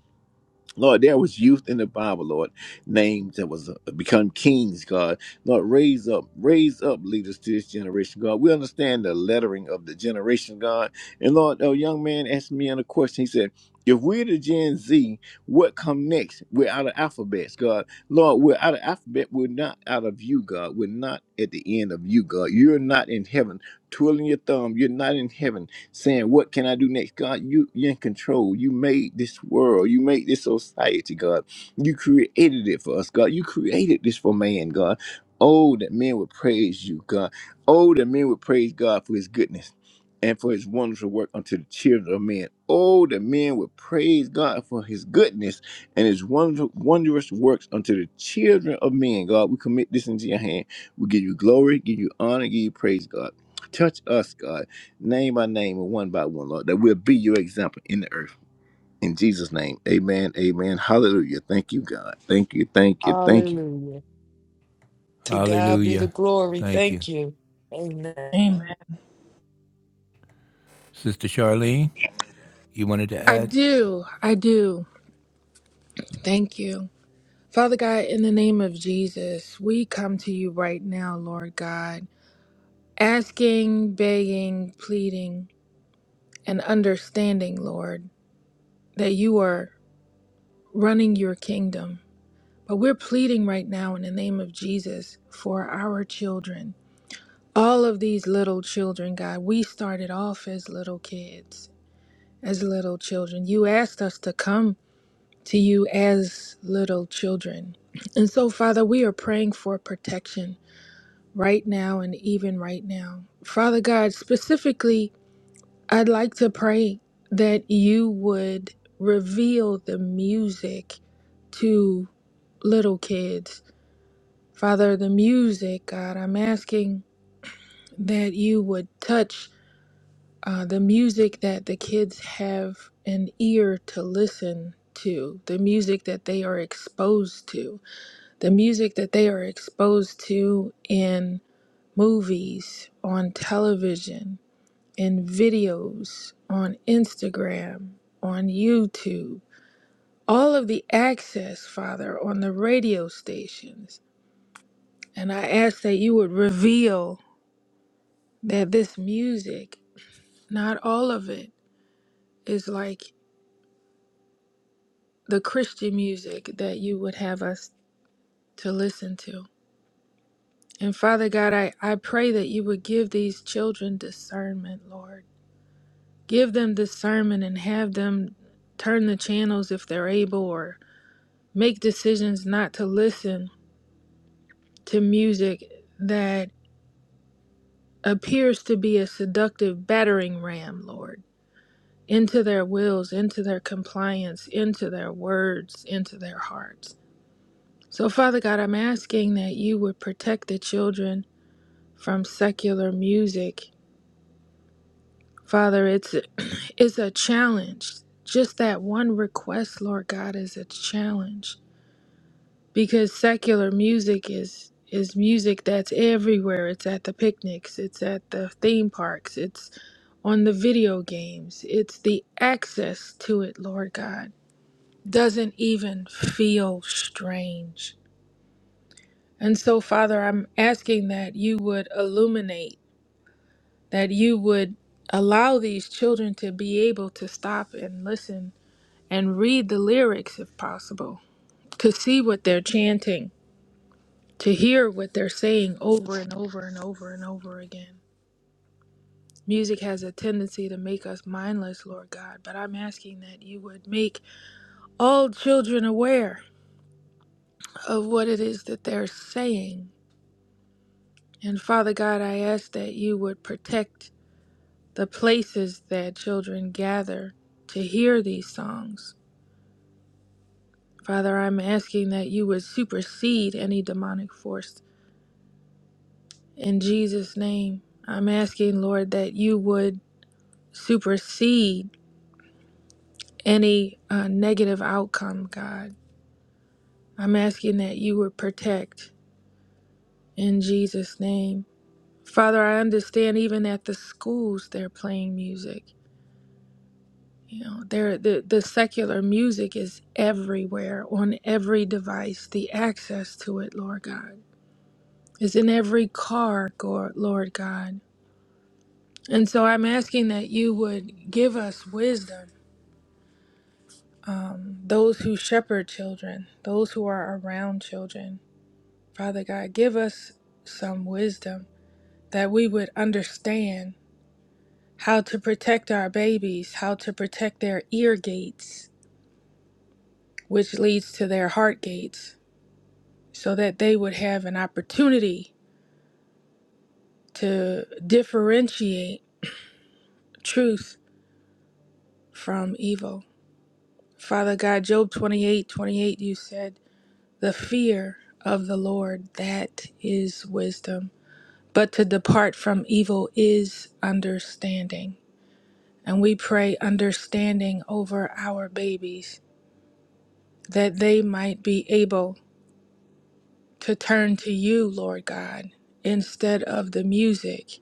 [SPEAKER 5] Lord, there was youth in the Bible, Lord, names that was uh, become kings, God. Lord, raise up, raise up leaders to this generation, God. We understand the lettering of the generation, God. And Lord, a young man asked me on a question. He said, if we're the Gen Z, what come next? We're out of alphabets, God. Lord, we're out of alphabet. We're not out of you, God. We're not at the end of you, God. You're not in heaven twirling your thumb. You're not in heaven saying, What can I do next? God, you, you're in control. You made this world. You made this society, God. You created it for us, God. You created this for man, God. Oh, that men would praise you, God. Oh, that men would praise God for his goodness and for his wonderful work unto the children of men. Oh, that men would praise God for his goodness and his wonder, wondrous works unto the children of men. God, we commit this into your hand. We give you glory, give you honor, give you praise, God. Touch us, God name by name and one by one, Lord, that we'll be your example in the earth. In Jesus' name, amen, amen, hallelujah. Thank you, God. Thank you, thank you, thank you.
[SPEAKER 2] Hallelujah. To God be the
[SPEAKER 1] Hallelujah.
[SPEAKER 2] glory.
[SPEAKER 1] Thank you.
[SPEAKER 2] Thank you. Amen.
[SPEAKER 6] Amen.
[SPEAKER 1] Sister Charlene, you wanted to
[SPEAKER 6] I
[SPEAKER 1] add?
[SPEAKER 6] do. I do. Thank you. Father God, in the name of Jesus, we come to you right now, Lord God, asking, begging, pleading, and understanding, Lord, that you are running your kingdom. But we're pleading right now in the name of Jesus for our children. All of these little children, God, we started off as little kids, as little children. You asked us to come to you as little children. And so, Father, we are praying for protection right now and even right now. Father God, specifically, I'd like to pray that you would reveal the music to little kids. Father, the music, God, I'm asking that you would touch uh, the music that the kids have an ear to listen to, the music that they are exposed to. the music that they are exposed to in movies, on television, in videos, on Instagram, on YouTube, all of the access, Father, on the radio stations. And I ask that you would reveal that this music, not all of it, is like the Christian music that you would have us to listen to. And Father God, I, I pray that you would give these children discernment, Lord give them discernment and have them turn the channels if they're able or make decisions not to listen to music that appears to be a seductive battering ram, Lord, into their wills, into their compliance, into their words, into their hearts. So, Father God, I'm asking that you would protect the children from secular music. Father, it's (clears throat) it's a challenge. Just that one request, Lord God, is a challenge. because secular music is is music that's everywhere. It's at the picnics, it's at the theme parks, it's on the video games. It's the access to it, Lord God, doesn't even feel strange. And so, Father, I'm asking that you would illuminate, that you would allow these children to be able to stop and listen and read the lyrics if possible, to see what they're chanting to hear what they're saying over and over and over and over again. Music has a tendency to make us mindless, Lord God, but I'm asking that you would make all children aware of what it is that they're saying. And Father God, I ask that you would protect the places that children gather to hear these songs. Father, I'm asking that you would supersede any demonic force. In Jesus' name, I'm asking, Lord, that you would supersede any uh, negative outcome, God. I'm asking that you would protect in Jesus' name. Father, I understand even at the schools they're playing music. You know, there the, the secular music is everywhere on every device. The access to it, Lord God, is in every car, Gor- Lord God. And so I'm asking that you would give us wisdom, um, those who shepherd children, those who are around children, Father God, give us some wisdom that we would understand how to protect our babies, how to protect their ear gates, which leads to their heart gates, so that they would have an opportunity to differentiate truth from evil. Father God, Job 28, 28, you said, The fear of the Lord, that is wisdom, but to depart from evil is understanding. And we pray understanding over our babies that they might be able to turn to you, Lord God, instead of the music.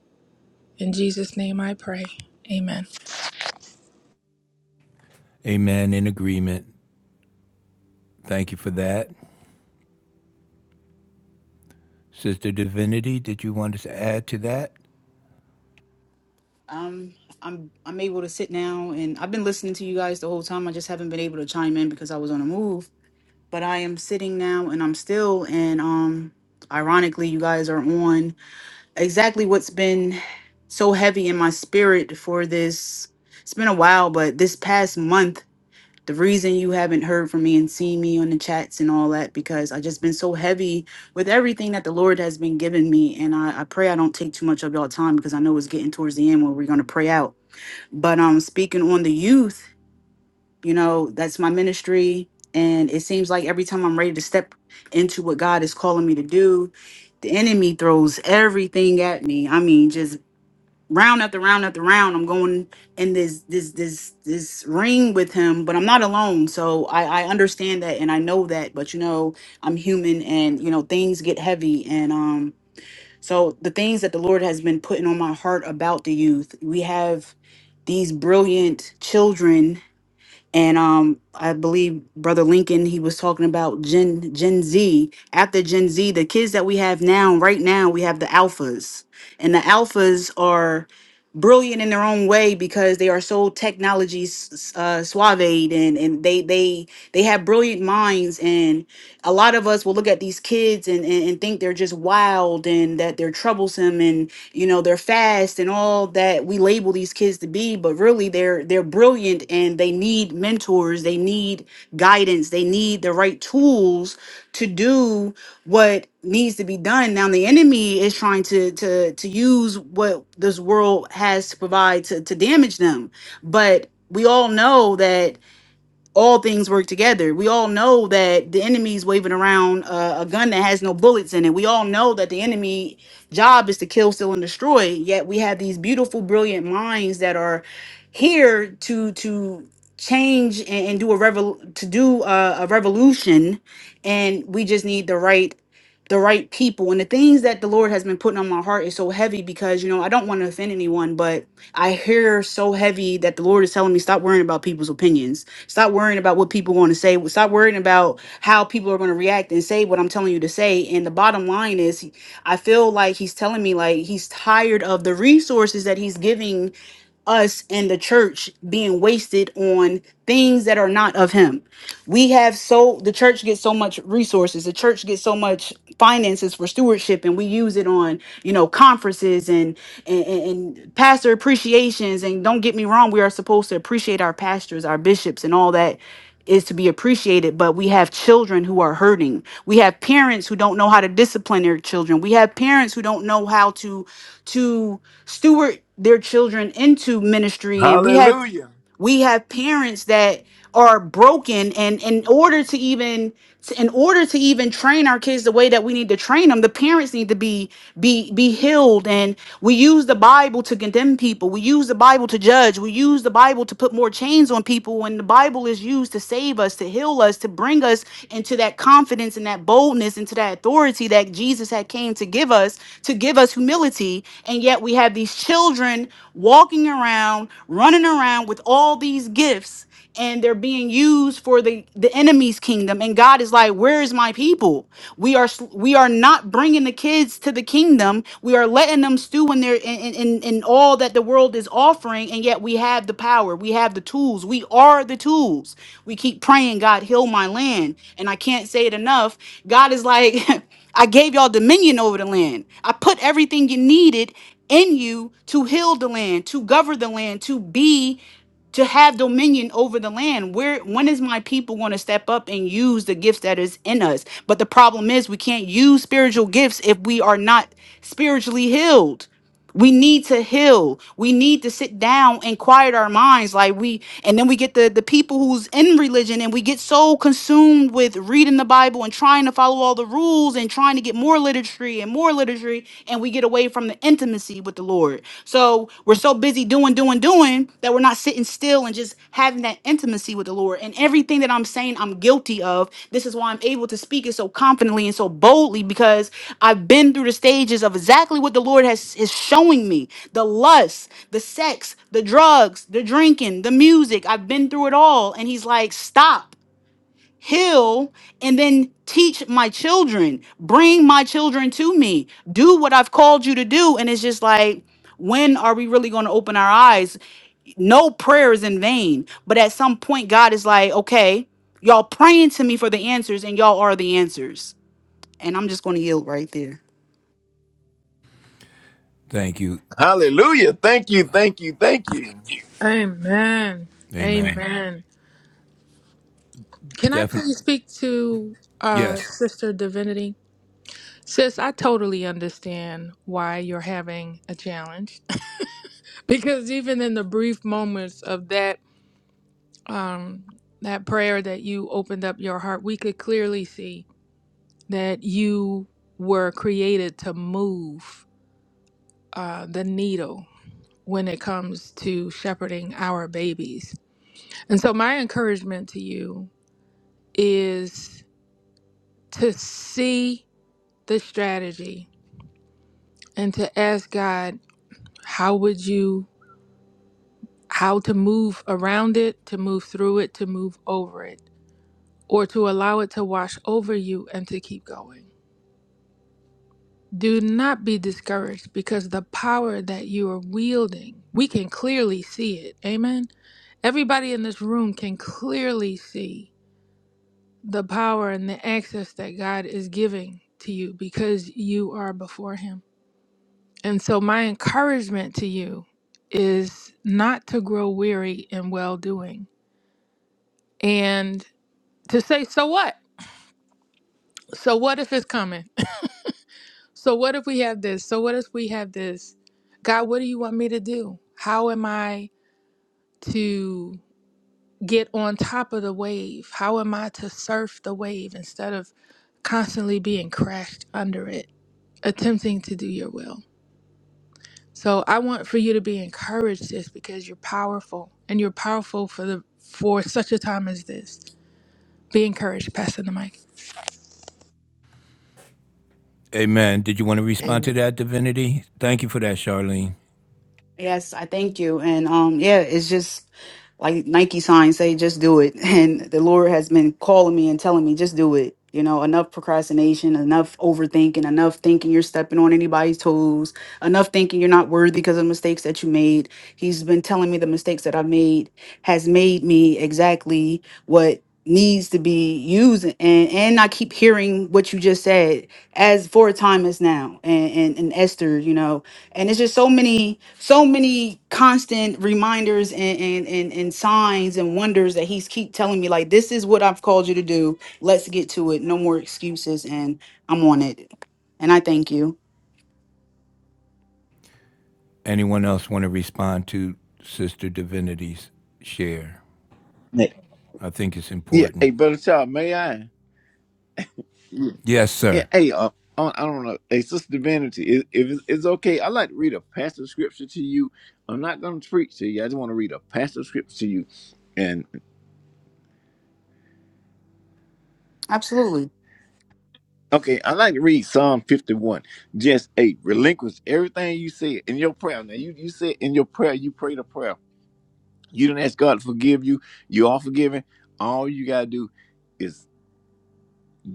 [SPEAKER 6] In Jesus' name I pray. Amen.
[SPEAKER 1] Amen in agreement. Thank you for that. Sister Divinity, did you want us to add to that?
[SPEAKER 4] Um, I'm I'm able to sit now, and I've been listening to you guys the whole time. I just haven't been able to chime in because I was on a move. But I am sitting now, and I'm still. And um, ironically, you guys are on exactly what's been so heavy in my spirit for this. It's been a while, but this past month, the reason you haven't heard from me and seen me on the chats and all that because I just been so heavy with everything that the Lord has been giving me, and I, I pray I don't take too much of y'all time because I know it's getting towards the end where we're gonna pray out but um speaking on the youth you know that's my ministry and it seems like every time i'm ready to step into what god is calling me to do the enemy throws everything at me i mean just round after round after round i'm going in this this this this ring with him but i'm not alone so i i understand that and i know that but you know i'm human and you know things get heavy and um so the things that the Lord has been putting on my heart about the youth, we have these brilliant children and um i believe brother lincoln he was talking about gen gen z after gen z the kids that we have now right now we have the alphas and the alphas are brilliant in their own way because they are so technology s- s- uh, suave and and they they they have brilliant minds and a lot of us will look at these kids and, and and think they're just wild and that they're troublesome and you know they're fast and all that we label these kids to be but really they're they're brilliant and they need mentors they need guidance they need the right tools to do what needs to be done now the enemy is trying to to to use what this world has to provide to to damage them but we all know that all things work together. We all know that the enemy's waving around uh, a gun that has no bullets in it. We all know that the enemy job is to kill, steal, and destroy. Yet we have these beautiful, brilliant minds that are here to to change and, and do a revol to do a, a revolution, and we just need the right the right people and the things that the lord has been putting on my heart is so heavy because you know i don't want to offend anyone but i hear so heavy that the lord is telling me stop worrying about people's opinions stop worrying about what people want to say stop worrying about how people are going to react and say what i'm telling you to say and the bottom line is i feel like he's telling me like he's tired of the resources that he's giving us and the church being wasted on things that are not of him. We have so the church gets so much resources, the church gets so much finances for stewardship and we use it on, you know, conferences and and, and and pastor appreciations and don't get me wrong, we are supposed to appreciate our pastors, our bishops and all that is to be appreciated, but we have children who are hurting. We have parents who don't know how to discipline their children. We have parents who don't know how to to steward their children into ministry and we have
[SPEAKER 5] Hallelujah.
[SPEAKER 4] we have parents that are broken and in order to even in order to even train our kids the way that we need to train them the parents need to be be be healed and we use the bible to condemn people we use the bible to judge we use the bible to put more chains on people when the bible is used to save us to heal us to bring us into that confidence and that boldness into that authority that jesus had came to give us to give us humility and yet we have these children walking around running around with all these gifts and they're being used for the the enemy's kingdom and God is like where is my people we are sl- we are not bringing the kids to the kingdom we are letting them stew in their in, in in in all that the world is offering and yet we have the power we have the tools we are the tools we keep praying God heal my land and I can't say it enough God is like (laughs) I gave y'all dominion over the land I put everything you needed in you to heal the land to govern the land to be to have dominion over the land. Where when is my people going to step up and use the gifts that is in us? But the problem is we can't use spiritual gifts if we are not spiritually healed. We need to heal. We need to sit down and quiet our minds like we and then we get the the people who's in religion and we get so consumed with reading the Bible and trying to follow all the rules and trying to get more literature and more literature and we get away from the intimacy with the Lord. So, we're so busy doing doing doing that we're not not sitting still and just having that intimacy with the Lord. And everything that I'm saying I'm guilty of, this is why I'm able to speak it so confidently and so boldly because I've been through the stages of exactly what the Lord has is showing me. The lust, the sex, the drugs, the drinking, the music. I've been through it all. And he's like, stop heal, and then teach my children. Bring my children to me. Do what I've called you to do. And it's just like, when are we really going to open our eyes? No prayer is in vain. But at some point, God is like, okay, y'all praying to me for the answers, and y'all are the answers. And I'm just going to yield right there.
[SPEAKER 1] Thank you.
[SPEAKER 5] Hallelujah. Thank you. Thank you. Thank you.
[SPEAKER 6] Amen. Amen.
[SPEAKER 1] Amen.
[SPEAKER 6] Amen. Can I
[SPEAKER 1] Definitely.
[SPEAKER 6] please speak to uh,
[SPEAKER 1] Yes.
[SPEAKER 6] Sister Divinity? Sis, I totally understand why you're having a challenge (laughs) because even in the brief moments of that that prayer that you opened up your heart, we could clearly see. that you were created to move uh, the needle when it comes to shepherding our babies. And so, my encouragement to you is to see the strategy and to ask God, how would you, how to move around it, to move through it, to move over it, or to allow it to wash over you and to keep going. Do not be discouraged because the power that you are wielding, we can clearly see it. Amen. Everybody in this room can clearly see the power and the access that God is giving to you because you are before Him. And so, my encouragement to you is not to grow weary in well doing and to say, So what? So what if it's coming? So what if we have this? So what if we have this? God, what do you want me to do? How am I to get on top of the wave? How am I to surf the wave instead of constantly being crashed under it, attempting to do your will? So I want for you to be encouraged this because you're powerful and you're powerful for the for such a time as this. Be encouraged, Pastor the mic.
[SPEAKER 1] Amen. Did you want to respond to
[SPEAKER 2] Amen.
[SPEAKER 1] that, Divinity? Thank you for that, Charlene.
[SPEAKER 4] Yes, I thank you. And um yeah, it's just like Nike signs say just do it. (laughs) And the Lord has been calling me and telling me just do it. You know, enough procrastination, enough overthinking, enough thinking you're stepping on anybody's toes, enough thinking you're not worthy because of mistakes that you made. He's been telling me the mistakes that I've made has made me exactly what needs to be used and and I keep hearing what you just said as for a time as now and and, and Esther, you know, and it's just so many so many constant reminders and and and, and signs and wonders that he's keep telling me like this is what i've called you to do let's get to it no more excuses and i'm on it and i thank you
[SPEAKER 1] Anyone else want to respond to Sister Divinity's share?
[SPEAKER 5] Hey,
[SPEAKER 1] I think it's
[SPEAKER 5] yeah,
[SPEAKER 1] important.
[SPEAKER 5] hey, brother Charles, may I? Yeah,
[SPEAKER 1] Yes,
[SPEAKER 5] Yeah,
[SPEAKER 1] sir.
[SPEAKER 5] hey, uh, I I don't know. Hey, Sister Divinity, i- if it's it's okay, I'd like to read a passage of scripture to you. I'm not going to preach to you. I just want to read a passage of scripture to you.
[SPEAKER 4] absolutely
[SPEAKER 5] Okay, I like to read Psalm 51, just eight. Relinquish everything you said in your prayer. Now you, you said in your prayer, you prayed a prayer. You didn't ask God to forgive you. You are forgiven. All you gotta do is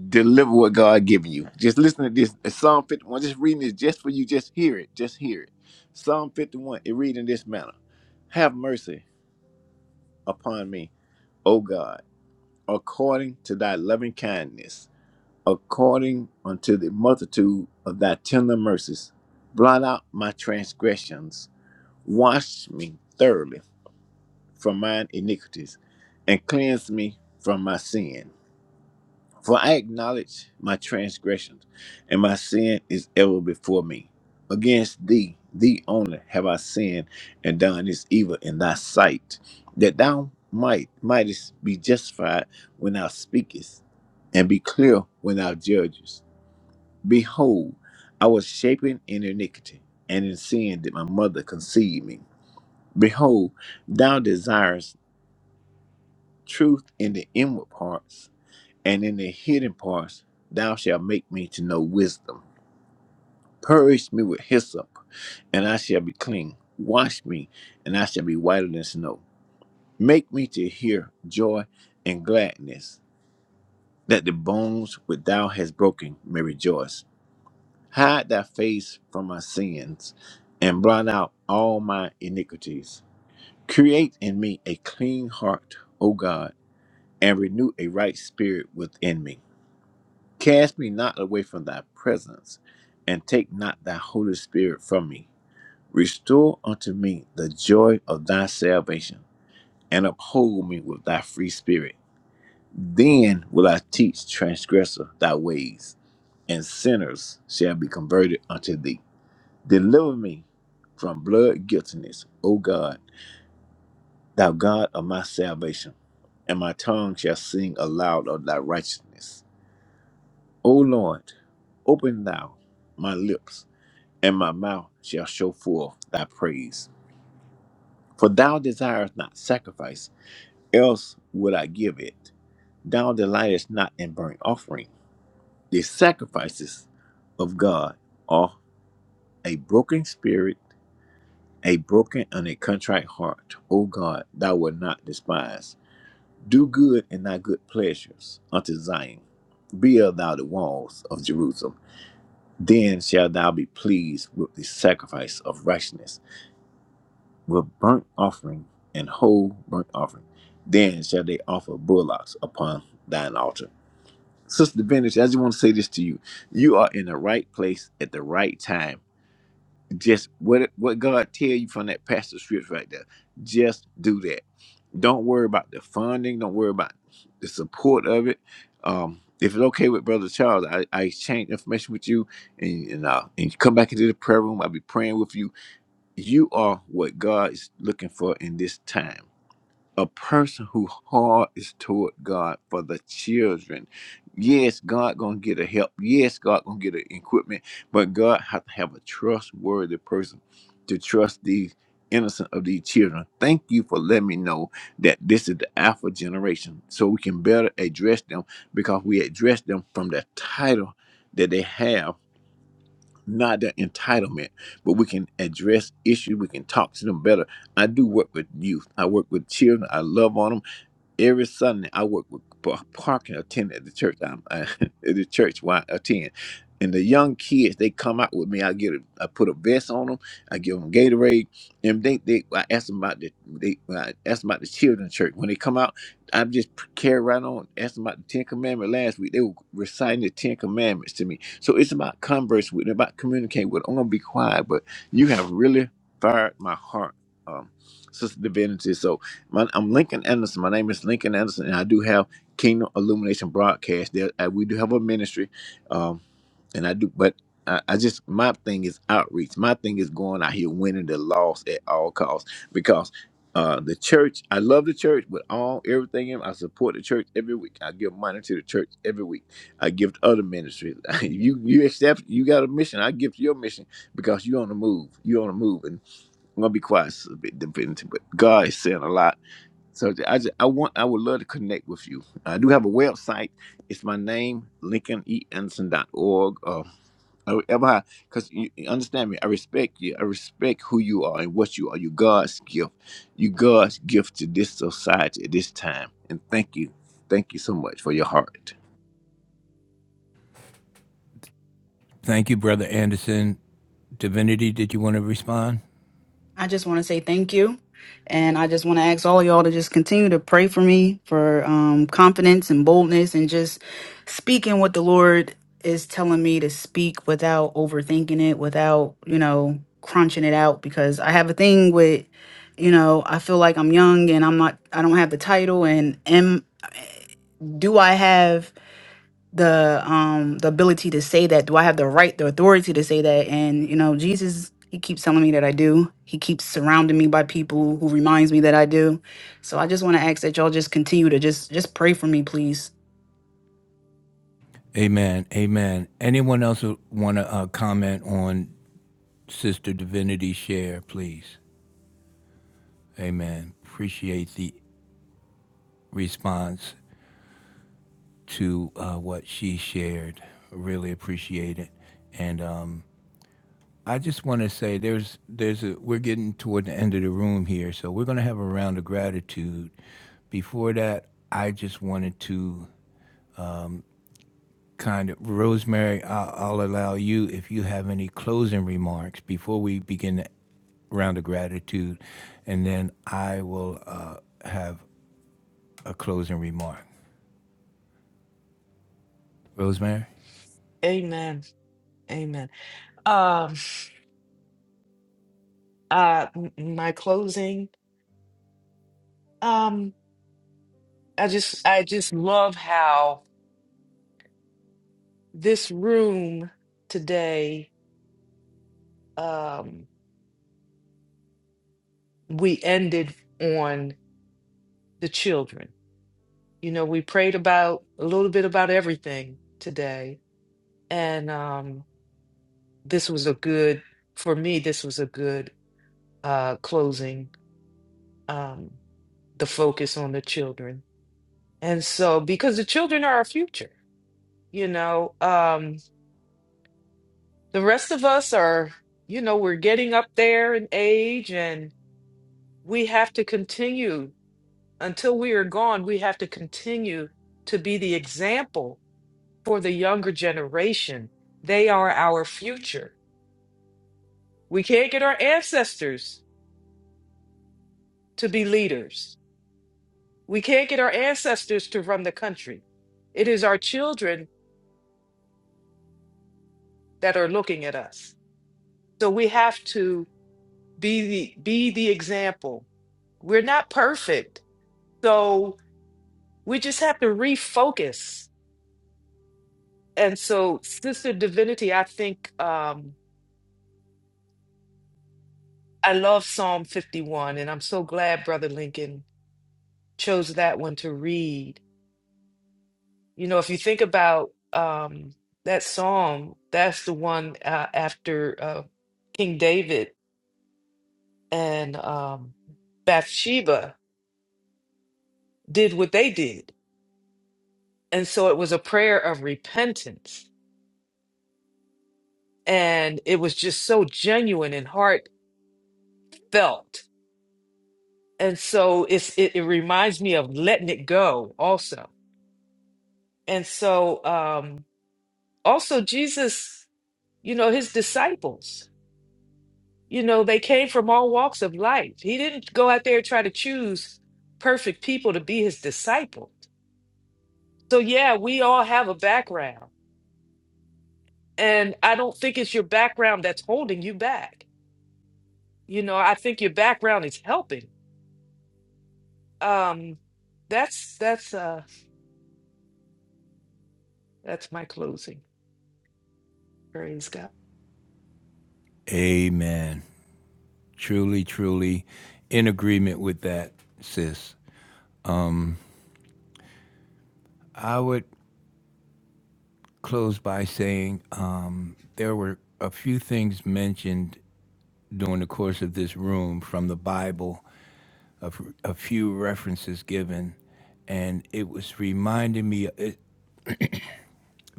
[SPEAKER 5] deliver what God given you. Just listen to this. uh, Psalm 51. Just reading this just for you. Just hear it. Just hear it. Psalm 51, it read in this manner. Have mercy upon me, O God, according to thy loving kindness according unto the multitude of thy tender mercies. Blot out my transgressions, wash me thoroughly from mine iniquities, and cleanse me from my sin. For I acknowledge my transgressions, and my sin is ever before me. Against thee, thee only, have I sinned and done this evil in thy sight, that thou might mightest be justified when thou speakest, and be clear when thou judgest. Behold, I was shapen in iniquity, and in sin did my mother conceive me. Behold, thou desirest truth in the inward parts, and in the hidden parts thou shalt make me to know wisdom. Purge me with hyssop, and I shall be clean. Wash me, and I shall be whiter than snow. Make me to hear joy and gladness, that the bones which thou hast broken may rejoice. Hide thy face from my sins and blot out all my iniquities. Create in me a clean heart, O God, and renew a right spirit within me. Cast me not away from thy presence, and take not thy Holy Spirit from me. Restore unto me the joy of thy salvation, and uphold me with thy free spirit. Then will I teach transgressor thy ways, and sinners shall be converted unto thee. Deliver me from blood guiltiness, O God, thou God of my salvation, and my tongue shall sing aloud of thy righteousness. O Lord, open thou my lips, and my mouth shall show forth thy praise. For thou desirest not sacrifice, else would I give it. Thou delightest not in burnt offering. The sacrifices of God are a broken spirit a broken and a contrite heart, O God, thou wilt not despise. Do good and thy good pleasures unto Zion. Build thou the walls of Jerusalem. Then shalt thou be pleased with the sacrifice of righteousness, with burnt offering and whole burnt offering. Then shall they offer bullocks upon thine altar. Sister Divinity, I just want to say this to you. You are in the right place at the right time Just what what God tell you from that pastor scripts right there. Just do that. Don't worry about the funding. Don't worry about the support of it. Um, if it's okay with Brother Charles, I, I exchange information with you and and, uh, and you come back into the prayer room. I'll be praying with you. You are what God is looking for in this time a person who heart is toward God for the children. Yes, God gonna get a help. Yes, God gonna get an equipment, but God have to have a trustworthy person to trust these innocent of these children. Thank you for letting me know that this is the alpha generation, so we can better address them because we address them from the title that they have. Not the entitlement, but we can address issues. We can talk to them better. I do work with youth. I work with children. I love on them. Every Sunday, I work with par- parking attendant at the church. I'm (laughs) at the church where I attend, and the young kids they come out with me. I get a, I put a vest on them. I give them Gatorade, and they they I ask them about the they I ask them about the children's church. When they come out, I just p- carry right on. Ask them about the Ten Commandments. Last week they were reciting the Ten Commandments to me. So it's about converse with, about communicating with. I'm gonna be quiet, but you have really fired my heart, um, Sister Divinity. So my, I'm Lincoln Anderson. My name is Lincoln Anderson, and I do have Kingdom Illumination Broadcast. There, uh, we do have a ministry, um, and I do. But I, I just my thing is outreach. My thing is going out here winning the loss at all costs because uh, the church. I love the church with all everything. In, I support the church every week. I give money to the church every week. I give to other ministries. (laughs) you you accept. You got a mission. I give to your mission because you on the move. You on the move, and I'm gonna be quiet. a bit, But God is saying a lot so I just, I want I would love to connect with you. I do have a website. It's my name, lincoln e anderson LincolnEAnderson.org. Uh, I- ever how, because you you understand me, I respect you. I respect who you are and what you are. You God's gift. You God's gift to this society at this time. And thank you, thank you so much for your heart.
[SPEAKER 1] Thank you, Brother Anderson. Divinity, did you want to respond?
[SPEAKER 4] I just want to say thank you. And I just want to ask all y'all to just continue to pray for me for um, confidence and boldness and just speaking what the Lord is telling me to speak without overthinking it, without, you know, crunching it out. Because I have a thing with, you know, I feel like I'm young and I'm not, I don't have the title. And am, do I have the um the ability to say that do i have the right the authority to say that and you know jesus he keeps telling me that i do he keeps surrounding me by people who reminds me that i do so i just want to ask that y'all just continue to just just pray for me please
[SPEAKER 1] Amen. Amen. Anyone else want to uh, comment on Sister Divinity's share, please? Amen. Appreciate the response to uh, what she shared. Really appreciate it. And um, I just want to say there's there's a, we're getting toward the end of the room here, so we're going to have a round of gratitude. Before that, I just wanted to kind of Rosemary, I'll, I'll allow you if you have any closing remarks before we begin the round of gratitude, and then I will uh, have a closing remark. Rosemary,
[SPEAKER 2] Amen. Amen. Um, uh, m- my closing. Um, I just, I just love how this room today, um, we ended on the children. You know, we prayed about a little bit about everything today and um, this was a good for me this was a good uh, closing um, the focus on the children and so because the children are our future you know um, the rest of us are you know we're getting up there in age and we have to continue until we are gone we have to continue to be the example for the younger generation they are our future we can't get our ancestors to be leaders We can't get our ancestors to run the country. It is our children that are looking at us. So we have to be the be the example. We're not perfect. So we just have to refocus. And so Sister Divinity, I think um I love Psalm 51 and I'm so glad Brother Lincoln chose that one to read. You know, if you think about um that psalm, that's the one uh, after uh, King David and um, Bathsheba did what they did. And so it was a prayer of repentance. And it was just so genuine and heartfelt. And so it's, it, it reminds me of letting it go also. And so um, also, Jesus, you know, his disciples, you know, they came from all walks of life. He didn't go out there and try to choose perfect people to be his disciple. So, yeah, we all have a background And I don't think it's your background that's holding you back. You know, I think your background is helping. Um, that's that's uh that's my closing. Praise God.
[SPEAKER 1] Amen. Truly, truly, in agreement with that, sis. I would close by saying um, there were a few things mentioned during the course of this room from the Bible, a, f- a few references given, and it was reminding me. It,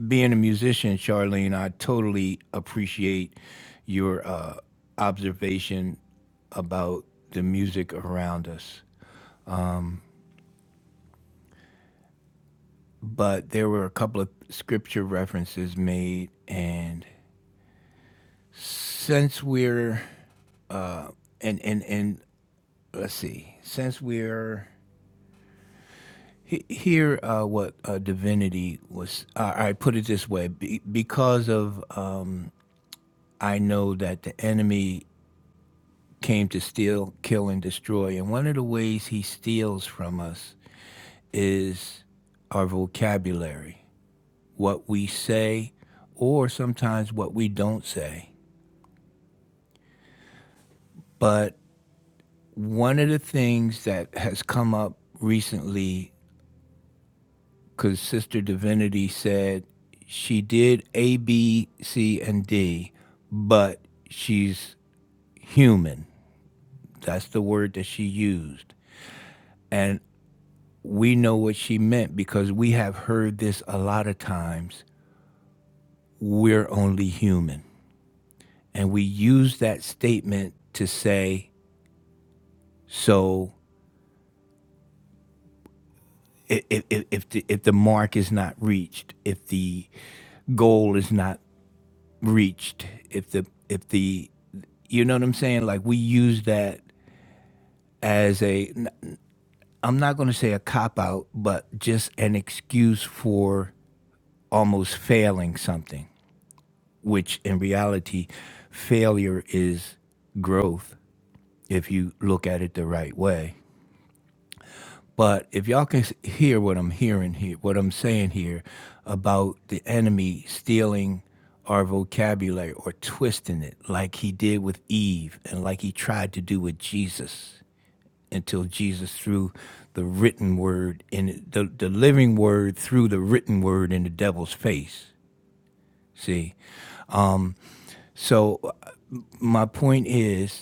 [SPEAKER 1] being a musician, Charlene, I totally appreciate your uh, observation about the music around us. But there were a couple of scripture references made, and since we're and and and let's see. Since we're he- here, uh, what uh, divinity was. Uh, I put it this way: be, because of um, I know that the enemy came to steal, kill, and destroy, and one of the ways he steals from us is our vocabulary, what we say, or sometimes what we don't say. But one of the things that has come up recently because Sister Divinity said she did A, B, C, and D, but she's human. That's the word that she used. And we know what she meant because we have heard this a lot of times. We're only human. And we use that statement to say, so if, if, if, the, if the mark is not reached, if the goal is not reached if the if the you know what i'm saying like we use that as a i'm not going to say a cop out but just an excuse for almost failing something which in reality failure is growth if you look at it the right way But if y'all can hear what I'm hearing here, what I'm saying here about the enemy stealing our vocabulary or twisting it like he did with Eve and like he tried to do with Jesus until Jesus threw the written word in the, the living word threw the written word in the devil's face. See? So uh, my point is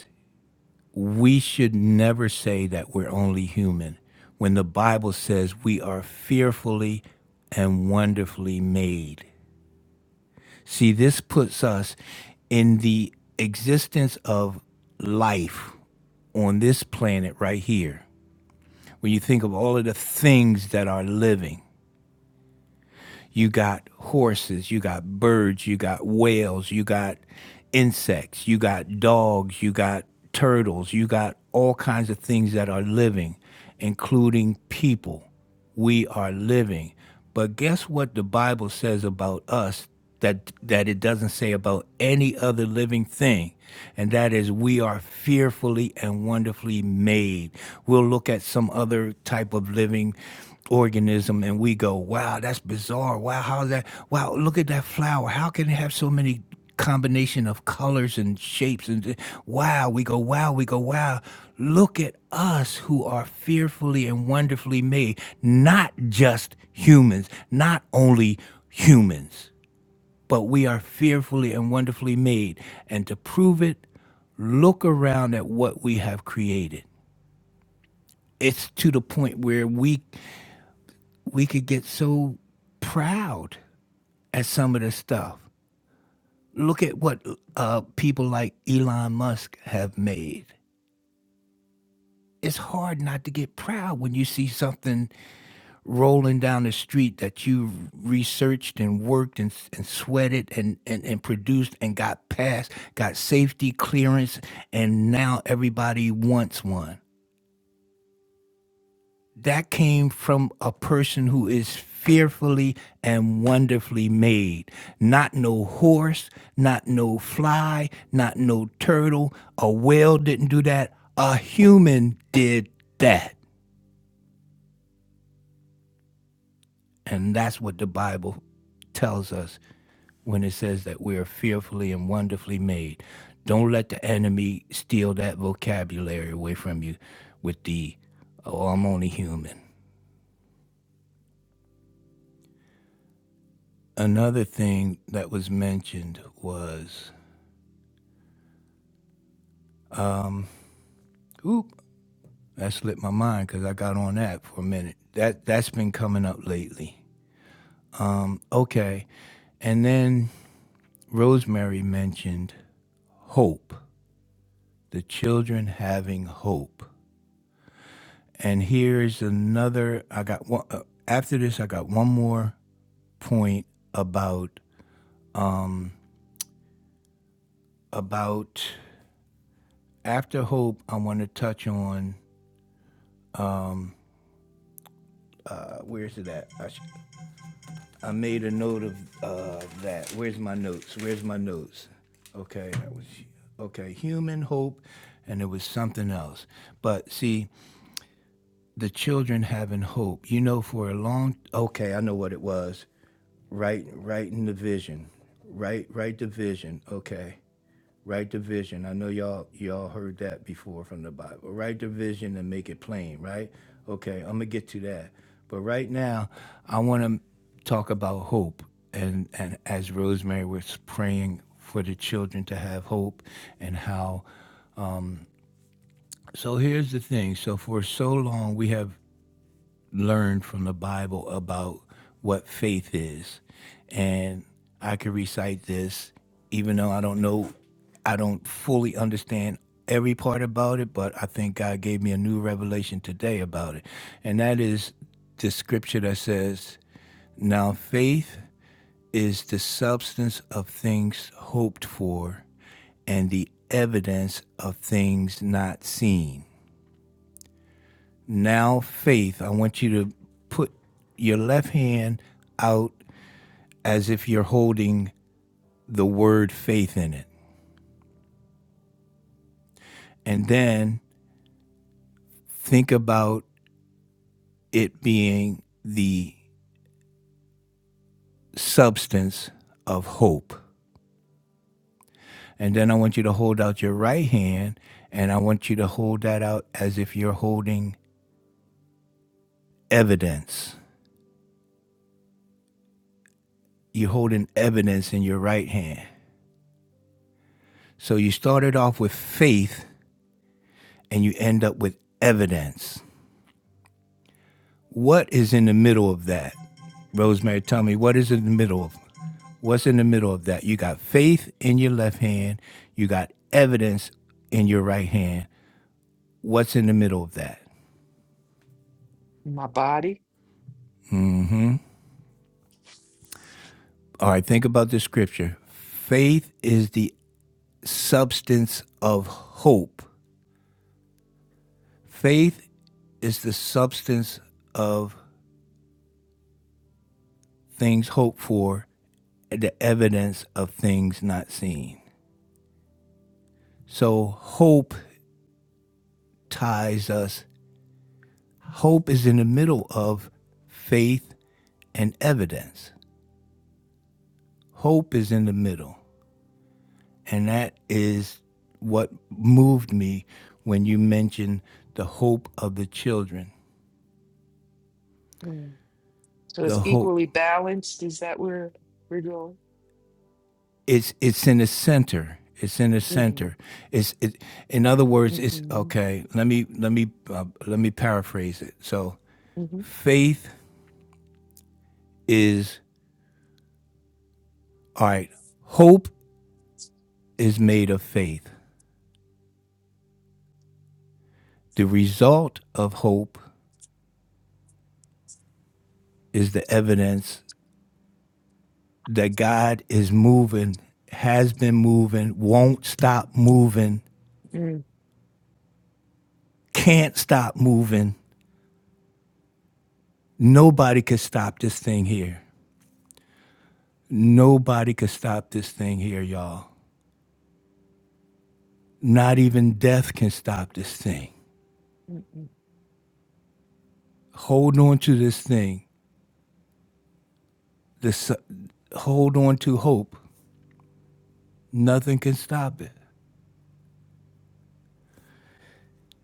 [SPEAKER 1] we should never say that we're only human when the Bible says we are fearfully and wonderfully made. See, this puts us in the existence of life on this planet right here. When you think of all of the things that are living, You got horses, you got birds, you got whales, you got insects, you got dogs, you got turtles, you got all kinds of things that are living, including people we are living. But guess what the Bible says about us that that it doesn't say about any other living thing and that is we are fearfully and wonderfully made we'll look at some other type of living organism and we go wow that's bizarre wow how's that wow look at that flower how can it have so many combination of colors and shapes and wow we go wow we go wow look at us who are fearfully and wonderfully made not just humans not only humans but we are fearfully and wonderfully made and to prove it look around at what we have created it's to the point where we we could get so proud at some of the stuff Look at what uh, people like Elon Musk have made. It's hard not to get proud when you see something rolling down the street that you researched and worked and, and sweated and, and, and produced and got passed, got safety clearance, and now everybody wants one. that came from a person who is fearfully and wonderfully made. Not no horse, not no fly, not no turtle. A whale didn't do that. A human did that. And that's what the Bible tells us when it says that we are fearfully and wonderfully made. Don't let the enemy steal that vocabulary away from you with the, oh, I'm only human. Another thing that was mentioned was, oop, that slipped my mind because I got on that for a minute. That that's been coming up lately. Okay, and then Rosemary mentioned hope, the children having hope, and here's another. I got one uh, after this. I got one more point about um about after hope. I want to touch on uh, where's it at? I, sh- I made a note of uh, that. Where's my notes? Where's my notes? Okay, that was okay. Human hope, and it was something else. But see, the children having hope. You know, for a long. Okay, I know what it was. Write, right in the vision. Write, write the vision. Okay, Write the vision. I know y'all y'all heard that before from the Bible. Write the vision and make it plain, right? Okay, I'm gonna get to that. But right now, I want to talk about hope. And and as Rosemary was praying for the children to have hope and how. So here's the thing. So for so long we have learn from the Bible about what faith is. And I could recite this, even though I don't know, I don't fully understand every part about it, but I think God gave me a new revelation today about it. And that is the scripture that says, Now faith is the substance of things hoped for and the evidence of things not seen. Now, faith, I want you to put your left hand out as if you're holding the word faith in it. And then think about it being the substance of hope. And then I want you to hold out your right hand and I want you to hold that out as if you're holding evidence. You're holding evidence in your right hand. So you started off with faith and you end up with evidence. What is in the middle of that? Rosemary, tell me what is in the middle of what's in the middle of that? You got faith in your left hand, you got evidence in your right hand. What's in the middle of that?
[SPEAKER 2] My body.
[SPEAKER 1] All right, think about the scripture. Faith is the substance of hope. Faith is the substance of things hoped for, the evidence of things not seen. So hope ties us Hope is in the middle of faith and evidence. Hope is in the middle. And that is what moved me when you mentioned the hope of the children.
[SPEAKER 2] Mm. So
[SPEAKER 1] The
[SPEAKER 2] it's
[SPEAKER 1] hope.
[SPEAKER 2] equally balanced. Is that where we're going?
[SPEAKER 1] It's it's in the center. It's in the
[SPEAKER 2] hmm
[SPEAKER 1] center. It's it, in other words, it's
[SPEAKER 2] hmm
[SPEAKER 1] okay. Let me let me uh, let me paraphrase it. So,
[SPEAKER 2] hmm
[SPEAKER 1] faith is all right. Hope is made of faith. The result of hope is the evidence that God is moving, has been moving, won't stop moving,
[SPEAKER 2] mm
[SPEAKER 1] can't stop moving. Nobody could stop this thing here. Nobody could stop this thing here, y'all. Not even death can stop this thing.
[SPEAKER 2] mm
[SPEAKER 1] Hold on to this thing. This, hold on to hope. Nothing can stop it.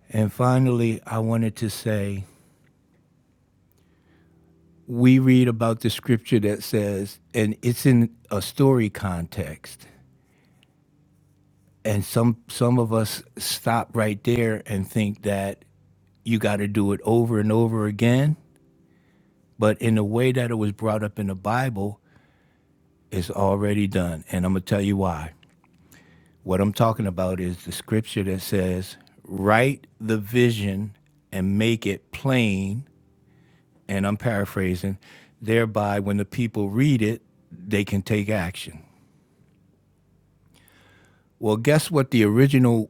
[SPEAKER 1] And finally, I wanted to say we read about the scripture that says, and it's in a story context and some some of us stop right there and think that you got to do it over and over again but in the way that it was brought up in the bible it's already done and i'm going to tell you why what i'm talking about is the scripture that says write the vision and make it plain and i'm paraphrasing thereby when the people read it they can take action well guess what the original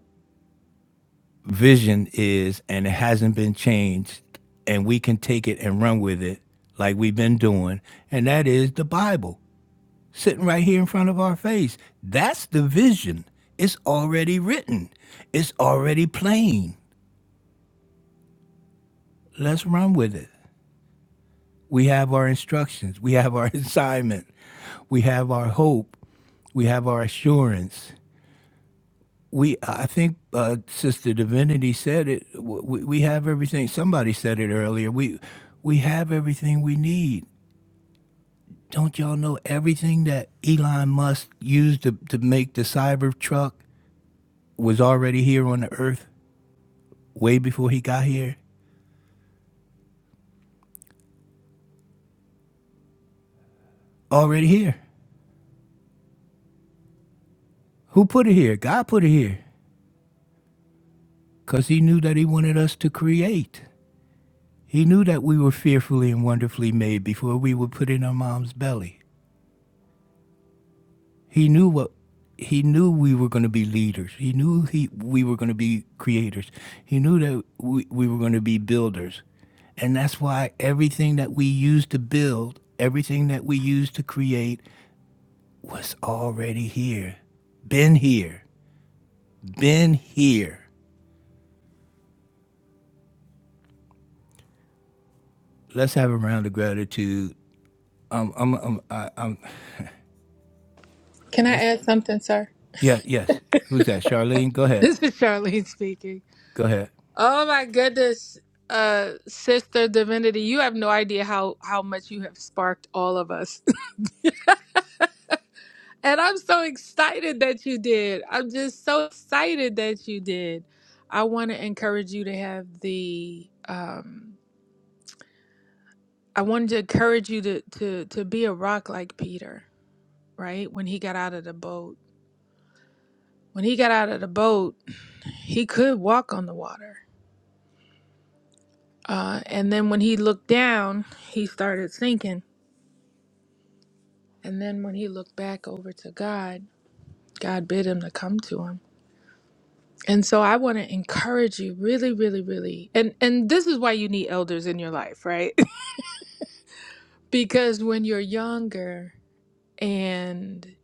[SPEAKER 1] vision is and it hasn't been changed and we can take it and run with it like we've been doing and that is the bible sitting right here in front of our face that's the vision it's already written it's already plain let's run with it we have our instructions we have our (laughs) assignment we have our hope we have our assurance we i think uh, sister divinity said it W- we, we have everything somebody said it earlier we we have everything we need don't y'all know everything that elon musk used to, to make the cyber truck was already here on the earth way before he got here already here who put it here god put it here because he knew that he wanted us to create he knew that we were fearfully and wonderfully made before we were put in our mom's belly He knew what he knew we were going to be leaders. He knew he we were going to be creators. He knew that we, we were going to be builders. And that's why everything that we used to build, everything that we used to create was already here. Been here. Been here. Let's have a round of gratitude. Um, I'm, I'm, I, I'm,
[SPEAKER 6] Can I
[SPEAKER 1] let's,
[SPEAKER 6] add something, sir? (laughs)
[SPEAKER 1] yeah, yes. Who's that? Charlene? Go ahead.
[SPEAKER 6] This is Charlene speaking.
[SPEAKER 1] Go ahead.
[SPEAKER 6] Oh my goodness, uh, Sister Divinity, you have no idea how how much you have sparked all of us, (laughs) and I'm so excited that you did. I'm just so excited that you did. I want to encourage you to have the. Um, I wanted to encourage you to to to be a rock like Peter, right? When he got out of the boat, when he got out of the boat, (clears throat) he could walk on the water. Uh, and then when he looked down, he started sinking And then when he looked back over to God, God bid him to come to him. And so I want to encourage you really really really. And and this is why you need elders in your life, right? (laughs) because when you're younger and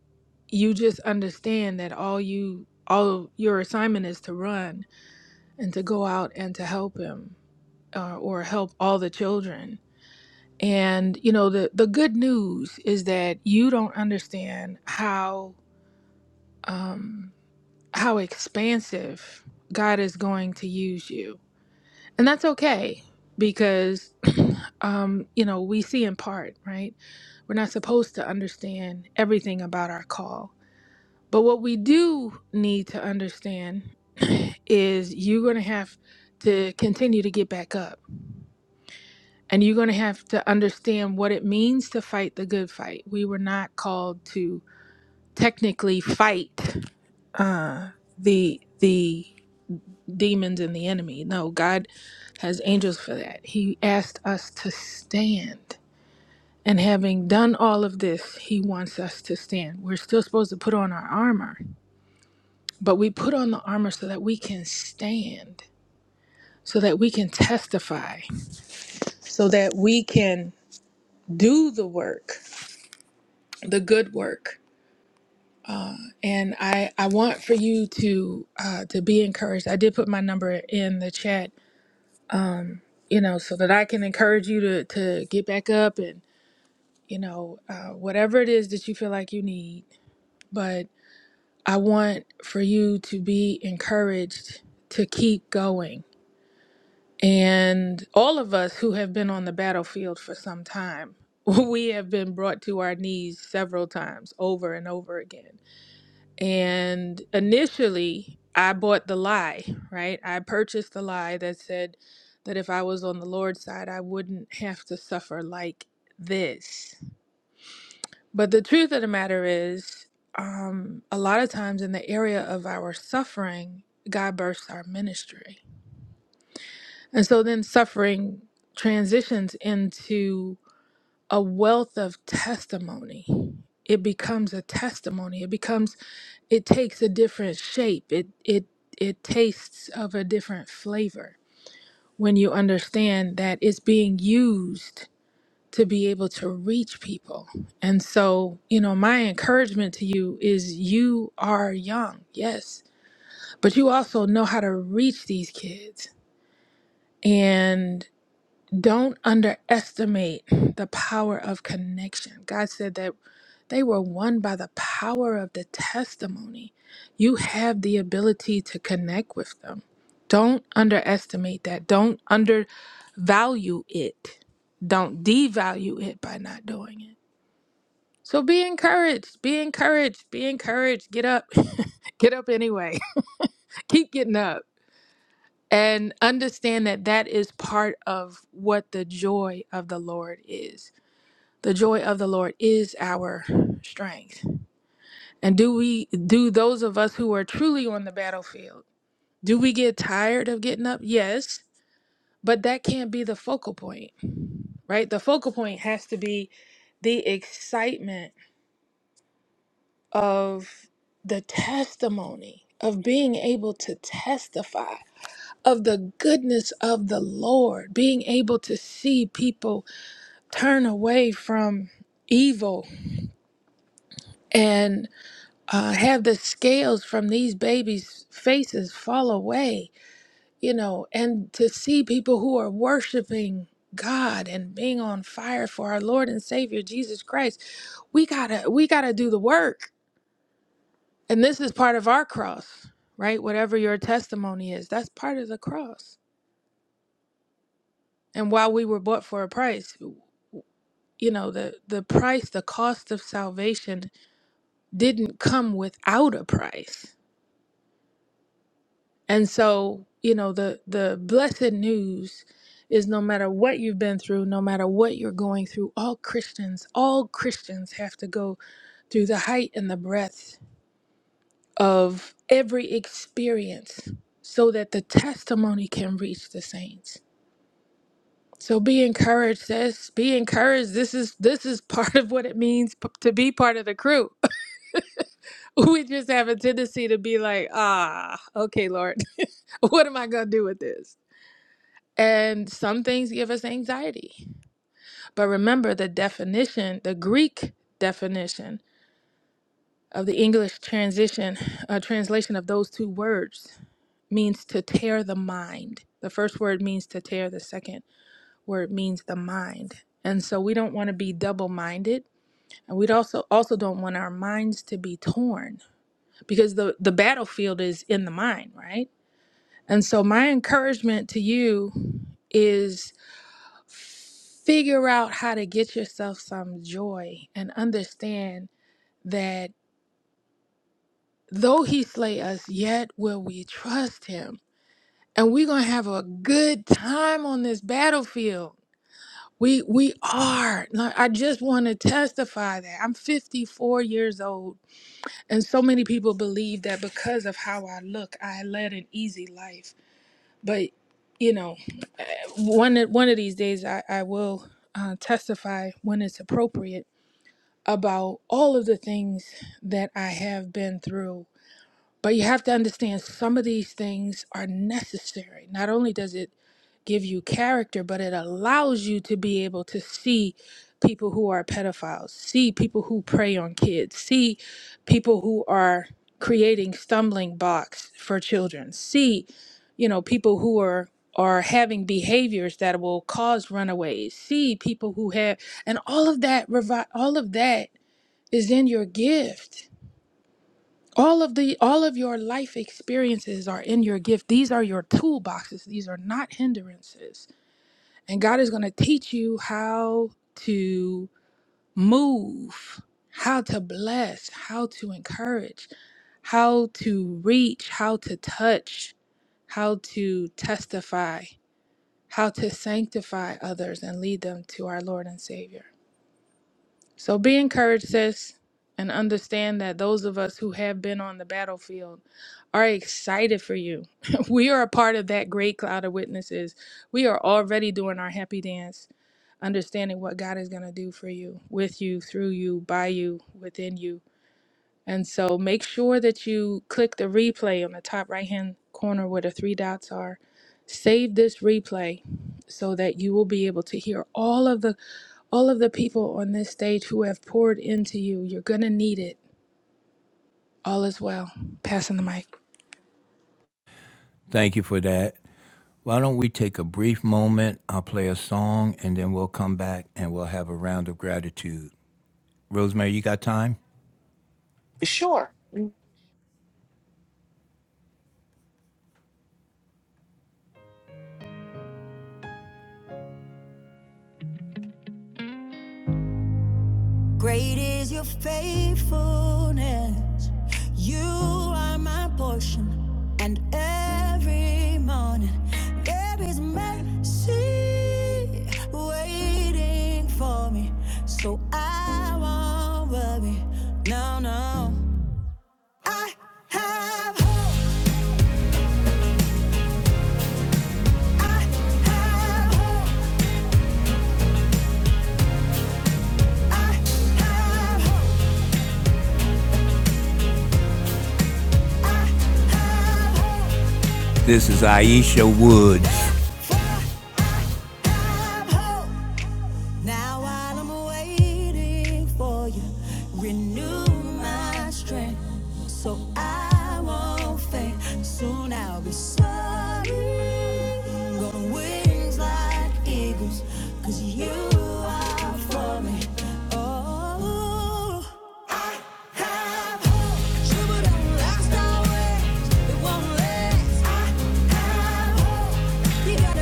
[SPEAKER 6] you just understand that all you all your assignment is to run and to go out and to help him uh, or help all the children. And you know the the good news is that you don't understand how um how expansive God is going to use you. And that's okay because, (clears throat) um, you know, we see in part, right? We're not supposed to understand everything about our call. But what we do need to understand (clears throat) is you're going to have to continue to get back up and you're going to have to understand what it means to fight the good fight. We were not called to technically fight uh, the the demons and the enemy. No, God has angels for that. He asked us to stand. And having done all of this, he wants us to stand. We're still supposed to put on our armor, but we put on the armor so that we can stand, so that we can testify, so that we can do the work, the good work. Uh, and I, I want for you to uh, to be encouraged. I did put my number in the chat um, you know, so that I can encourage you to to get back up and you know uh, whatever it is that you feel like you need. But I want for you to be encouraged to keep going. And all of us who have been on the battlefield for some time, (laughs) we have been brought to our knees several times over and over again And initially, I bought the lie, right? I purchased the lie that said that if I was on the Lord's side, I wouldn't have to suffer like this. But the truth of the matter is, um, a lot of times in the area of our suffering, God bursts our ministry. And so then suffering transitions into a wealth of testimony. It becomes a testimony. It becomes it takes a different shape. It it it tastes of a different flavor when you understand that it's being used to be able to reach people. And so, you know, my encouragement to you is you are young, yes, but you also know how to reach these kids. And. Don't underestimate the power of connection. God said that they were won by the power of the testimony. You have the ability to connect with them. Don't underestimate that. Don't undervalue it. Don't devalue it by not doing it. So be encouraged. Be encouraged. Be encouraged. Get up. (laughs) Get up anyway. (laughs) Keep getting up. And understand that that is part of what the joy of the Lord is the joy of the lord is our strength and do we do those of us who are truly on the battlefield do we get tired of getting up yes but that can't be the focal point right the focal point has to be the excitement of the testimony of being able to testify of the goodness of the lord being able to see people turn away from evil and uh, have the scales from these babies' faces fall away, you know, and to see people who are worshiping God and being on fire for our Lord and Savior Jesus Christ, we gotta we gotta do the work, and this is part of our cross, right? Whatever your testimony is, that's part of the cross. And while we were bought for a price, you know, the the price, the cost of salvation didn't come without a price And so, you know, the the blessed news is no matter what you've been through, no matter what you're going through, all Christians, all Christians have to go through the height and the breadth of every experience so that the testimony can reach the saints. So be encouraged, sis. Be encouraged. This is this is part of what it means p- to be part of the crew. (laughs) We just have a tendency to be like, ah, okay, Lord, (laughs) what am I gonna do with this? And some things give us anxiety. But remember the definition, the Greek definition of the English transition, uh, translation of those two words means to tear the mind. The first word means to tear, the second word means the mind. And so we don't want to be double-minded, and we'd also also don't want our minds to be torn because the the battlefield is in the mind, right? And so my encouragement to you is. figure out how to get yourself some joy and understand that though he slay us, yet will we trust him. And we're gonna have a good time on this battlefield. We we are. Like, I just want to testify that I'm 54 years old, and so many people believe that because of how I look, I led an easy life. But you know, eh, one of- one of these days, I I will uh, testify when it's appropriate about all of the things that I have been through. But you have to understand some of these things are necessary. Not only does it give you character, but it allows you to be able to see people who are pedophiles, see people who prey on kids, see people who are creating stumbling blocks for children, see, you know, people who are are having behaviors that will cause runaways, see people who have and all of that revi- all of that is in your gift. All of the all of your life experiences are in your gift. These are your toolboxes. These are not hindrances. And God is going to teach you how to move, how to bless, how to encourage, how to reach, how to touch, how to testify, how to sanctify others and lead them to our Lord and Savior. So be encouraged, sis, and understand that those of us who have been on the battlefield are excited for you. (laughs) we are a part of that great cloud of witnesses. We are already doing our happy dance, understanding what God is going to do for you, with you, through you, by you, within you. And so make sure that you click the replay on the top right hand corner where the three dots are. Save this replay so that you will be able to hear all of the all of the people on this stage who have poured into you. You're gonna need it. All is well. Passing the mic.
[SPEAKER 1] Thank you for that. Why don't we take a brief moment? I'll play a song and then we'll come back and we'll have a round of gratitude. Rosemary, you got time?
[SPEAKER 2] Sure. Mm.
[SPEAKER 1] Great is your faithfulness. You are my portion. And every morning there is mercy waiting for me. So I won't worry. No, no. I have. This is Aisha Woods. Now while I'm waiting for you, renew my strength so I won't faint. Soon I'll be soaring on wings like eagles, 'cause you are for me. Oh.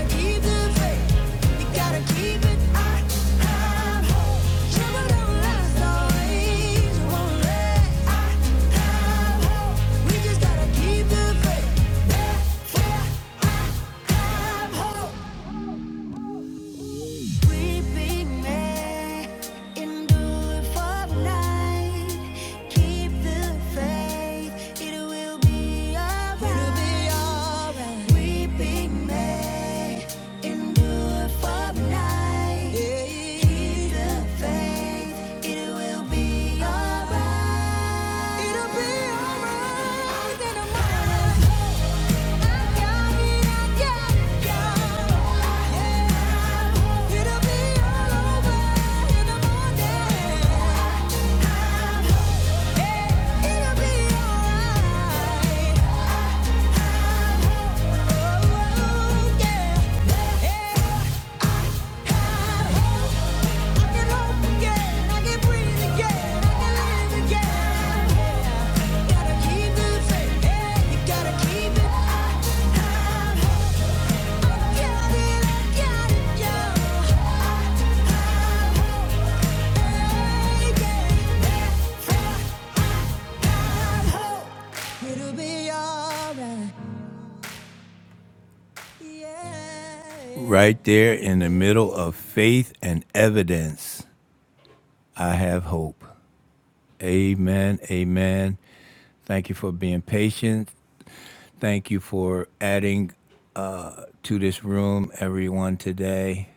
[SPEAKER 1] Keep the faith. Yeah, yeah, have hope. We be made, endure for night. Keep the faith, it will be alright. We be made, endure for night. Keep the faith, it will be alright. It'll be alright in a moment. I got it, I got it, Yeah. It'll be all over in the morning. Yeah, it'll be alright. Oh, yeah. Yeah. Right there in the middle of faith and evidence, I have hope. Amen. Amen. Thank you for being patient. Thank you for adding to this room, everyone, today.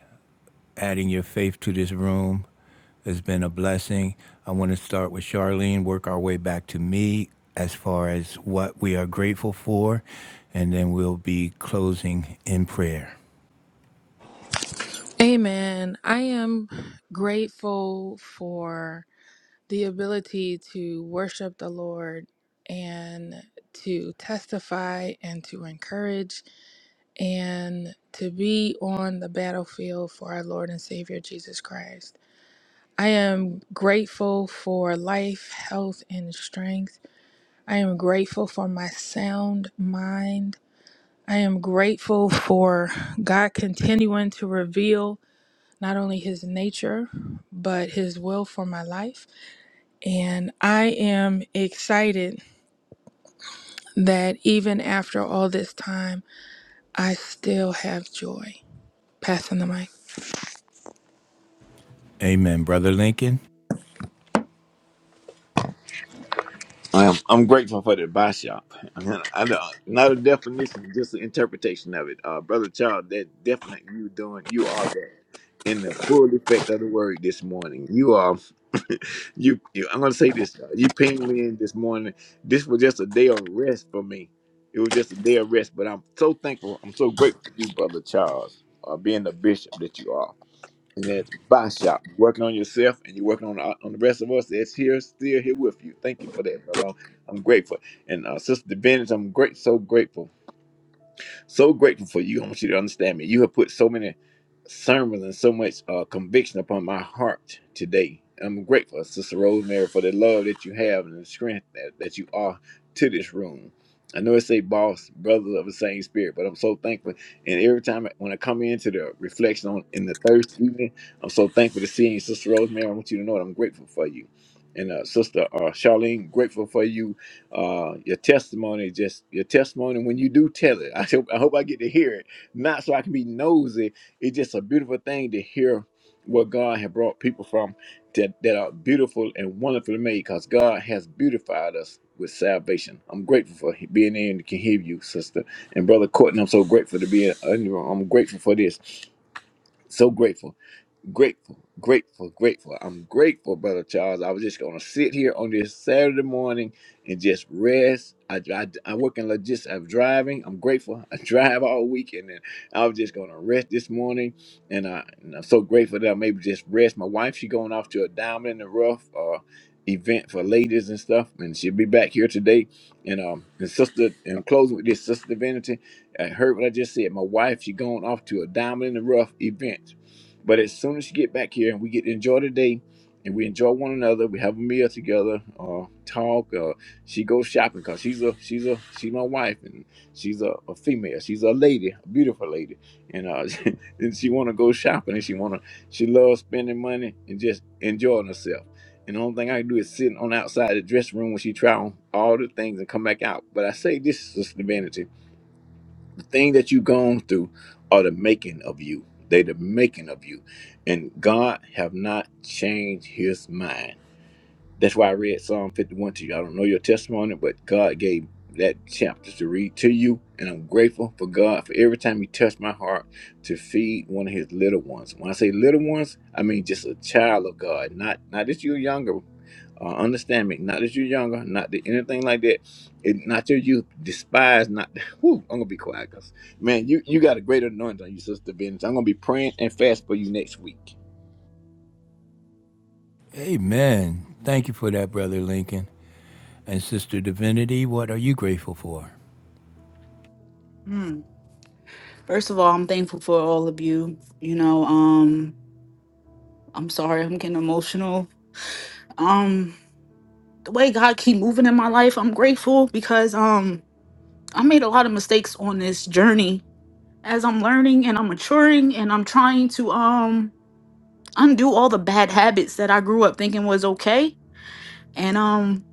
[SPEAKER 1] Adding your faith to this room has been a blessing. I want to start with Charlene, work our way back to me as far as what we are grateful for, and then we'll be closing in prayer.
[SPEAKER 6] Amen. I am grateful for the ability to worship the Lord and to testify and to encourage and to be on the battlefield for our Lord and Savior Jesus Christ. I am grateful for life, health, and strength. I am grateful for my sound mind. I am grateful (laughs) for God continuing to reveal not only His nature, but His will for my life. And I am excited that even after all this time, I still have joy. Passing the mic.
[SPEAKER 1] Amen. Brother Lincoln.
[SPEAKER 5] Um, I'm grateful for the advice, shop. (laughs) I know, not a definition, just an interpretation of it. Uh, brother Child, that definitely you doing, you are that in the full effect of the word this morning. You are, (laughs) you, you I'm gonna say this. uh, You pinged me in this morning. This was just a day of rest for me. It was just a day of rest, but I'm so thankful. I'm so grateful for you, brother Charles, uh, being the bishop that you are and at the shop. You're working on yourself and you're working on the, on the rest of us that's here, still here with you. Thank you for that, brother. I'm, I'm grateful. And uh, Sister Bennett, I'm great, so grateful so grateful for you. I want you to understand me. You have put so many sermons and so much uh, conviction upon my heart today. I'm grateful, Sister Rosemary, for the love that you have and the strength that, that you are to this room. I know it say boss, brothers of the same spirit, but I'm so thankful. And every time I- when I come into the reflection on in the Thursday evening, I'm so thankful to seeing Sister Rosemary. I want you to know that I'm grateful for you. And uh, Sister uh, Charlene, grateful for you uh your testimony just your testimony when you do tell it (laughs) i hope, I hope i get to hear it not so i can be nosy it's just a beautiful thing to hear what god has brought people from that, that are beautiful and wonderfully made because god has beautified us with salvation i'm grateful for he- being in and can hear you sister and brother Courtney, i'm so grateful to be in in i'm grateful for this so grateful grateful, grateful, grateful. I'm grateful, Brother Charles. I was just going to sit here on this Saturday morning and just rest. I, I, I work in logistics. I'm driving. I'm grateful. I (laughs) drive all weekend, and then I was just going to rest this morning. And, I, and I'm so grateful that I'm able to just rest. My wife, she going off to a diamond in the rough uh, event for ladies and stuff, and she'll be back here today. And um, and sister, and I'm closing with this sister divinity. I heard what I just said. My wife, she going off to a diamond in the rough event but as soon as you get back here and we get to enjoy the day and we enjoy one another, we have a meal together, uh, talk, uh, she goes shopping because she's a she's a she's my wife and she's a, a female. She's a lady, a beautiful lady. And uh (laughs) and she wanna go shopping and she wanna she loves spending money and just enjoying herself. And the only thing I can do is sit on outside the dressing room when she try on all the things and come back out. But I say this is vanity thing that you've gone through are the making of you. They the making of you. And God have not changed his mind. That's why I read Psalm 51 to you. I don't know your testimony, but God gave that chapter to read to you. And I'm grateful for God for every time He touched my heart to feed one of His little ones. When I say little ones, I mean just a child of God, not not just your younger. Uh, understand me, not that you're younger, not that anything like that, it, not your youth. Despise not. (laughs) Whew, I'm gonna be quiet, cause man, you you got a greater anointing on you, sister Benz. I'm gonna be praying and fast for you next week.
[SPEAKER 1] Amen. Thank you for that, Brother Lincoln. And Sister Divinity, what are you grateful for?
[SPEAKER 4] Mm. first of all i'm thankful for all of you you know um i'm sorry i'm getting emotional um the way god keep moving in my life i'm grateful because um i made a lot of mistakes on this journey as i'm learning and i'm maturing and i'm trying to um undo all the bad habits that I grew up thinking was okay. And um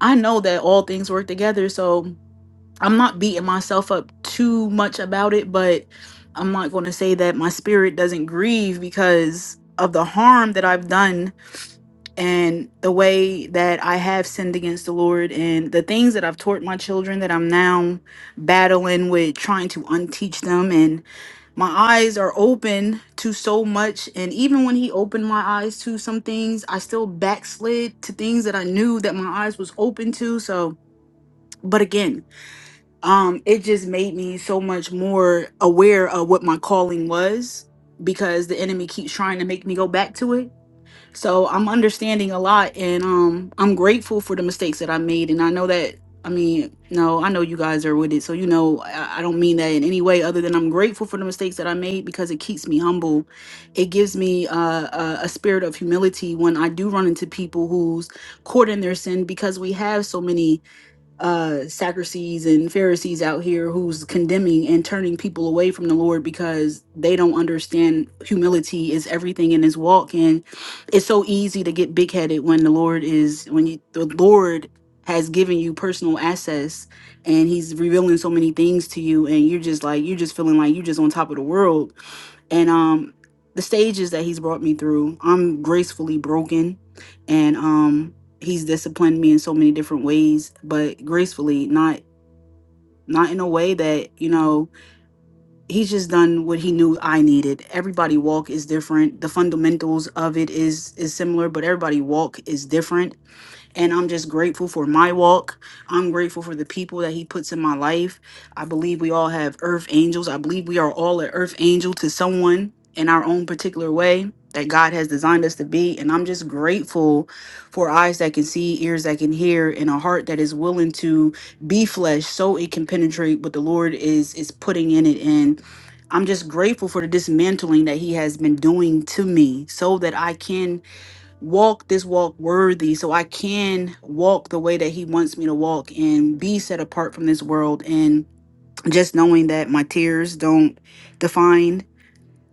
[SPEAKER 4] I know that all things work together, so I'm not beating myself up too much about it, but I'm not going to say that my spirit doesn't grieve because of the harm that I've done and the way that I have sinned against the Lord and the things that I've taught my children that I'm now battling with trying to unteach them and my eyes are open to so much and even when he opened my eyes to some things i still backslid to things that i knew that my eyes was open to so but again um it just made me so much more aware of what my calling was because the enemy keeps trying to make me go back to it so I'm understanding a lot and um I'm grateful for the mistakes that I made and I know that I mean, no, I know you guys are with it. So you know, I, I don't mean that in any way other than I'm grateful for the mistakes that I made because it keeps me humble. It gives me uh, a, a spirit of humility when I do run into people who's caught in their sin because we have so many uh Sadducees and Pharisees out here who's condemning and turning people away from the Lord because they don't understand humility is everything in his walk and it's so easy to get big headed when the Lord is when you the Lord has given you personal access and he's revealing so many things to you and you're just like you're just feeling like you're just on top of the world and um the stages that he's brought me through i'm gracefully broken and um he's disciplined me in so many different ways but gracefully not not in a way that you know he's just done what he knew i needed everybody walk is different the fundamentals of it is is similar but everybody walk is different and I'm just grateful for my walk. I'm grateful for the people that He puts in my life. I believe we all have earth angels. I believe we are all an earth angel to someone in our own particular way that God has designed us to be. And I'm just grateful for eyes that can see, ears that can hear, and a heart that is willing to be flesh so it can penetrate what the Lord is is putting in it. And I'm just grateful for the dismantling that He has been doing to me so that I can walk this walk worthy so I can walk the way that he wants me to walk and be set apart from this world and just knowing that my tears don't define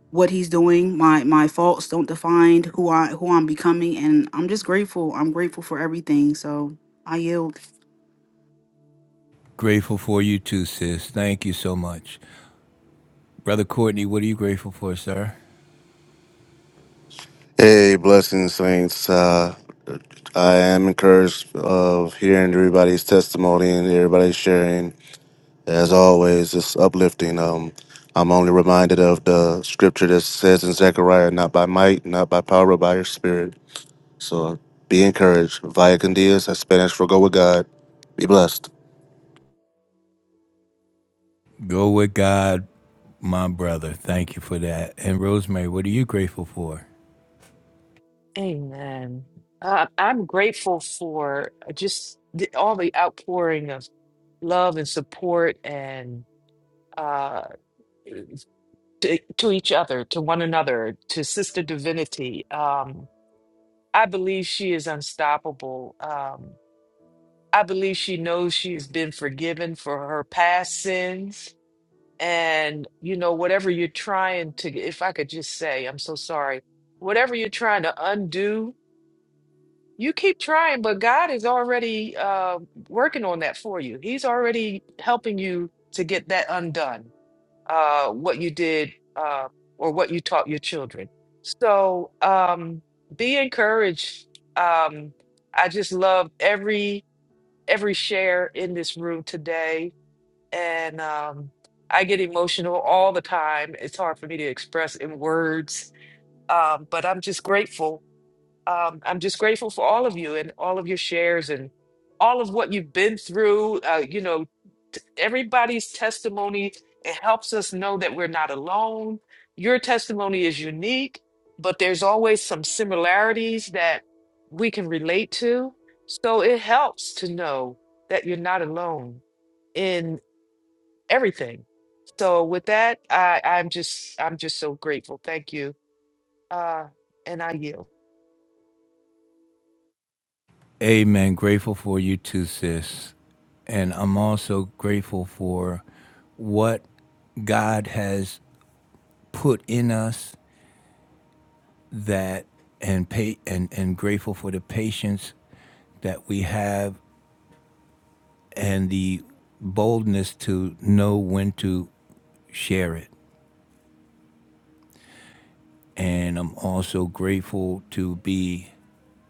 [SPEAKER 4] what he's doing my my faults don't define who I who I'm becoming and I'm just grateful I'm grateful for everything so I yield
[SPEAKER 1] Grateful for you too, sis. Thank you so much. Brother Courtney, what are you grateful for, sir?
[SPEAKER 3] Hey, blessings, saints. Uh, I am encouraged of hearing everybody's testimony and everybody's sharing. As always, it's uplifting. Um, I'm only reminded of the scripture that says in Zechariah, not by might, not by power, but by your spirit. So be encouraged. Vaya con Dios, that's Spanish for go with God. Be blessed.
[SPEAKER 1] Go with God, my brother. Thank you for that. And Rosemary, what are you grateful for?
[SPEAKER 2] Amen. Uh, I'm grateful for uh, just the, all the outpouring of love and support and uh to, to each other, to one another, to Sister Divinity. Um, I believe she is unstoppable. Um, I believe she knows she's been forgiven for her past sins. And, you know, whatever you're trying to, if I could just say, I'm so sorry, whatever you're trying to undo, you keep trying, but God is already uh, working on that for you. He's already helping you to get that undone uh, what you did uh, or what you taught your children. So um, be encouraged. Um, I just love every every share in this room today, and um, I get emotional all the time. It's hard for me to express in words, um, but I'm just grateful um, I'm just grateful for all of you and all of your shares and all of what you've been through. Uh, you know, t- everybody's testimony, it helps us know that we're not alone. Your testimony is unique, but there's always some similarities that we can relate to. So it helps to know that you're not alone in everything. So with that, I, I'm just I'm just so grateful. Thank you. Uh, and I yield.
[SPEAKER 1] Amen. Grateful for you too, sis. And I'm also grateful for what God has put in us that and pay and, and grateful for the patience that we have and the boldness to know when to share it And I'm also grateful to be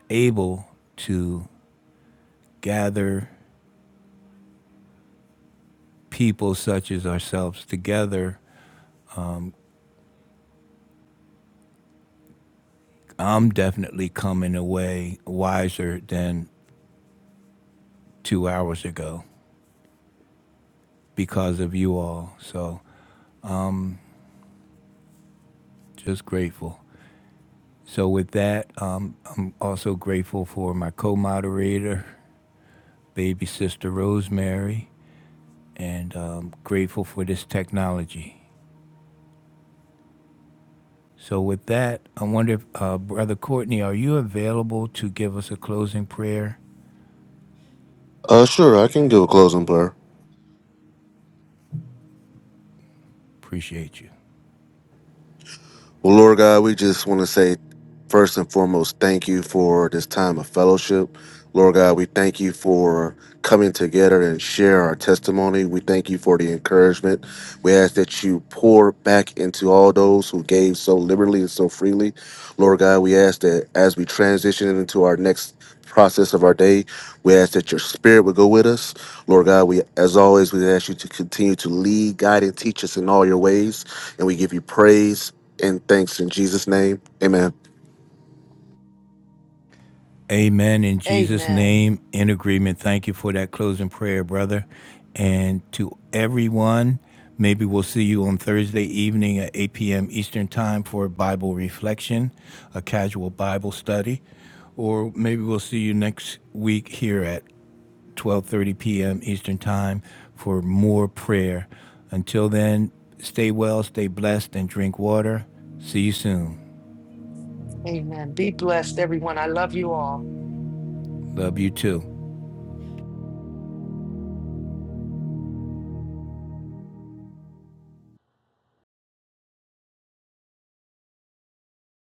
[SPEAKER 1] able to gather people such as ourselves together. I'm definitely coming away wiser than two hours ago because of you all. So just grateful. So with that, um, I'm also grateful for my co-moderator, baby sister Rosemary, and um, grateful for this technology. So, with that, I wonder if uh, Brother Courtney, are you available to give us a closing prayer?
[SPEAKER 3] Uh, sure, I can do a closing prayer.
[SPEAKER 1] Appreciate you.
[SPEAKER 3] Well, Lord God, we just want to say, first and foremost, thank you for this time of fellowship. Lord God, we thank you for coming together and share our testimony. We thank you for the encouragement We ask that you pour back into all those who gave so liberally and so freely. Lord God, we ask that as we transition into our next process of our day, we ask that your spirit would go with us. Lord God, we as always we ask you to continue to lead, guide, and teach us in all your ways. And we give you praise and thanks in Jesus' name. Amen.
[SPEAKER 1] Amen. In Jesus'
[SPEAKER 2] Amen.
[SPEAKER 1] name, in agreement. Thank you for that closing prayer, brother. And to everyone, maybe we'll see you on Thursday evening at 8 p.m. Eastern Time for a Bible reflection, a casual Bible study. Or maybe we'll see you next week here at 12:30 p.m. Eastern Time for more prayer. Until then, stay well, stay blessed and drink water. See you soon.
[SPEAKER 2] Amen. Be blessed, everyone. I love you all.
[SPEAKER 1] Love you too.